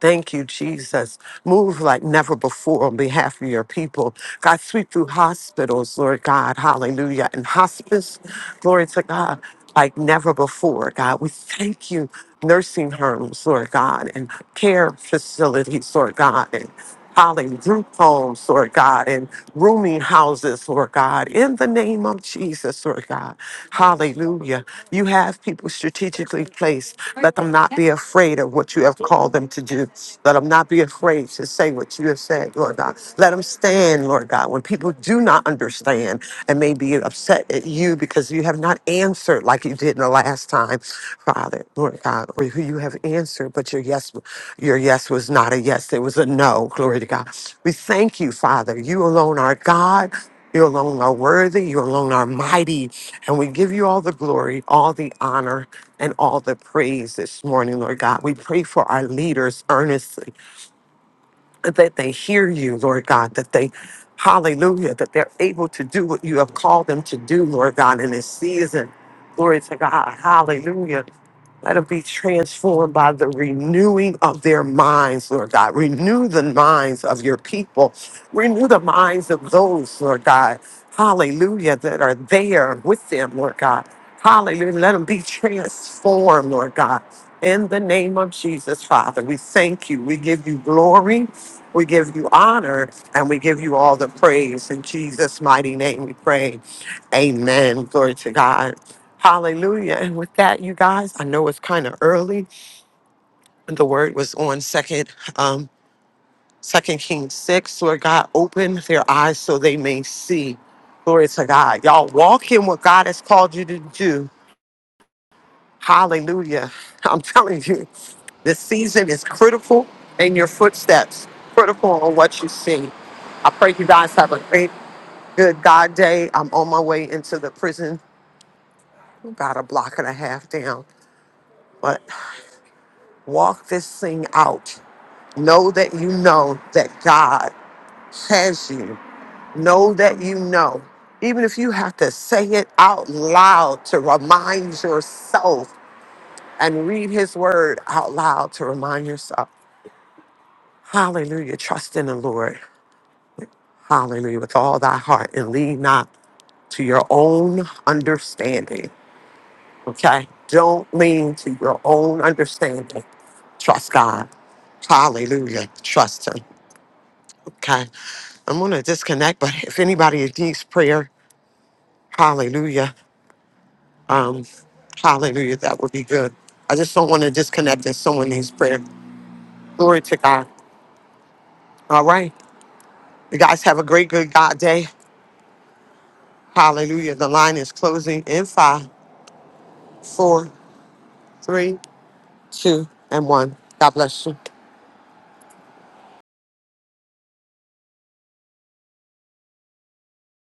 Thank you, Jesus. Move like never before on behalf of your people. God, sweep through hospitals, Lord God. Hallelujah. And hospice, glory to God, like never before, God. We thank you. Nursing homes, Lord God, and care facilities, Lord God, and Hall and group homes, Lord God, and rooming houses, Lord God, in the name of Jesus, Lord God. Hallelujah. You have people strategically placed. Let them not be afraid of what you have called them to do. Let them not be afraid to say what you have said, Lord God. Let them stand, Lord God, when people do not understand and may be upset at you because you have not answered like you did the last time, Father, Lord God, or who you have answered, but your yes. Your yes was not a yes, it was a no. Glory to God. We thank you, Father. You alone are God. You alone are worthy. You alone are mighty. And we give you all the glory, all the honor, and all the praise this morning, Lord God. We pray for our leaders earnestly that they hear you, Lord God, that they, hallelujah, that they're able to do what you have called them to do, Lord God, in this season. Glory to God. Hallelujah. Let them be transformed by the renewing of their minds, Lord God. Renew the minds of your people. Renew the minds of those, Lord God. Hallelujah, that are there with them, Lord God. Hallelujah. Let them be transformed, Lord God. In the name of Jesus, Father, we thank you. We give you glory. We give you honor and we give you all the praise. In Jesus' mighty name we pray. Amen. Glory to God. Hallelujah. And with that, you guys, I know it's kind of early. The word was on second, um, second Kings six, Lord God, open their eyes so they may see. Glory to God. Y'all walk in what God has called you to do. Hallelujah. [laughs] I'm telling you, this season is critical in your footsteps, critical on what you see. I pray you guys have a great, good God day. I'm on my way into the prison. about a block and a half down, but walk this thing out. Know that you know that God has you. Know that you know. Even if you have to say it out loud to remind yourself and read his word out loud to remind yourself. Hallelujah. Trust in the Lord. Hallelujah. With all thy heart and lean not to your own understanding. Okay? Don't lean to your own understanding. Trust God. Hallelujah. Trust him. Okay? I'm going to disconnect, but if anybody needs prayer, hallelujah. Um, hallelujah, that would be good. I just don't want to disconnect if someone needs prayer. Glory to God. All right. You guys have a great, good God day. Hallelujah. The line is closing in five, four, three, two, and one. God bless you.